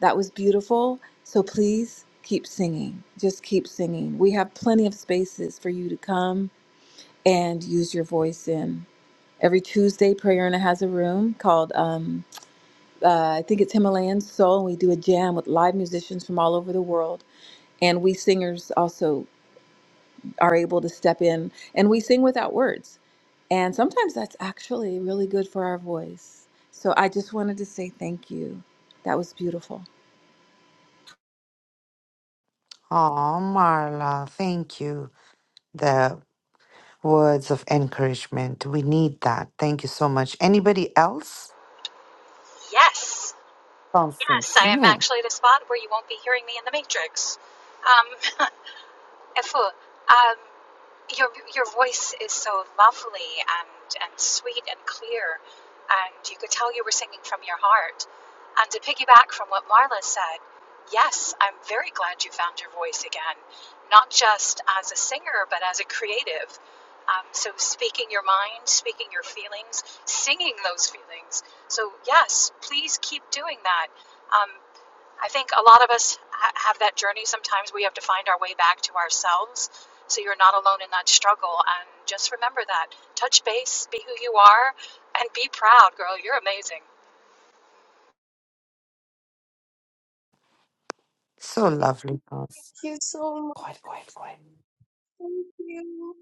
G: That was beautiful. So please keep singing. Just keep singing. We have plenty of spaces for you to come and use your voice in. Every Tuesday, Prayerna has a room called, um, uh, I think it's Himalayan Soul, and we do a jam with live musicians from all over the world. And we singers also are able to step in and we sing without words. And sometimes that's actually really good for our voice. So I just wanted to say thank you. That was beautiful.
A: Oh, Marla, thank you. The words of encouragement. We need that. Thank you so much. Anybody else?
S: Yes,
A: Constance.
S: yes, I am
A: Mhm.
S: actually at a spot where you won't be hearing me in the Matrix. Um, Efu, um, your your voice is so lovely and and sweet and clear, and you could tell you were singing from your heart. And to piggyback from what Marla said, yes, I'm very glad you found your voice again, not just as a singer but as a creative. Um, so speaking your mind, speaking your feelings, singing those feelings. So yes, please keep doing that. Um, I think a lot of us ha- have that journey. Sometimes we have to find our way back to ourselves. So you're not alone in that struggle. And just remember that. Touch base, be who you are, and be proud, girl. You're amazing.
A: So lovely, Constance.
U: Thank you so much.
A: Quiet, quiet, quiet.
U: Thank you.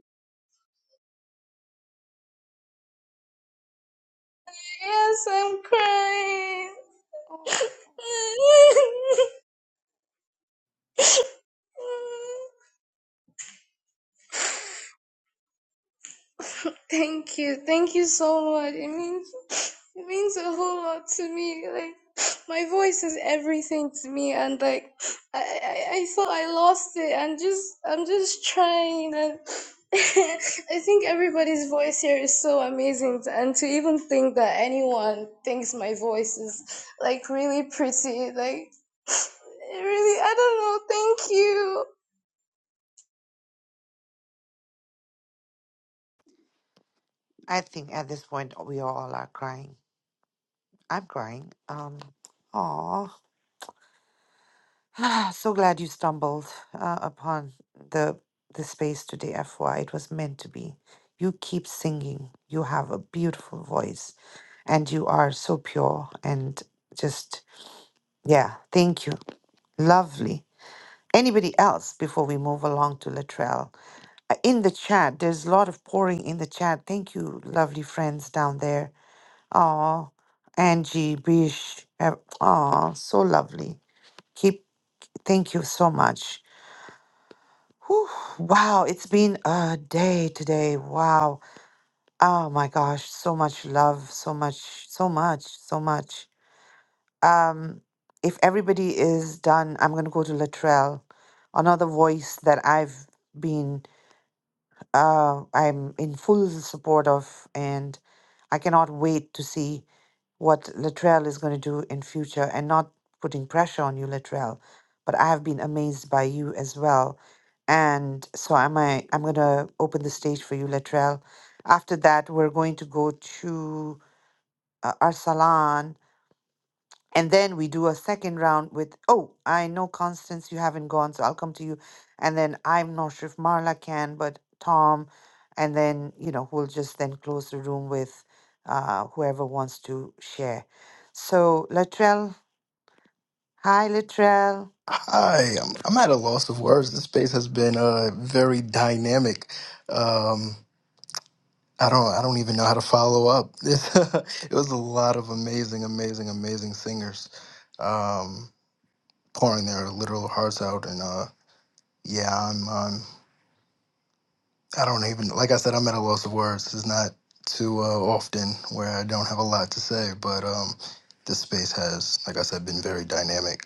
U: Yes, I'm crying.
A: Oh,
U: Thank you. Thank you so much. It means it means a whole lot to me. Like my voice is everything to me and like I I, I thought I lost it and just I'm just trying and I think everybody's voice here is so amazing and to even think that anyone thinks my voice is like really pretty like it really I don't know. Thank you.
A: I think at this point we all are crying. I'm crying. Um. Ah, so glad you stumbled uh, upon the the space today, FY. It was meant to be. You keep singing. You have a beautiful voice, and you are so pure and just yeah. Thank you. Lovely. Anybody else before we move along to Latrell? Uh, In the chat, there's a lot of pouring in the chat. Thank you, lovely friends down there. Oh, Angie, Bish. Oh, so lovely. Keep. Thank you so much. Whew, wow, it's been a day today. Wow. Oh my gosh, so much love, so much, so much, so much. Um, if everybody is done, I'm gonna go to Latrell, another voice that I've been uh I'm in full support of and I cannot wait to see what Latrell is going to do in future and not putting pressure on you, Latrell. But I have been amazed by you as well. And so am I I'm gonna open the stage for you, Latrell. After that, we're going to go to uh, Arsalan and then we do a second round with, oh, I know Constance, you haven't gone, so I'll come to you. And then I'm not sure if Marla can, but Tom. And then, you know, we'll just then close the room with uh, whoever wants to share. So, Latrell, hi, Latrell.
T: Hi, I'm, I'm at a loss of words. This space has been uh, very dynamic. Um, I don't I don't even know how to follow up. it was a lot of amazing, amazing, amazing singers um, pouring their literal hearts out, and uh, yeah, I'm, I'm I don't even like I said I'm at a loss of words. It's not too uh, often where I don't have a lot to say, but um, this space has, like I said, been very dynamic.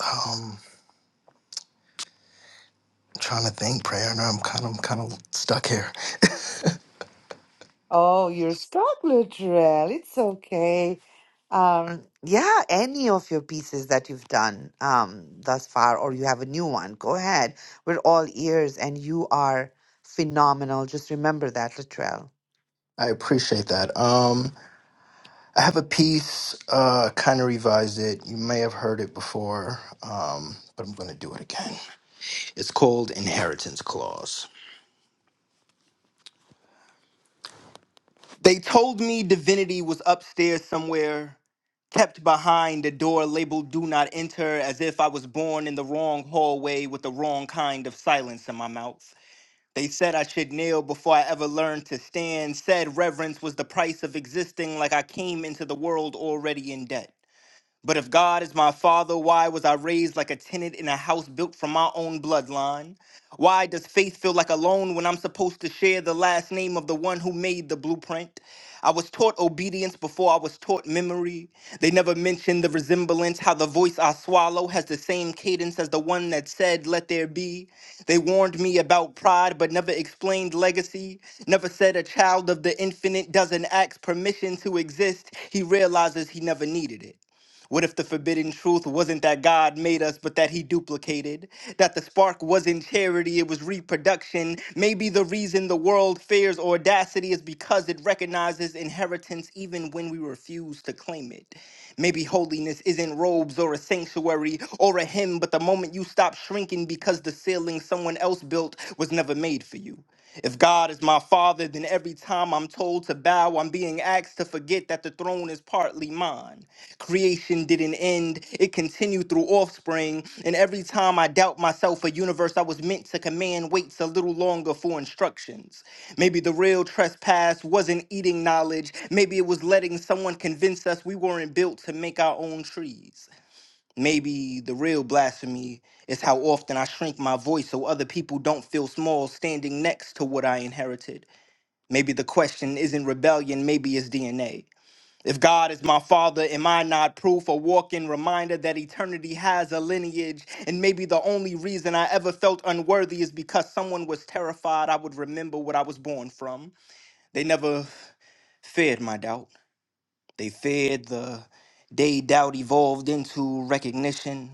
T: Um, I'm trying to think, prayer, and I'm kind of I'm kind of stuck here.
A: Oh, you're stuck, Latrell. It's okay. Um, yeah, any of your pieces that you've done um, thus far, or you have a new one, go ahead. We're all ears, and you are phenomenal. Just remember that, Latrell.
T: I appreciate that. Um, I have a piece, uh, kind of revised it. You may have heard it before, um, but I'm going to do it again. It's called Inheritance Clause. They told me divinity was upstairs somewhere, kept behind a door labeled Do Not Enter, as if I was born in the wrong hallway with the wrong kind of silence in my mouth. They said I should kneel before I ever learned to stand, said reverence was the price of existing, like I came into the world already in debt. But if God is my father, why was I raised like a tenant in a house built from my own bloodline? Why does faith feel like a loan when I'm supposed to share the last name of the one who made the blueprint? I was taught obedience before I was taught memory. They never mentioned the resemblance, how the voice I swallow has the same cadence as the one that said, Let there be. They warned me about pride, but never explained legacy. Never said a child of the infinite doesn't ask permission to exist. He realizes he never needed it. What if the forbidden truth wasn't that God made us, but that He duplicated? That the spark wasn't charity, it was reproduction. Maybe the reason the world fears audacity is because it recognizes inheritance even when we refuse to claim it. Maybe holiness isn't robes or a sanctuary or a hymn, but the moment you stop shrinking because the ceiling someone else built was never made for you. If God is my father, then every time I'm told to bow, I'm being asked to forget that the throne is partly mine. Creation didn't end, it continued through offspring. And every time I doubt myself, a universe I was meant to command waits a little longer for instructions. Maybe the real trespass wasn't eating knowledge, maybe it was letting someone convince us we weren't built to make our own trees. Maybe the real blasphemy is how often I shrink my voice so other people don't feel small standing next to what I inherited. Maybe the question isn't rebellion, maybe it's DNA. If God is my father, am I not proof, a walking reminder that eternity has a lineage? And maybe the only reason I ever felt unworthy is because someone was terrified I would remember what I was born from. They never feared my doubt, they feared the day doubt evolved into recognition.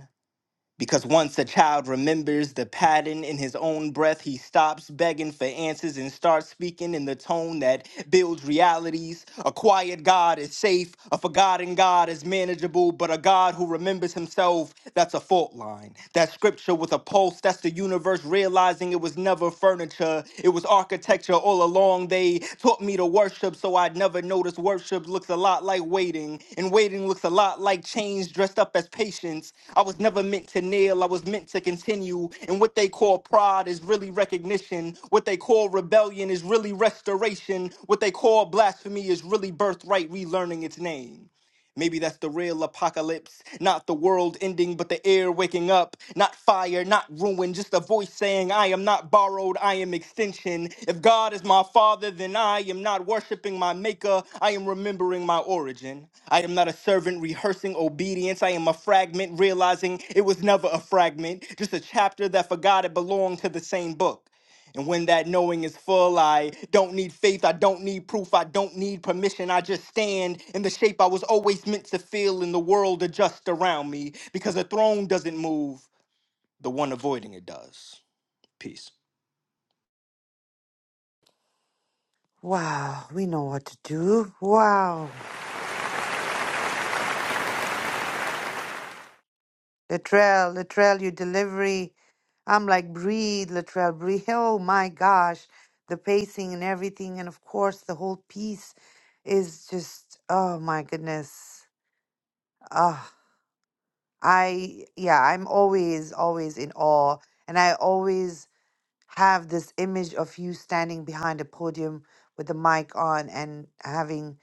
T: Because once a child remembers the pattern in his own breath, he stops begging for answers and starts speaking in the tone that builds realities. A quiet God is safe, a forgotten God is manageable, but a God who remembers himself, that's a fault line. That scripture with a pulse, that's the universe realizing it was never furniture, it was architecture architecture all along. They taught me to worship, so I'd never notice worship looks a lot like waiting, and waiting looks a lot like change dressed up as patience. I was never meant to kneel, I was meant to continue. And what they call pride is really recognition. What they call rebellion is really restoration. What they call blasphemy is really birthright relearning its name. Maybe that's the real apocalypse, not the world ending, but the air waking up. Not fire, not ruin, just a voice saying, I am not borrowed, I am extension. If God is my father, then I am not worshiping my maker, I am remembering my origin. I am not a servant rehearsing obedience, I am a fragment realizing it was never a fragment, just a chapter that forgot it belonged to the same book. And when that knowing is full, I don't need faith, I don't need proof, I don't need permission. I just stand in the shape I was always meant to feel in the world adjust around me because a throne doesn't move, the one avoiding it does. Peace.
A: Wow, we know what to do. Wow, Latrell, Latrell, your delivery. I'm like, breathe, Latrell, breathe. Oh my gosh, the pacing and everything, and of course, the whole piece is just, oh my goodness. Ah, I yeah, I'm always always in awe, and I always have this image of you standing behind a podium with the mic on and having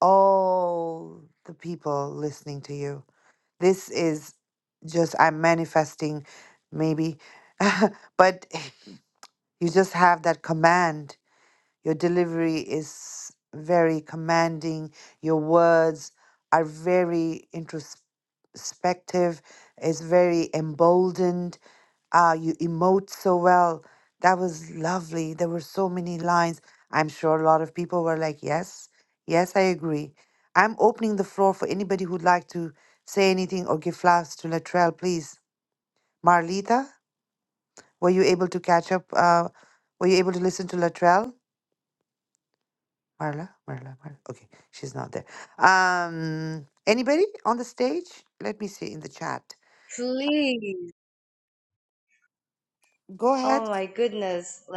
A: all the people listening to you. This is just I'm manifesting, maybe, but you just have that command Your delivery is very commanding. Your words are very introspective. It's very emboldened. Uh, you emote so well. That was lovely. There were so many lines. I'm sure a lot of people were like, yes, yes, I agree. I'm opening the floor for anybody who'd like to say anything or give flowers to Latrell, please. Marlita, were you able to catch up? Uh, were you able to listen to Latrell? Marla, Marla, Marla. Okay, she's not there. Um, anybody on the stage? Let me see in the chat.
U: Please.
A: Go ahead.
U: Oh my goodness. like.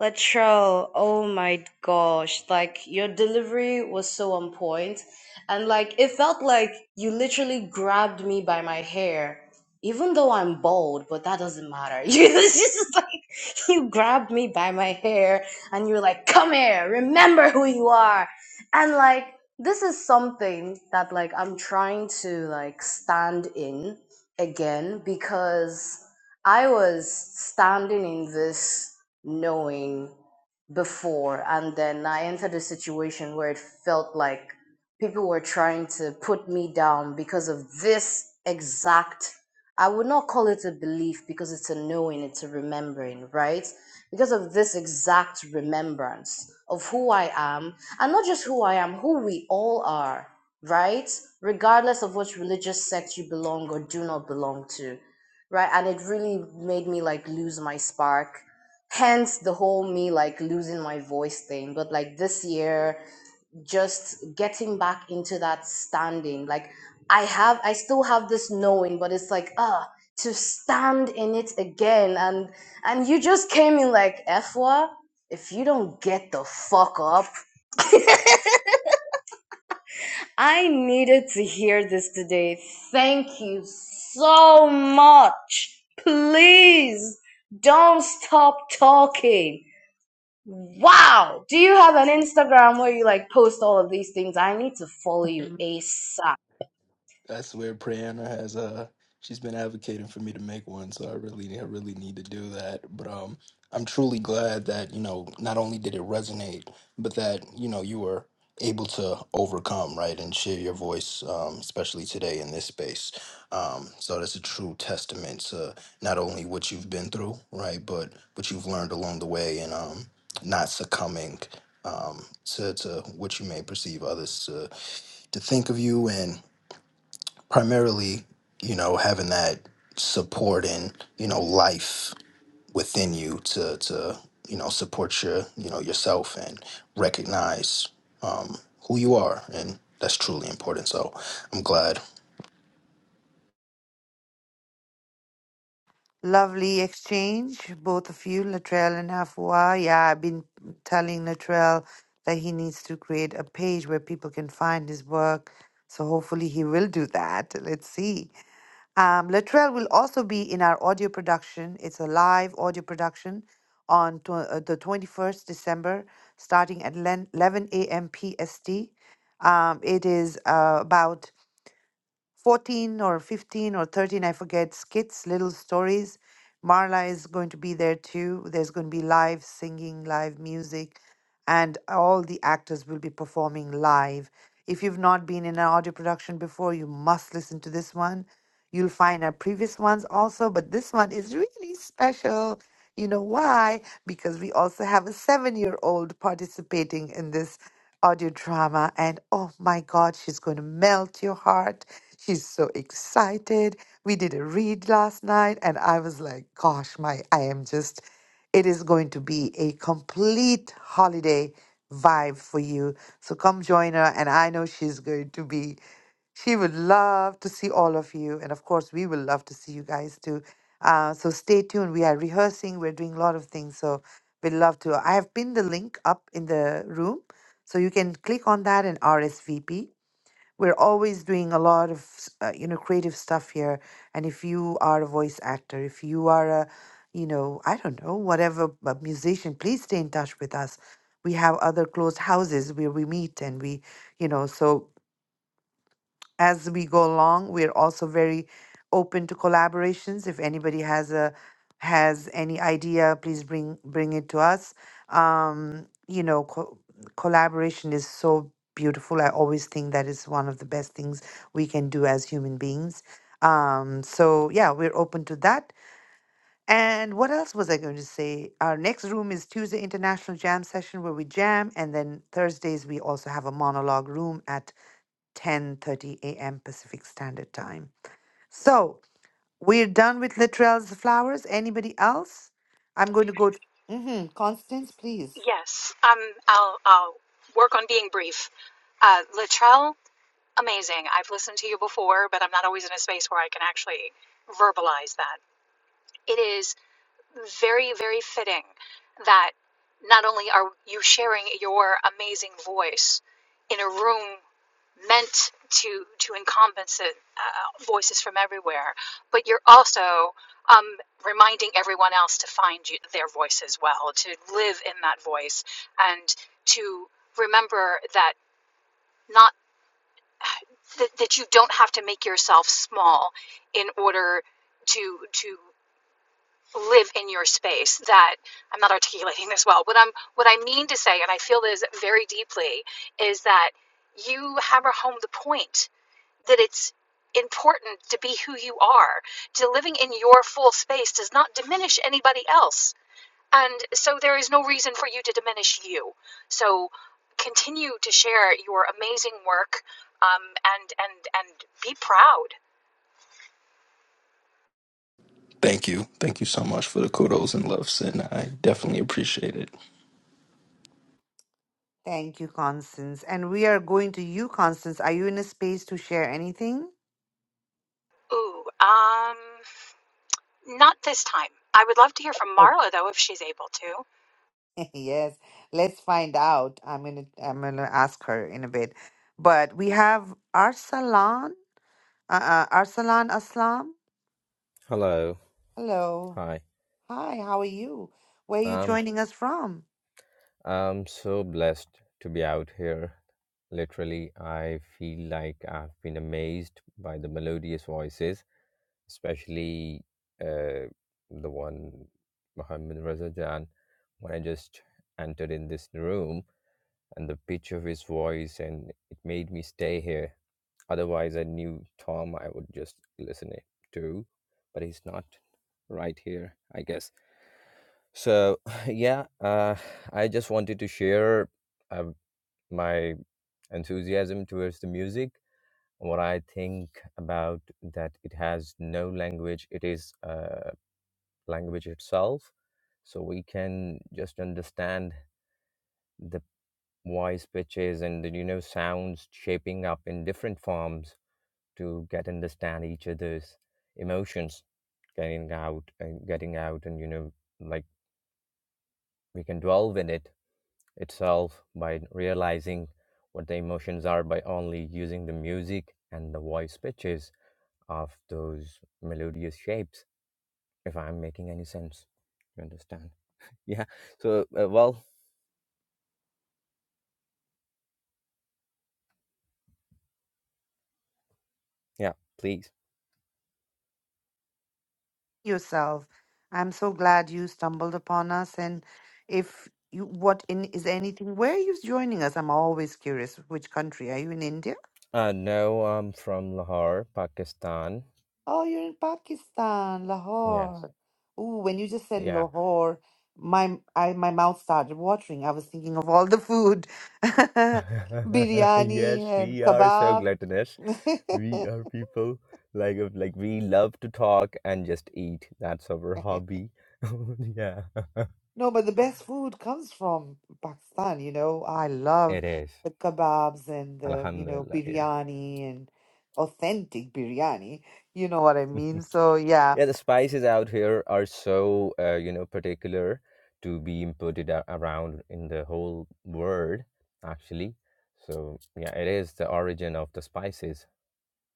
U: Latrell, oh my gosh, like your delivery was so on point, and like it felt like you literally grabbed me by my hair, even though I'm bald, but that doesn't matter. It's just like you grabbed me by my hair and you're like, "Come here, remember who you are," and like this is something that like I'm trying to like stand in again because I was standing in this knowing before and then i entered a situation where it felt like people were trying to put me down because of this exact i would not call it a belief because it's a knowing it's a remembering right because of this exact remembrance of who i am and not just who i am who we all are right regardless of which religious sect you belong or do not belong to right and it really made me like lose my spark hence the whole me like losing my voice thing but like this year just getting back into that standing like i have i still have this knowing but it's like ah to stand in it again and and you just came in like efwa if you don't get the fuck up i needed to hear this today thank you so much please don't stop talking Wow. Do you have an Instagram where you like post all of these things? I need to follow you ASAP.
T: That's where Priyana has uh she's been advocating for me to make one, so I really I really need to do that. But um, I'm truly glad that you know not only did it resonate, but that you know you were able to overcome right and share your voice, um, especially today in this space. Um, so that's a true testament to not only what you've been through, right, but what you've learned along the way, and um, not succumbing. Um, to, to what you may perceive others to, to think of you and primarily, you know, having that support and, you know, life within you to to, you know, support your, you know, yourself and recognize um who you are and that's truly important. So I'm glad.
A: Lovely exchange, both of you, Latrell and Afua. Yeah, I've been telling Latrell that he needs to create a page where people can find his work. So hopefully he will do that. Let's see. Um, Latrell will also be in our audio production. It's a live audio production on tw- uh, the 21st December, starting at 11 11 a.m. PST. Um, it is uh, about 14 or 15 or 13, I forget, skits, little stories. Marla is going to be there too. There's going to be live singing, live music, and all the actors will be performing live. If you've not been in an audio production before, you must listen to this one You'll find our previous ones also, but this one is really special. You know why? Because we also have a seven year old participating in this audio drama. And oh my God, she's going to melt your heart. She's so excited. We did a read last night, and I was like, gosh, my, I am just, it is going to be a complete holiday vibe for you. So come join her, and I know she's going to be. She would love to see all of you. And of course, we will love to see you guys too. Uh, so stay tuned. We are rehearsing, we're doing a lot of things. So we'd love to. I have pinned the link up in the room. So you can click on that and RSVP. We're always doing a lot of uh, you know creative stuff here. And if you are a voice actor, if you are a you know I don't know whatever a musician, please stay in touch with us. We have other closed houses where we meet and we you know so as we go along we're also very open to collaborations if anybody has a has any idea please bring bring it to us um you know co- collaboration is so beautiful i always think that is one of the best things we can do as human beings um so yeah we're open to that and what else was i going to say our next room is tuesday international jam session where we jam and then thursdays we also have a monologue room at 10:30 a.m. Pacific Standard Time. So we're done with Latrell's flowers. Anybody else? I'm going to go. hmm Constance, please.
S: Yes, um, I'll, I'll work on being brief. Uh, Latrell, amazing. I've listened to you before, but I'm not always in a space where I can actually verbalize that. It is. very, very fitting that not only are you sharing your amazing voice in a room meant to to encompass it, uh, voices from everywhere, but you're also um, reminding everyone else to find you, their voice as well, to live in that voice, and to remember that not that, that you don't have to make yourself small in order to to live in your space that I'm not articulating this well. What I'm what I mean to say, and I feel this very deeply, is that you hammer home the point that it's important to be who you are. To living in your full space does not diminish anybody else. And so there is no reason for you to diminish you. So continue to share your amazing work um, and and and be proud.
T: Thank you. Thank you so much for the kudos and loves and I definitely appreciate it.
A: Thank you, Constance. And we are going to you, Constance. Are you in a space to share anything?
S: Ooh, um, Not this time. I would love to hear from
A: Oh,
S: Marla, though, if she's able to.
A: yes. Let's find out. I'm gonna. I'm gonna ask her in a bit. But we have Arsalan. Uh, uh, Arsalan Aslam. Hello. Hi. How are you? Where are you joining us from? yourself. I'm so glad you stumbled upon us. And if you, what in is anything, where are you joining us? I'm always curious. Which country? Are you in India? Oh, you're in Pakistan, Lahore. Ooh, when you just said Lahore, my I my mouth started watering. I was thinking of all the food, biryani and kebab. No, but the best food comes from Pakistan, you know. I love the kebabs and the, you know, biryani and authentic biryani. You know what I mean? So, yeah.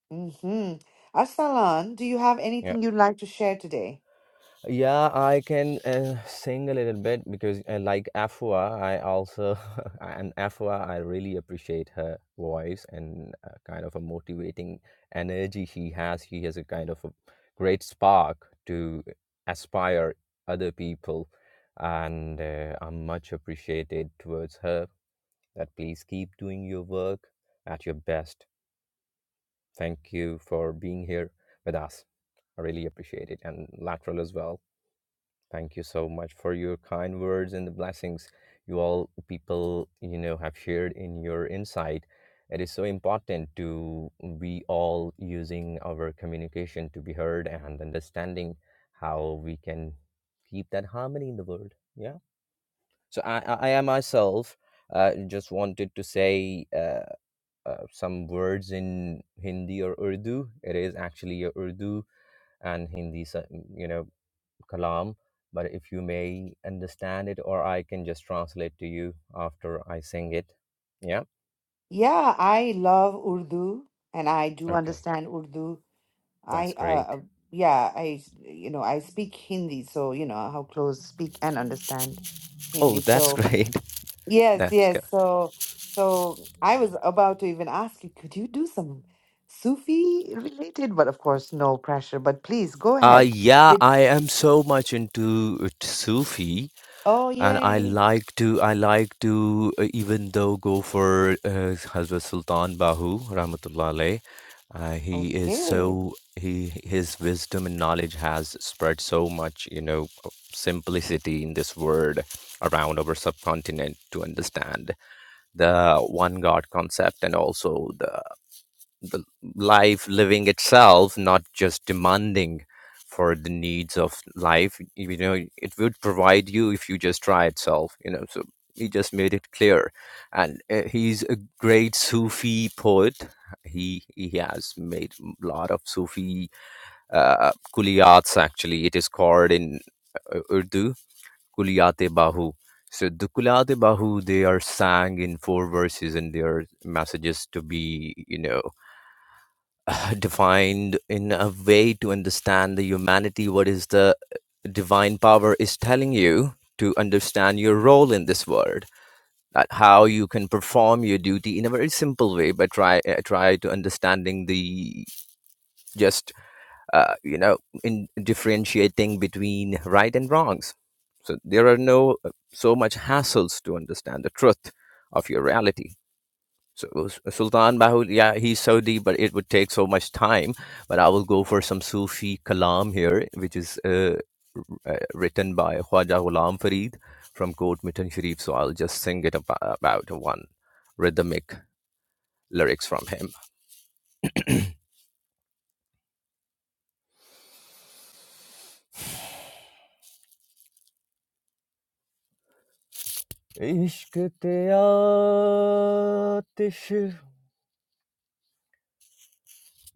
A: hmm Arsalan, do you have anything you'd like to share today? Yeah, I love Urdu and I do understand Urdu. I, uh, uh, yeah, I, you know, I speak Hindi, so, you know, how close speak and understand. Hindi. So, Yes, yes. So, so I was about to even ask you, could you do some Sufi related? But of course, no pressure. But please go ahead with. Oh, yay. Okay.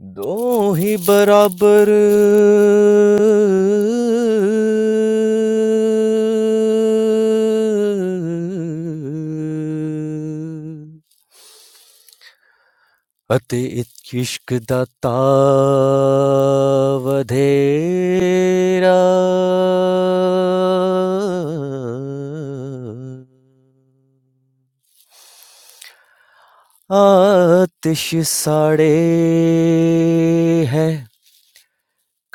V: Do hi barabar atyushkda tavadeh atish sare hai.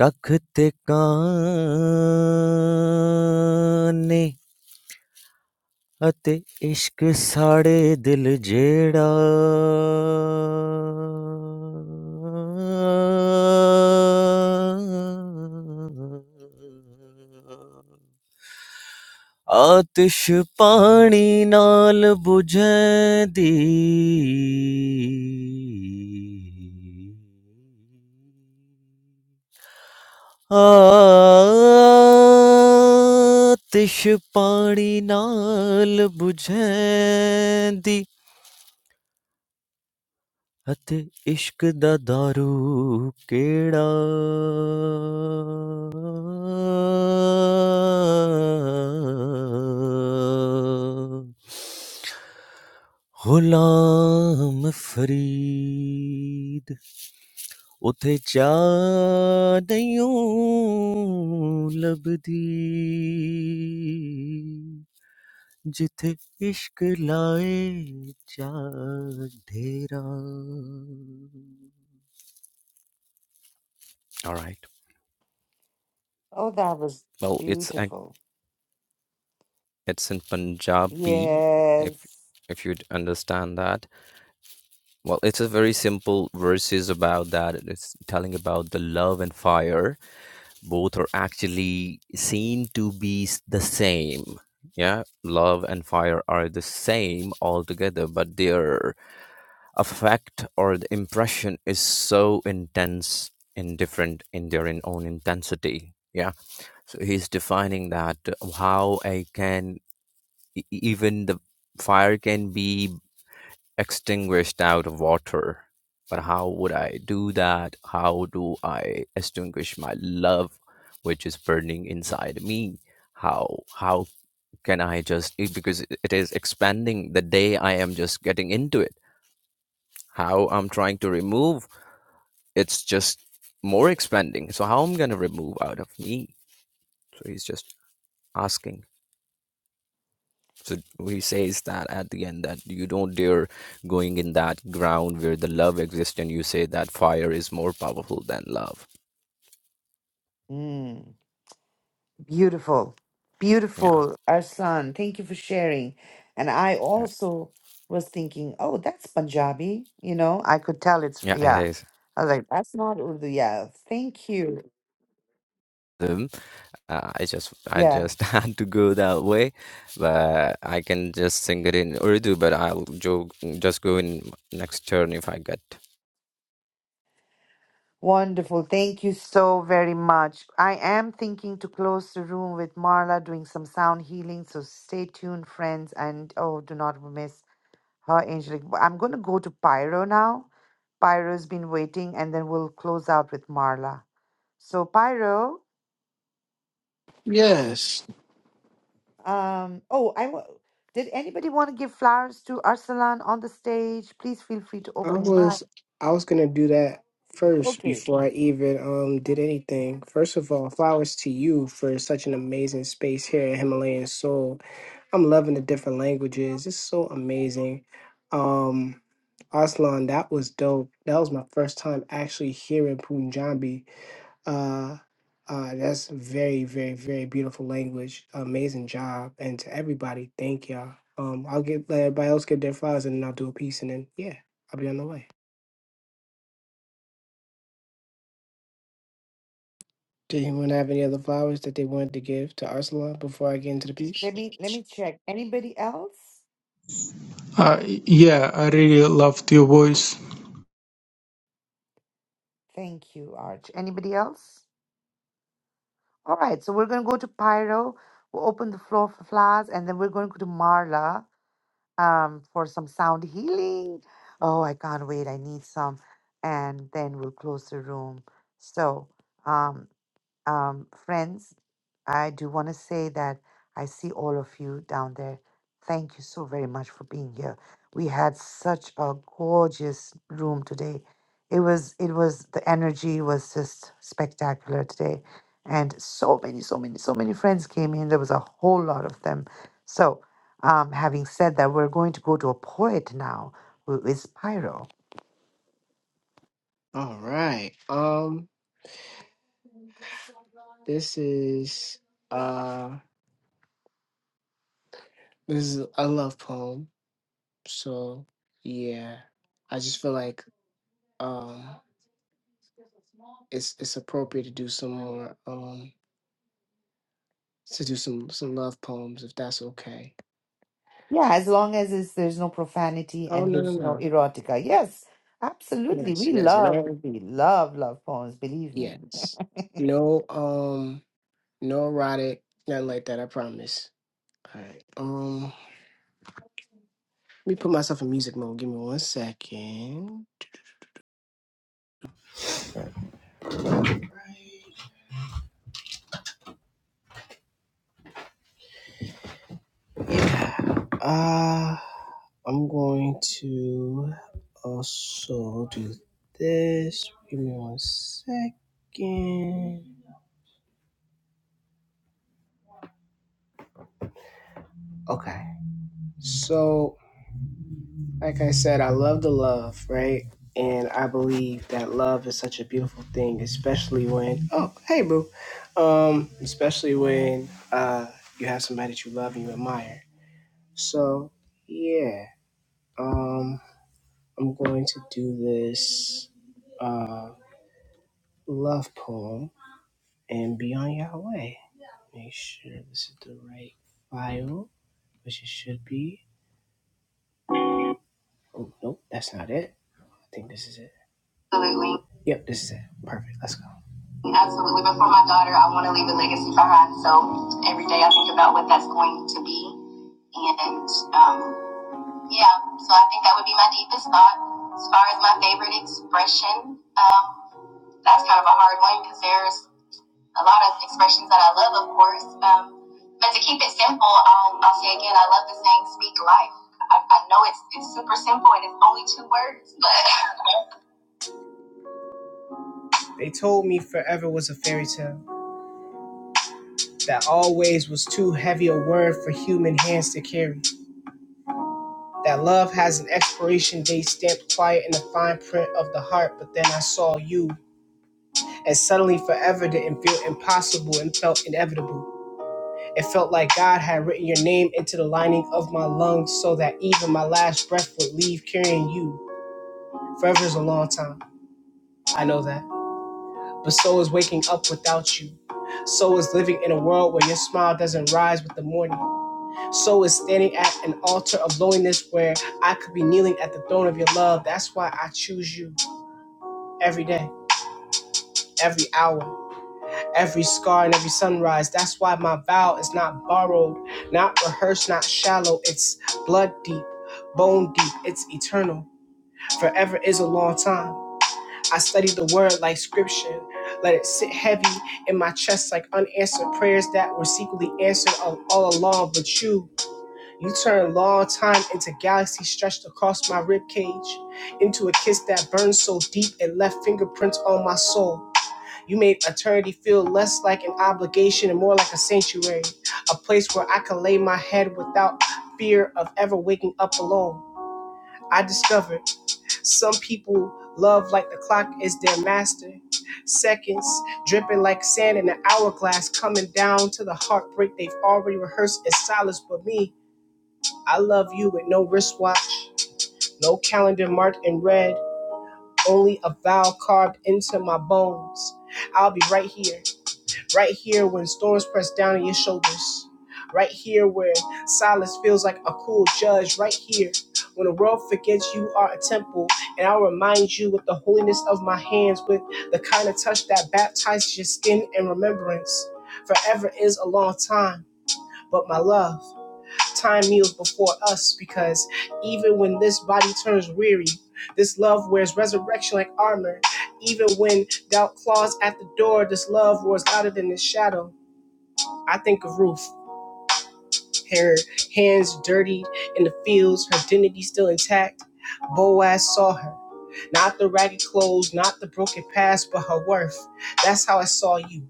V: ਤਖ਼ਤ ਕਾਨੇ ਅਤੇ ਇਸ਼ਕ ਸਾੜੇ ਦਿਲ ਜਿਹੜਾ ਆਤਿਸ਼ ਪਾਣੀ ਨਾਲ ਬੁਝਦੀ ਆਤਿਸ਼ ਪਾਣੀ ਨਾਲ ਬੁਝੈਂਦੀ ਅਤੇ इश्क दा दारु ਕਿਹੜਾ ਗੁਲਾਮ Farid Ote chadayon labdi, jithe ishq lae chad.
A: Oh, that was beautiful. Yes. Mm, beautiful. Beautiful, Arsan. Thank you for sharing. And I also was thinking, oh, that's Punjabi. You know, I could tell it's, yeah. I was like, that's not Urdu. Yeah. Thank you. Yeah. Wonderful. Thank you so very much. I am thinking to close the room with Marla doing some sound healing. So stay tuned, friends. And oh, do not miss her, Angelic. But I'm going to go to Pyro now. Pyro's been waiting, and then we'll close out with Marla. So, Pyro,
H: Yes,
A: um, oh, I wa- did anybody want to give flowers to Arsalan on the stage? Please feel free to
H: I
A: open him
H: was
A: up.
H: I was gonna do that first before I even um did anything. First of all, flowers to you for such an amazing space here at Himalayan Soul. I'm loving the different languages. It's so amazing. Um, Aslan, that was dope. That was my first time actually hearing Punjabi. Uh, uh, that's very, very, very beautiful language. Amazing job. And to everybody, thank y'all. Um, I'll get let everybody else get their flowers and then I'll do a piece and then yeah, I'll be on the way. Did anyone have any other flowers that they wanted to give to Arsalan before I get into the piece?
A: Let me let me check. Anybody else?
D: Uh, yeah, I really loved your voice.
A: Thank you, Arch. Anybody else? All right, so we're going to go to Pyro. We'll open the floor for flowers, and then we're going to go to Marla um, for some sound healing. Oh, I can't wait. I need some. And then we'll close the room. So, um, um, friends, I do want to say that I see all of you down there. Thank you so very much for being here. We had such a gorgeous room today. It was it was the energy was just spectacular today. And so many, so many, so many friends came in. There was a whole lot of them. So um, having said that, we're going to go to a poet now who is Pyro.
H: All right. Um, this is uh This is I love poem, so yeah, I just feel like um it's it's appropriate to do some more um to do some some love poems if that's okay.
A: Yeah, as long as it's, there's no profanity
H: Oh
A: and
H: no no
A: there's no
H: no
A: erotica. Yes, absolutely.
H: yes
A: We
H: yes
A: love,
H: no
A: we love love poems, believe me.
H: yes no um no erotic nothing like that I promise. All right um let me put myself in music mode. Give me one second. Yeah. Uh, I'm going to also do this. Give me one second. Okay. So, like I said, I love the love, right? And I believe that love is such a beautiful thing, especially when, oh, hey, boo. Um, especially when uh, you have somebody that you love and you admire. So, yeah. Um, I'm going to do this. Um, love poem and be on your way. Make sure this is the right file, which it should be. Oh, nope, that's not it. I think this is it. Absolutely. Yep, this is it. Perfect. Let's go. Absolutely. But for my daughter, I want to leave a legacy behind. So every day I think about what that's going to be. And um, yeah, so I think that would be my deepest thought. As far as my favorite expression, um, that's kind of a hard one because there's a lot of expressions that I love, of course. Um, but to keep it simple, I'll, I'll say again, I love the saying "Speak life." I, I know it's it's super simple and it's only two words, but they told me forever was a fairy tale. That always was too heavy a word for human hands to carry. That love has an expiration date stamped quiet in the fine print of the heart. But then I saw you, and suddenly forever didn't feel impossible and felt inevitable. It felt like God had written your name into the lining of my lungs so that even my last breath would leave carrying you. Forever is a long time, I know that. But so is waking up without you. So is living in a world where your smile doesn't rise with the morning. So is standing at an altar of loneliness where I could be kneeling at the throne of your love. That's why I choose you every day, every hour. every scar and every sunrise. That's why my vow is not borrowed, not rehearsed, not shallow. It's blood deep, bone deep, it's eternal. Forever is a long time. I study the word like scripture. Let it sit heavy in my chest like unanswered prayers that were secretly answered all, all along. But you, you turn long time into galaxy stretched across my rib cage, into a kiss that burned so deep it left fingerprints on my soul. You made eternity feel less like an obligation and more like a sanctuary, a place where I can lay my head without fear of ever waking up alone. I discovered some people love like the clock is their master. Seconds dripping like sand in an hourglass, coming down to the heartbreak they've already rehearsed in silence. But me, I love you with no wristwatch, no calendar marked in red, only a vow carved into my bones. I'll be right here Right here when storms press down on your shoulders. Right here where silence feels like a cruel judge. Right here when the world forgets you are a temple. And I'll remind you with the holiness of my hands, with the kind of touch that baptizes your skin in remembrance. Forever is a long time, but my love, time kneels before us because even when this body turns weary, this love wears resurrection like armor. Even when doubt claws at the door, this love roars louder than the shadow. I think of Ruth, her hands dirtied in the fields, her dignity still intact. Boaz saw her. Not the ragged clothes, not the broken past, but her worth. That's how I saw you.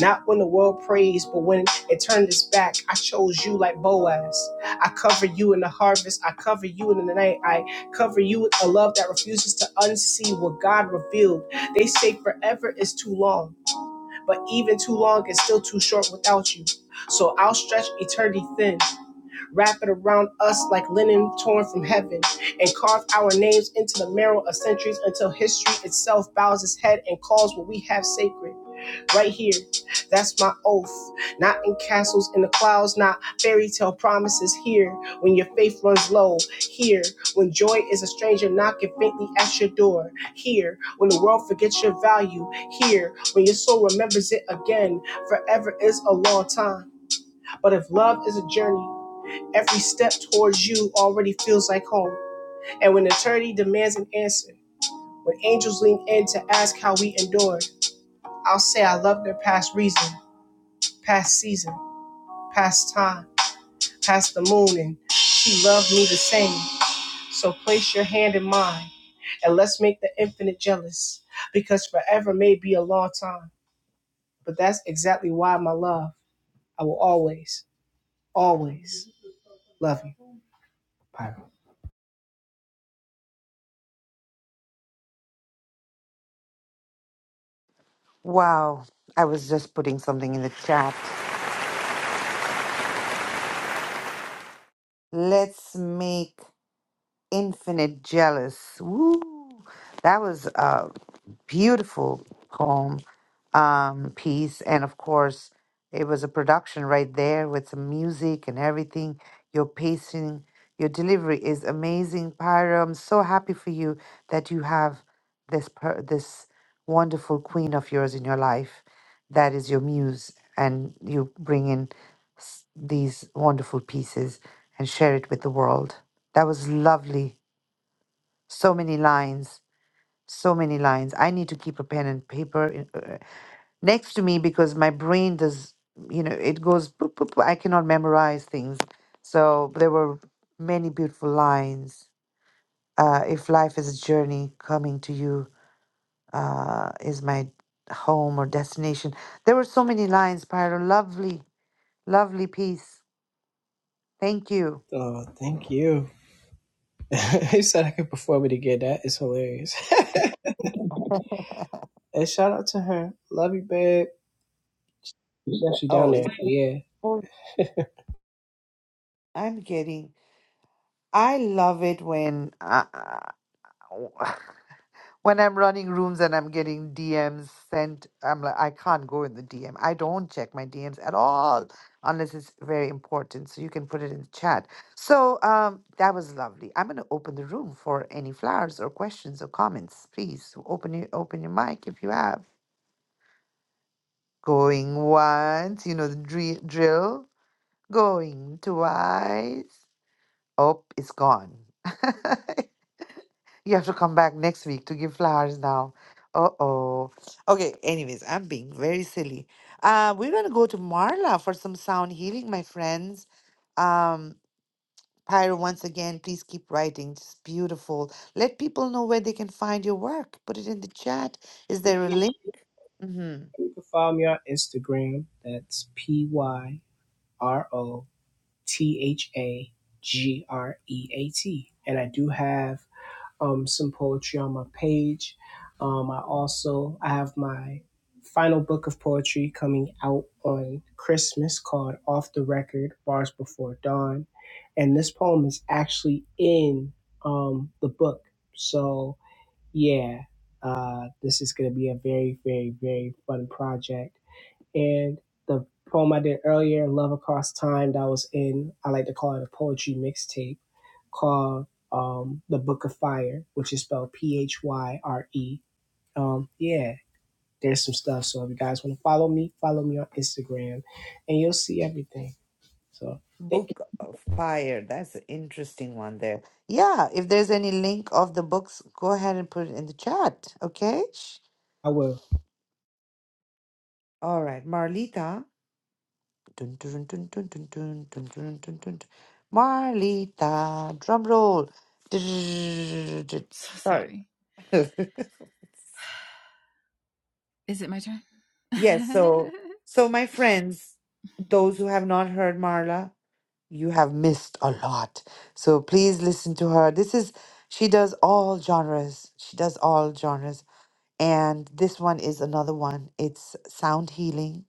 H: Not when the world praised, but when it turned its back, I chose you like Boaz. I cover you in the harvest. I cover you in the night. I cover you with a love that refuses to unsee what God revealed. They say forever is too long but even too long is still too short without you. So I'll stretch eternity thin, wrap it around us like linen torn from heaven, and carve our names into the marrow of centuries until history itself bows its head and calls what we have sacred right here. That's my oath. Not in castles in the clouds, not fairy tale promises here. When your faith runs low, here. When joy is a stranger knocking faintly at your door, here. When the world forgets your value, here. When your soul remembers it again, forever is a long time. But if love is a journey, every step towards you already feels like home. And when eternity demands an answer, when angels lean in to ask how we endured, I'll say I love their past reason past season, past time, past the moon, and she loved me the same. So place your hand in mine, and let's make the infinite jealous, because forever may be a long time. But that's exactly why, my love, I will always, always love you.
A: Wow, I was just putting something in the chat. Let's make Infinite jealous. Woo! That was uh, beautiful poem um, piece. And of course, it was a production right there with some music and everything. Your pacing, your delivery is amazing, Pyra. I'm so happy for you that you have this per- this wonderful queen of yours in your life that is your muse, and you bring in s- these wonderful pieces and share it with the world. That was lovely. So many lines so many lines. I need to keep a pen and paper in, uh, next to me because my brain does, you know, it goes, boop, boop, boop. I cannot memorize things. So there were many beautiful lines. Uh, if life is a journey, coming to you uh, is my home or destination. There were so many lines, Pyro. Lovely, lovely piece. Thank you.
H: Oh, thank you. he said I could perform it again. That is hilarious. and shout out to her. Love you, babe. She's actually down
A: Oh,
H: there.
A: is
H: Yeah.
A: oh, I'm getting. I love it when. Uh, when I'm running rooms and I'm getting DMs sent, I'm like, I can't go in the DM. I don't check my DMs at all unless it's very important. So you can put it in the chat. So um, that was lovely. I'm gonna open the room for any flowers or questions or comments. Please open your open your mic if you have. Going once, you know the dri- drill. Going twice. Oh, it's gone. You have to come back next week to give flowers now. Uh oh. Okay, anyways, I'm being very silly. Uh, we're gonna go to Marla for some sound healing, my friends. Um, Pyro, once again, please keep writing. It's beautiful. Let people know where they can find your work. Put it in the chat. Is there a link? Mm-hmm.
H: You can follow me on Instagram. That's P Y R O. T H A G R E A T. And I do have um, some poetry on my page. Um, I also I have my final book of poetry coming out on Christmas called Off the Record Bars Before Dawn. And this poem is actually in um, the book. So, yeah, uh, this is going to be a very, very, very fun project and the poem I did earlier, Love Across Time, that was in, I like to call it a poetry mixtape called um, The Book of Fire, which is spelled P H Y R E. Um, yeah, there's some stuff. So if you guys want to follow me, follow me on Instagram and you'll see everything. So thank you.
A: Book of Fire. That's an interesting one there. Yeah, if there's any link of the books, go ahead and put it in the chat. Okay?
H: I will.
A: All right, Marlita. Dun, dun, dun, dun, dun, dun, dun, dun, dun, dun. Marlita, drum roll. Yes, so so my friends, those who have not heard Marla, you have missed a lot. So please listen to her. This is she does all genres. She does all genres. And this one is another one. It's sound healing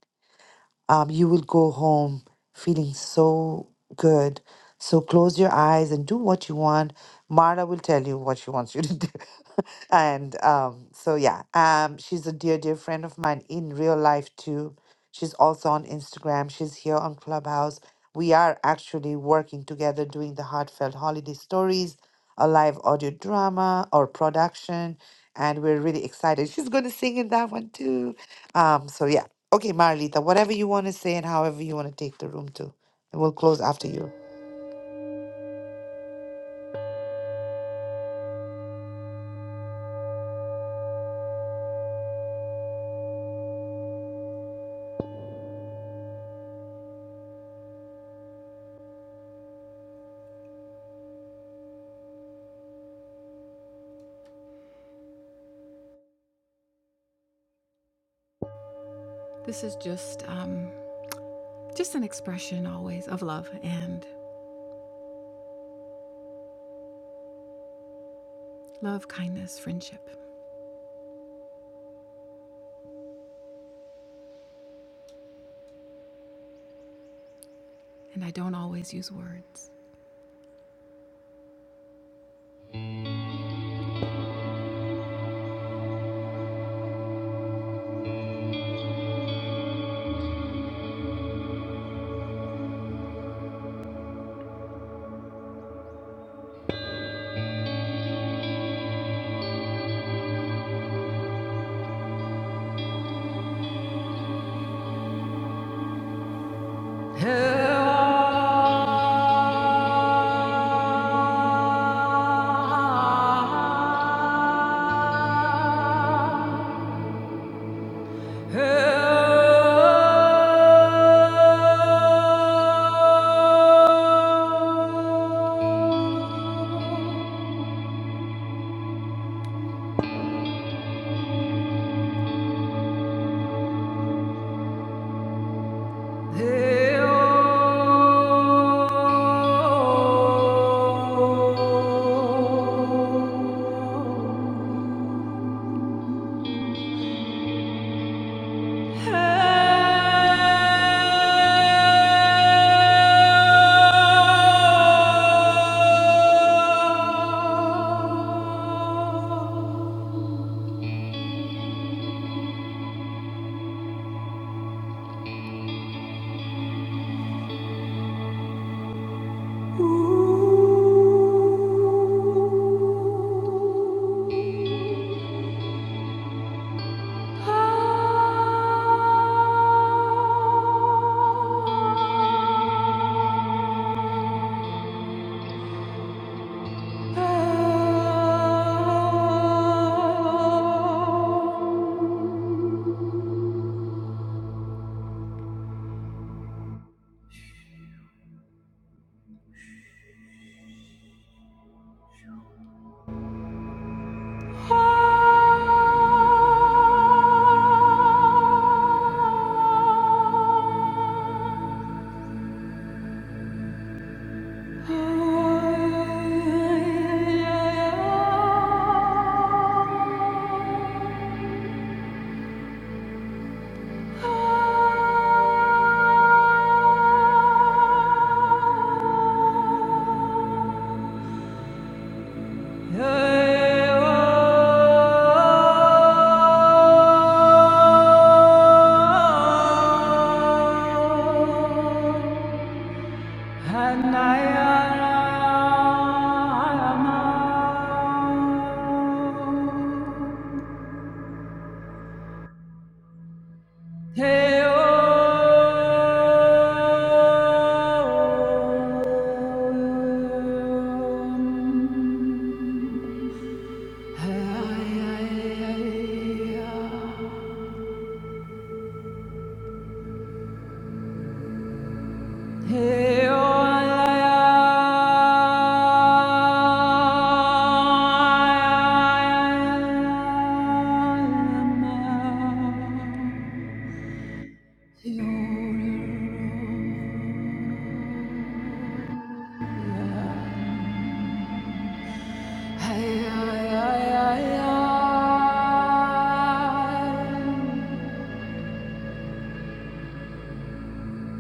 A: um, you will go home feeling so good. So close your eyes and do what you want. Mara will tell you what she wants you to do. and um, so, yeah, um, she's a dear, dear friend of mine in real life, too. She's also on Instagram. She's here on Clubhouse. We are actually working together doing the Heartfelt Holiday Stories, a live audio drama or production. And we're really excited. She's going to sing in that one, too. Um, so, yeah. Okay, Marlita, whatever you want to say and however you want to take the room to. And we'll close after you.
G: This is just. um, Just an expression always of love and love, kindness, friendship. And I don't always use words. Ooh. Oh Hey, Hey,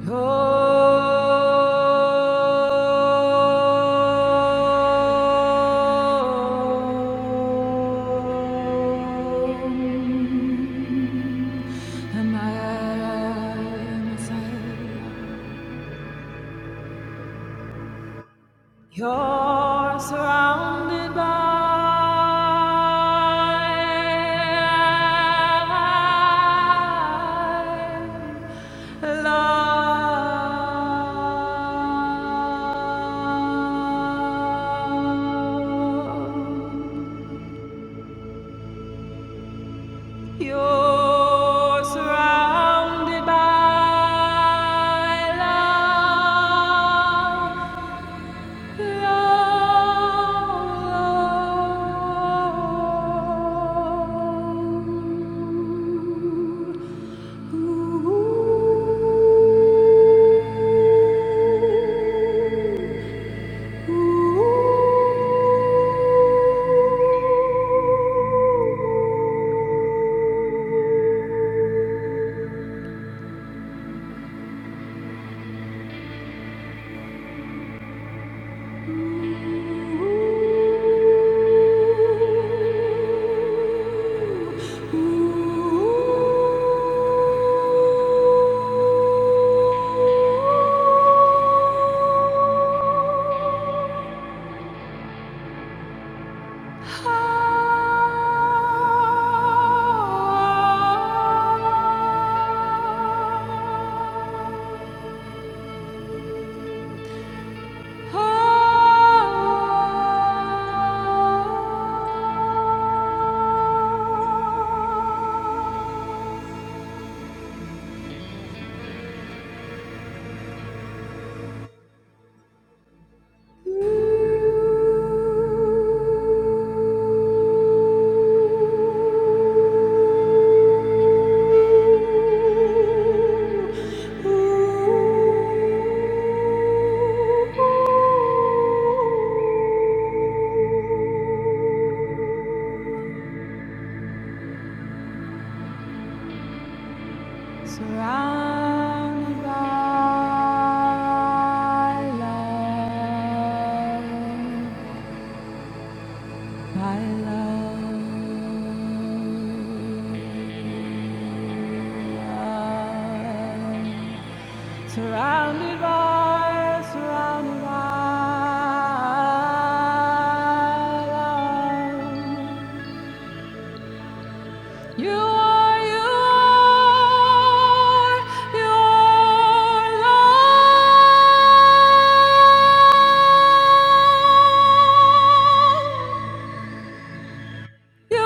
G: Oh, Am I myself? You're surrounded by love. You're surrounded by love. Ooh. Ah Surrounded by love, by love. Surrounded by, surrounded by love. You are, you are, you are love. Ooh.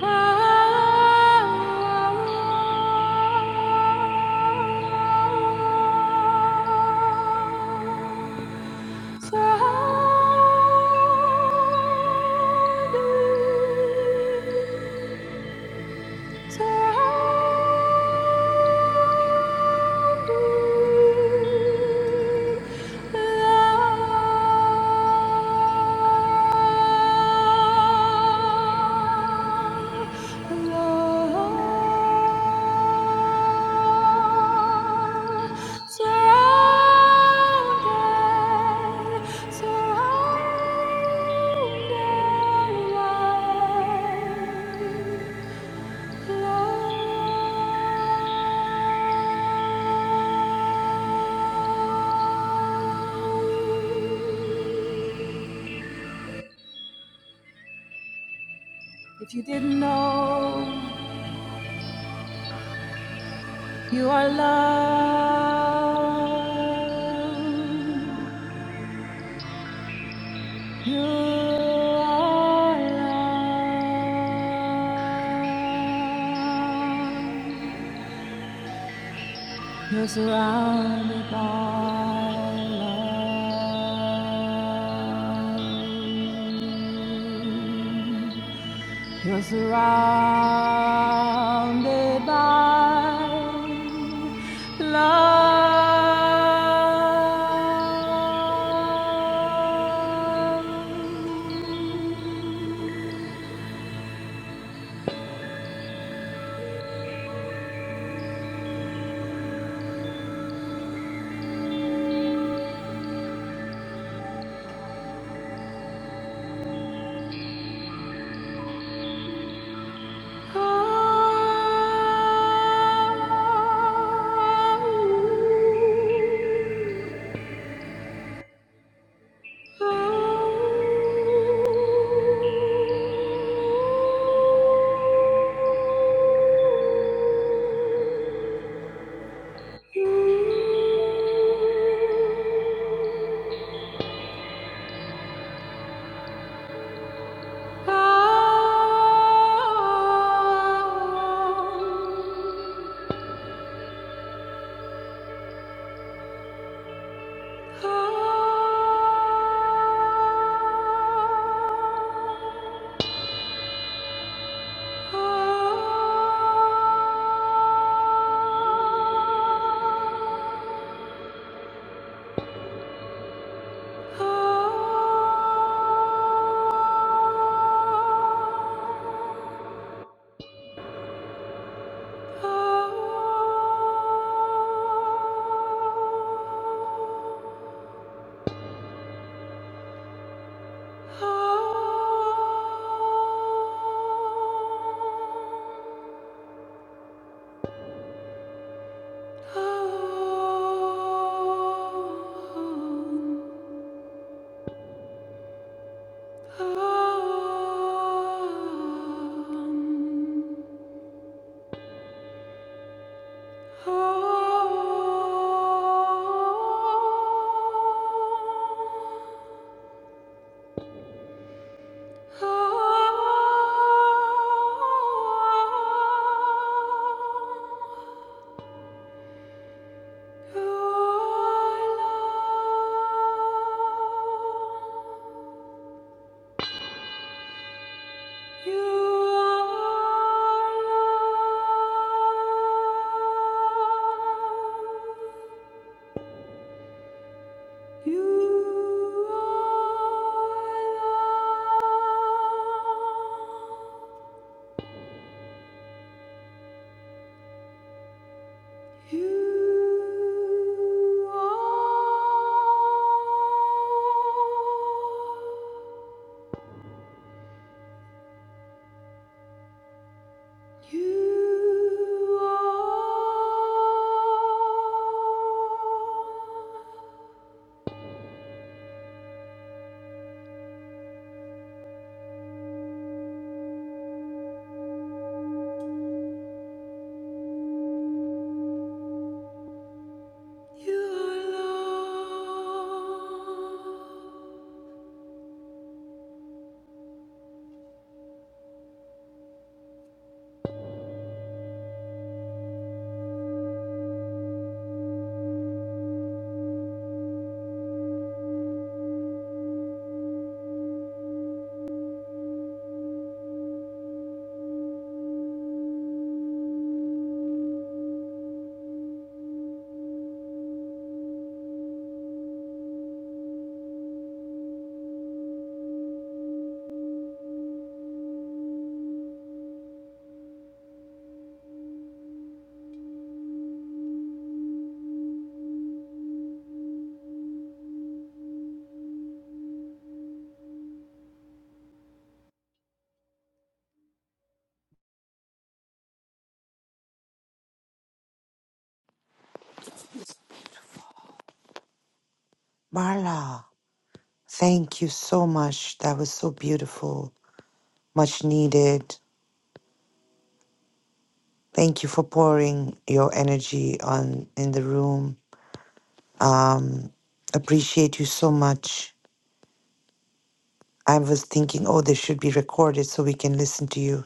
G: Love. Surrounded, surrounded by love. If you didn't know, you are loved. You are love. You're surrounded by love. You're surrounded by love. Oh. Oh Oh You are love. You are. You are. You are love.
A: Marla, thank you so much. That was so beautiful. Much needed. Thank you for pouring your energy on in the room. Um, appreciate you so much. I was thinking, oh, this should be recorded so we can listen to you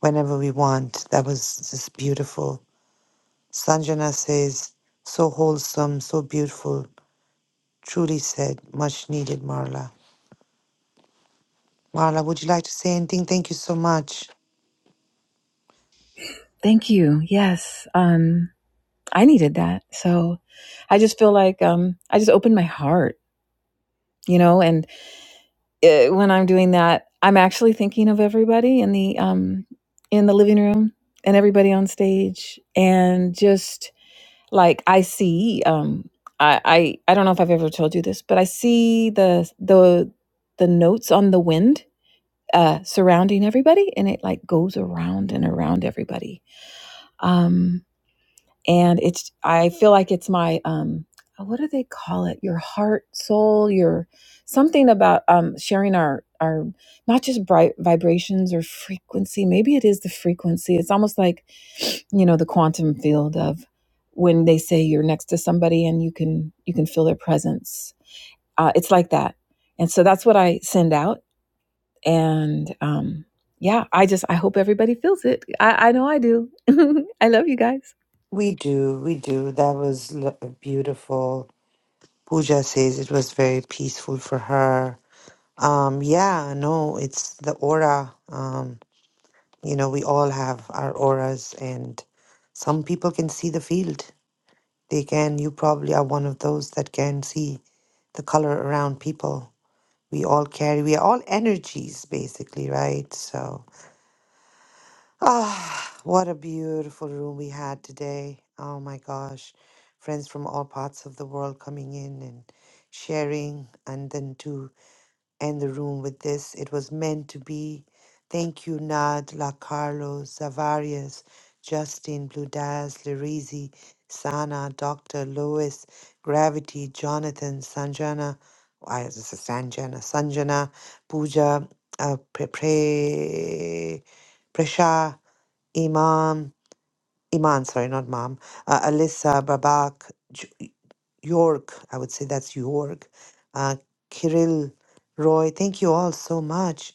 A: whenever we want. That was just beautiful. Sanjana says, so wholesome, so beautiful. Truly said, much needed, Marla. Marla, would you like to say anything? Thank you so much.
G: Thank you. Yes. Um, I needed that. So I just feel like um, I just opened my heart, you know, and uh, when I'm doing that, I'm actually thinking of everybody in the um in the living room and everybody on stage and just like I see um I I, I don't know if I've ever told you this, but I see the the the notes on the wind uh surrounding everybody and it like goes around and around everybody. Um and it's i feel like it's my um what do they call it your heart soul your something about um sharing our our not just bright vibrations or frequency maybe it is the frequency it's almost like you know the quantum field of when they say you're next to somebody and you can you can feel their presence uh, it's like that and so that's what i send out and um yeah i just i hope everybody feels it i, I know i do i love you guys
A: We do, we do. That was l- beautiful. Pooja says it was very peaceful for her. Um, yeah, no, it's the aura. Um, you know, we all have our auras, and some people can see the field. They can. You probably are one of those that can see the color around people. We all carry. We are all energies, basically, right? So. Ah, what a beautiful room we had today. Oh my gosh. Friends from all parts of the world coming in and sharing, and then to end the room with this. It was meant to be. Thank you, Nad, La Carlos, Zavarius, Justin, Blue Daz, Lirizi, Sana, Dr. Lewis, Gravity, Jonathan, Sanjana, why is this a Sanjana? Sanjana, Pooja, uh, Pre, Pre, Prasha. Imam, Iman, sorry, not Mom, uh, Alyssa, Babak, J- York, I would say that's York, uh, Kirill, Roy, thank you all so much.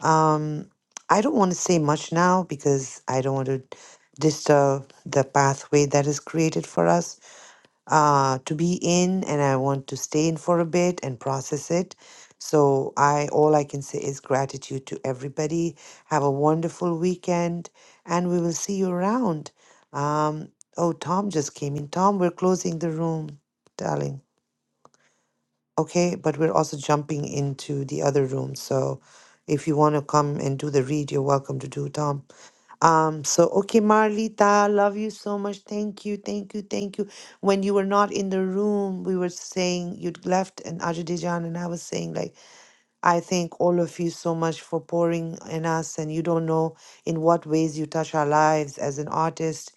A: Um, I don't want to say much now because I don't want to disturb the pathway that is created for us uh, to be in and I want to stay in for a bit and process it. So I all I can say is gratitude to everybody. Have a wonderful weekend and we will see you around. Um, oh, Tom just came in. Tom, we're closing the room, darling. Okay, but we're also jumping into the other room. So if you want to come and do the read, you're welcome to do, Tom. Um, so okay, Marlita, love you so much. Thank you, thank you, thank you. When you were not in the room, we were saying you'd left and Azerbaijan, and I was saying like I thank all of you so much for pouring in us, and you don't know in what ways you touch our lives as an artist.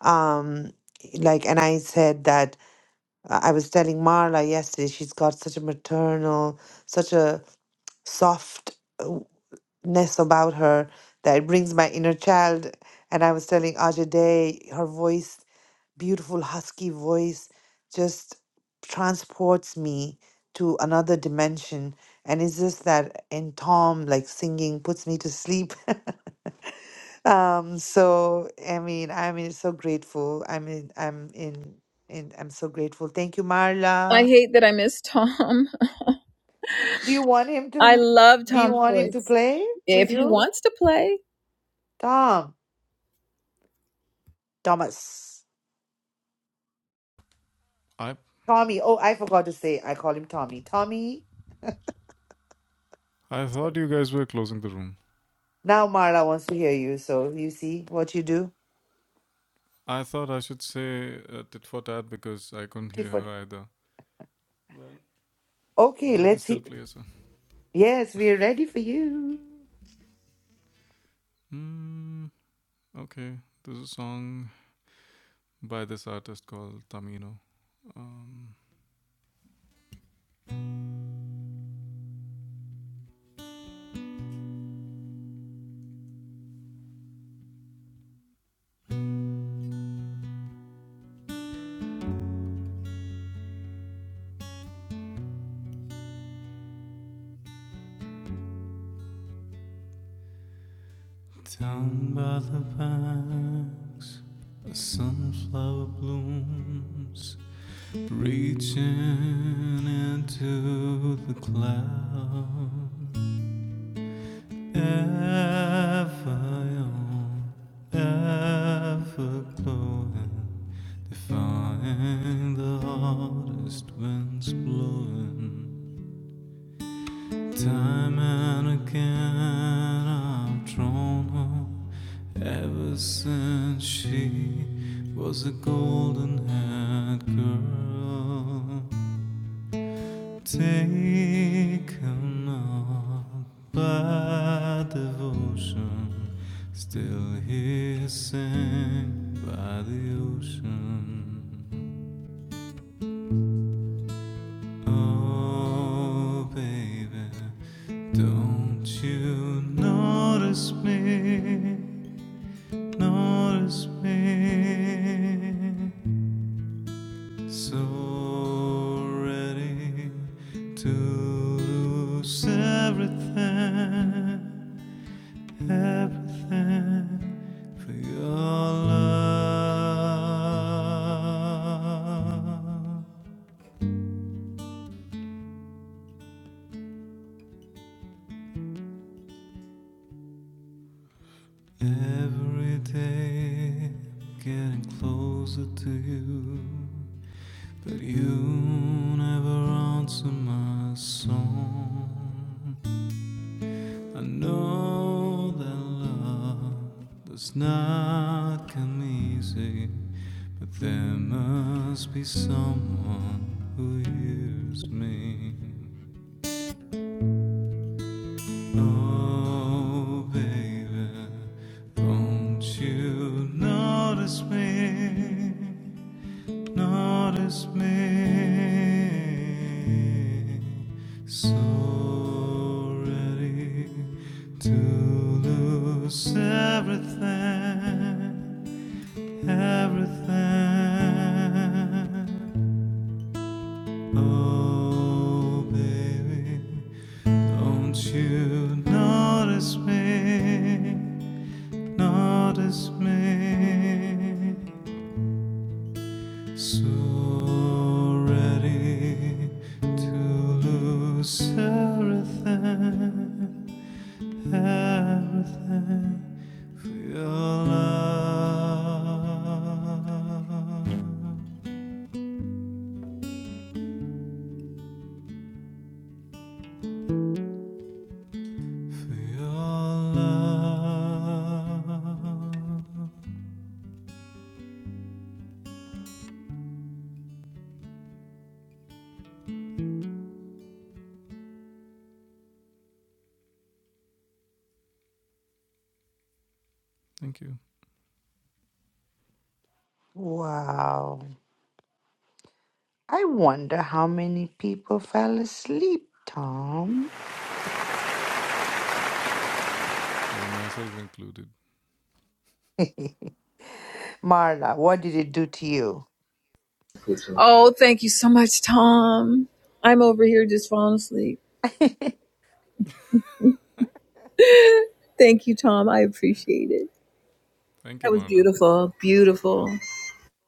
A: Um, like, and I said that uh, I was telling Marla yesterday, she's got such a maternal, such a soft. uh, ness about her that brings my inner child. And I was telling Ajay Day, her voice, beautiful husky voice, just transports me to another dimension. And it's just that, and Tom, like singing, puts me to sleep. um, so I mean, I mean, so grateful. I mean, I'm in, in, I'm so grateful. Thank you,
G: I
A: Marla.
G: hate that I miss Tom.
A: Do you want him
G: I
A: to?
G: love
A: Do you
G: Tom's
A: want him to
G: voice.
A: play for
G: If-
A: you, Tom? Thomas. Tommy. Oh, I forgot to say. I call him Tommy. Tommy. Now Marla wants to hear you. So you see what you do. Different. Okay, let's see. Yes, we're ready for you.
O: down by the banks a sunflower blooms reaching into the clouds ever young ever glowing Defying the hardest winds blowing time and again I've drawn her ever since she was a golden haired girl taken up by devotion still here sing by the ocean Oh, baby, don't you notice me? Notice me. So ready to lose everything, everything for your love. Every day getting closer to you, but you never answer my song. I know that love does not come easy, but there must be someone who hears me. Oh, baby, don't you notice me? Notice me. So ready to lose everything, everything. Oh, baby. Don't you notice me? Notice me. So ready to lose everything, everything for your love, for your love.
A: Wow. I wonder how many people fell asleep, Tom. Marla, what did it do to you?
G: Oh, thank you so much, Tom. I'm over here just falling asleep. Thank you, Tom. I appreciate it. That was beautiful. Beautiful.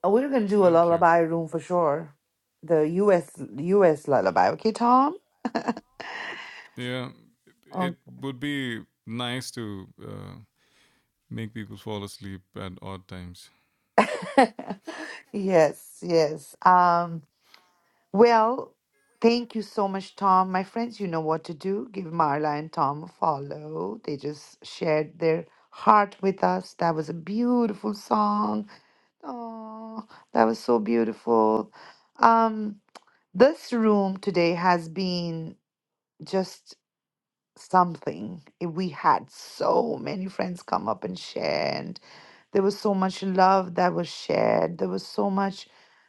A: Uh, We're gonna do a lullaby room for sure. The U.S. U.S. lullaby, okay, Tom? Oh. yes, yes. Um, Well, thank you so much, Tom. My friends, you know what to do. Give Marla and Tom a follow. They just shared their heart with us. That was a beautiful song. Oh, that was so beautiful. Um, this room today has been just something. Eh, We had so many friends come up and share, and. There was so much love that was shared. There was so much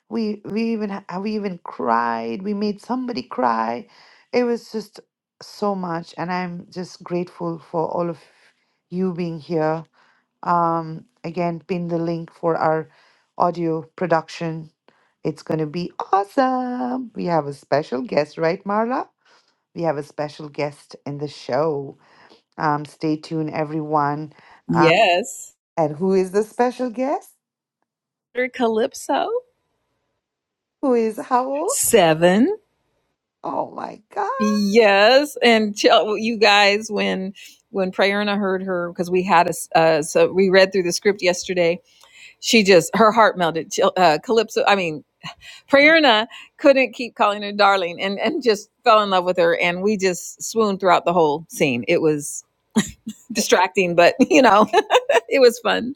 A: we we even ha- we even cried. We made somebody cry. It was just so much and I'm just grateful for all of you being here. Um again pin the link for our audio production. It's going to be awesome. We have a special guest, right Marla? We have a special guest in the show. Um stay tuned everyone. Uh,
G: Yes.
A: and who is the special guest?
G: Calypso.
A: who is how old?
G: Seven.
A: Oh my God.
G: Yes. And tell you guys when when Prayerna heard her because we had a uh, so we read through the script yesterday. She just her heart melted. Chil- Uh, Calypso. I mean. Prerna couldn't keep calling her darling and, and just fell in love with her. And we just swooned throughout the whole scene. It was distracting, but you know, it was fun.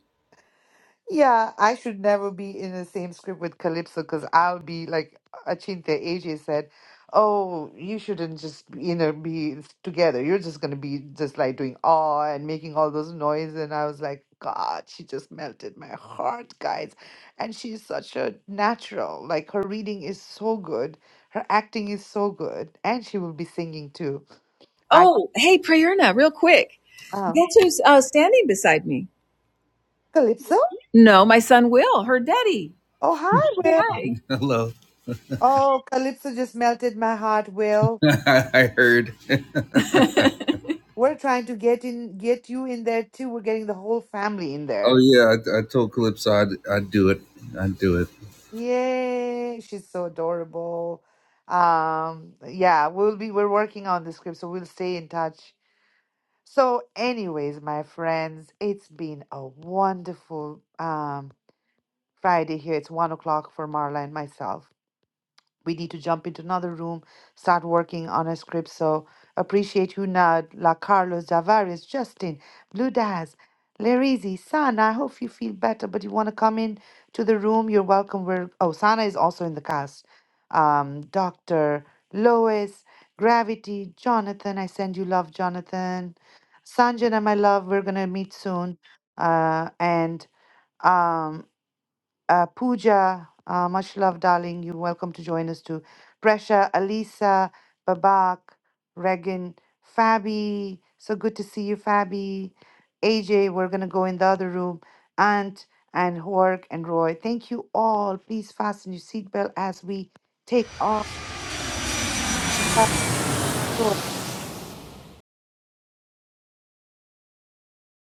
A: Yeah, I should never be in the same script with Calypso because I'll be like Achinte AJ said, Oh, you shouldn't just, you know, be together. You're just going to be just like doing awe and making all those noise. And I was like, God, she just melted my heart, guys. And she's such a natural. Like her reading is so good. Her acting is so good. And she will be singing too. I,
G: Oh, hey, Prerna, real quick.
A: oh,
G: Guess who's uh, standing beside me?
A: Calypso?
G: No, my son Will, her daddy.
A: Oh,
G: Say
A: hi, Will.
G: hi. Hello.
A: Oh, Calypso just melted my heart, Will.
G: I heard.
A: We're trying to get in get you in there too. We're getting the whole family in
G: Oh
A: there.
G: yeah, I, I told Calypso I'd, I'd do it. I'd do it.
A: Yay. She's so adorable. Um yeah, we'll be we're working on the script, so we'll stay in touch. So anyways, my friends, it's been a wonderful um Friday here. It's one o'clock for Marla and myself. we need to jump into another room, start working on a script. So appreciate Hunad, La Carlos, Javaris, Justin, Blue Daz, Larizi, Sana. I hope you feel better, but you want to come in to the room, you're welcome. We're oh, Sana is also in the cast. Um, Dr. Lois, Gravity, Jonathan. I send you love, Jonathan. Sanjana, my love, we're gonna meet soon. Uh, and um. Uh, Pooja, uh, much love, darling. You're welcome to join us too. Presha, Alisa, Babak, Regan, Fabi. So good to see you, Fabi. AJ, we're going to go in the other room. Ant and Hork and Roy. Thank you all. Please fasten your seatbelt as we take off.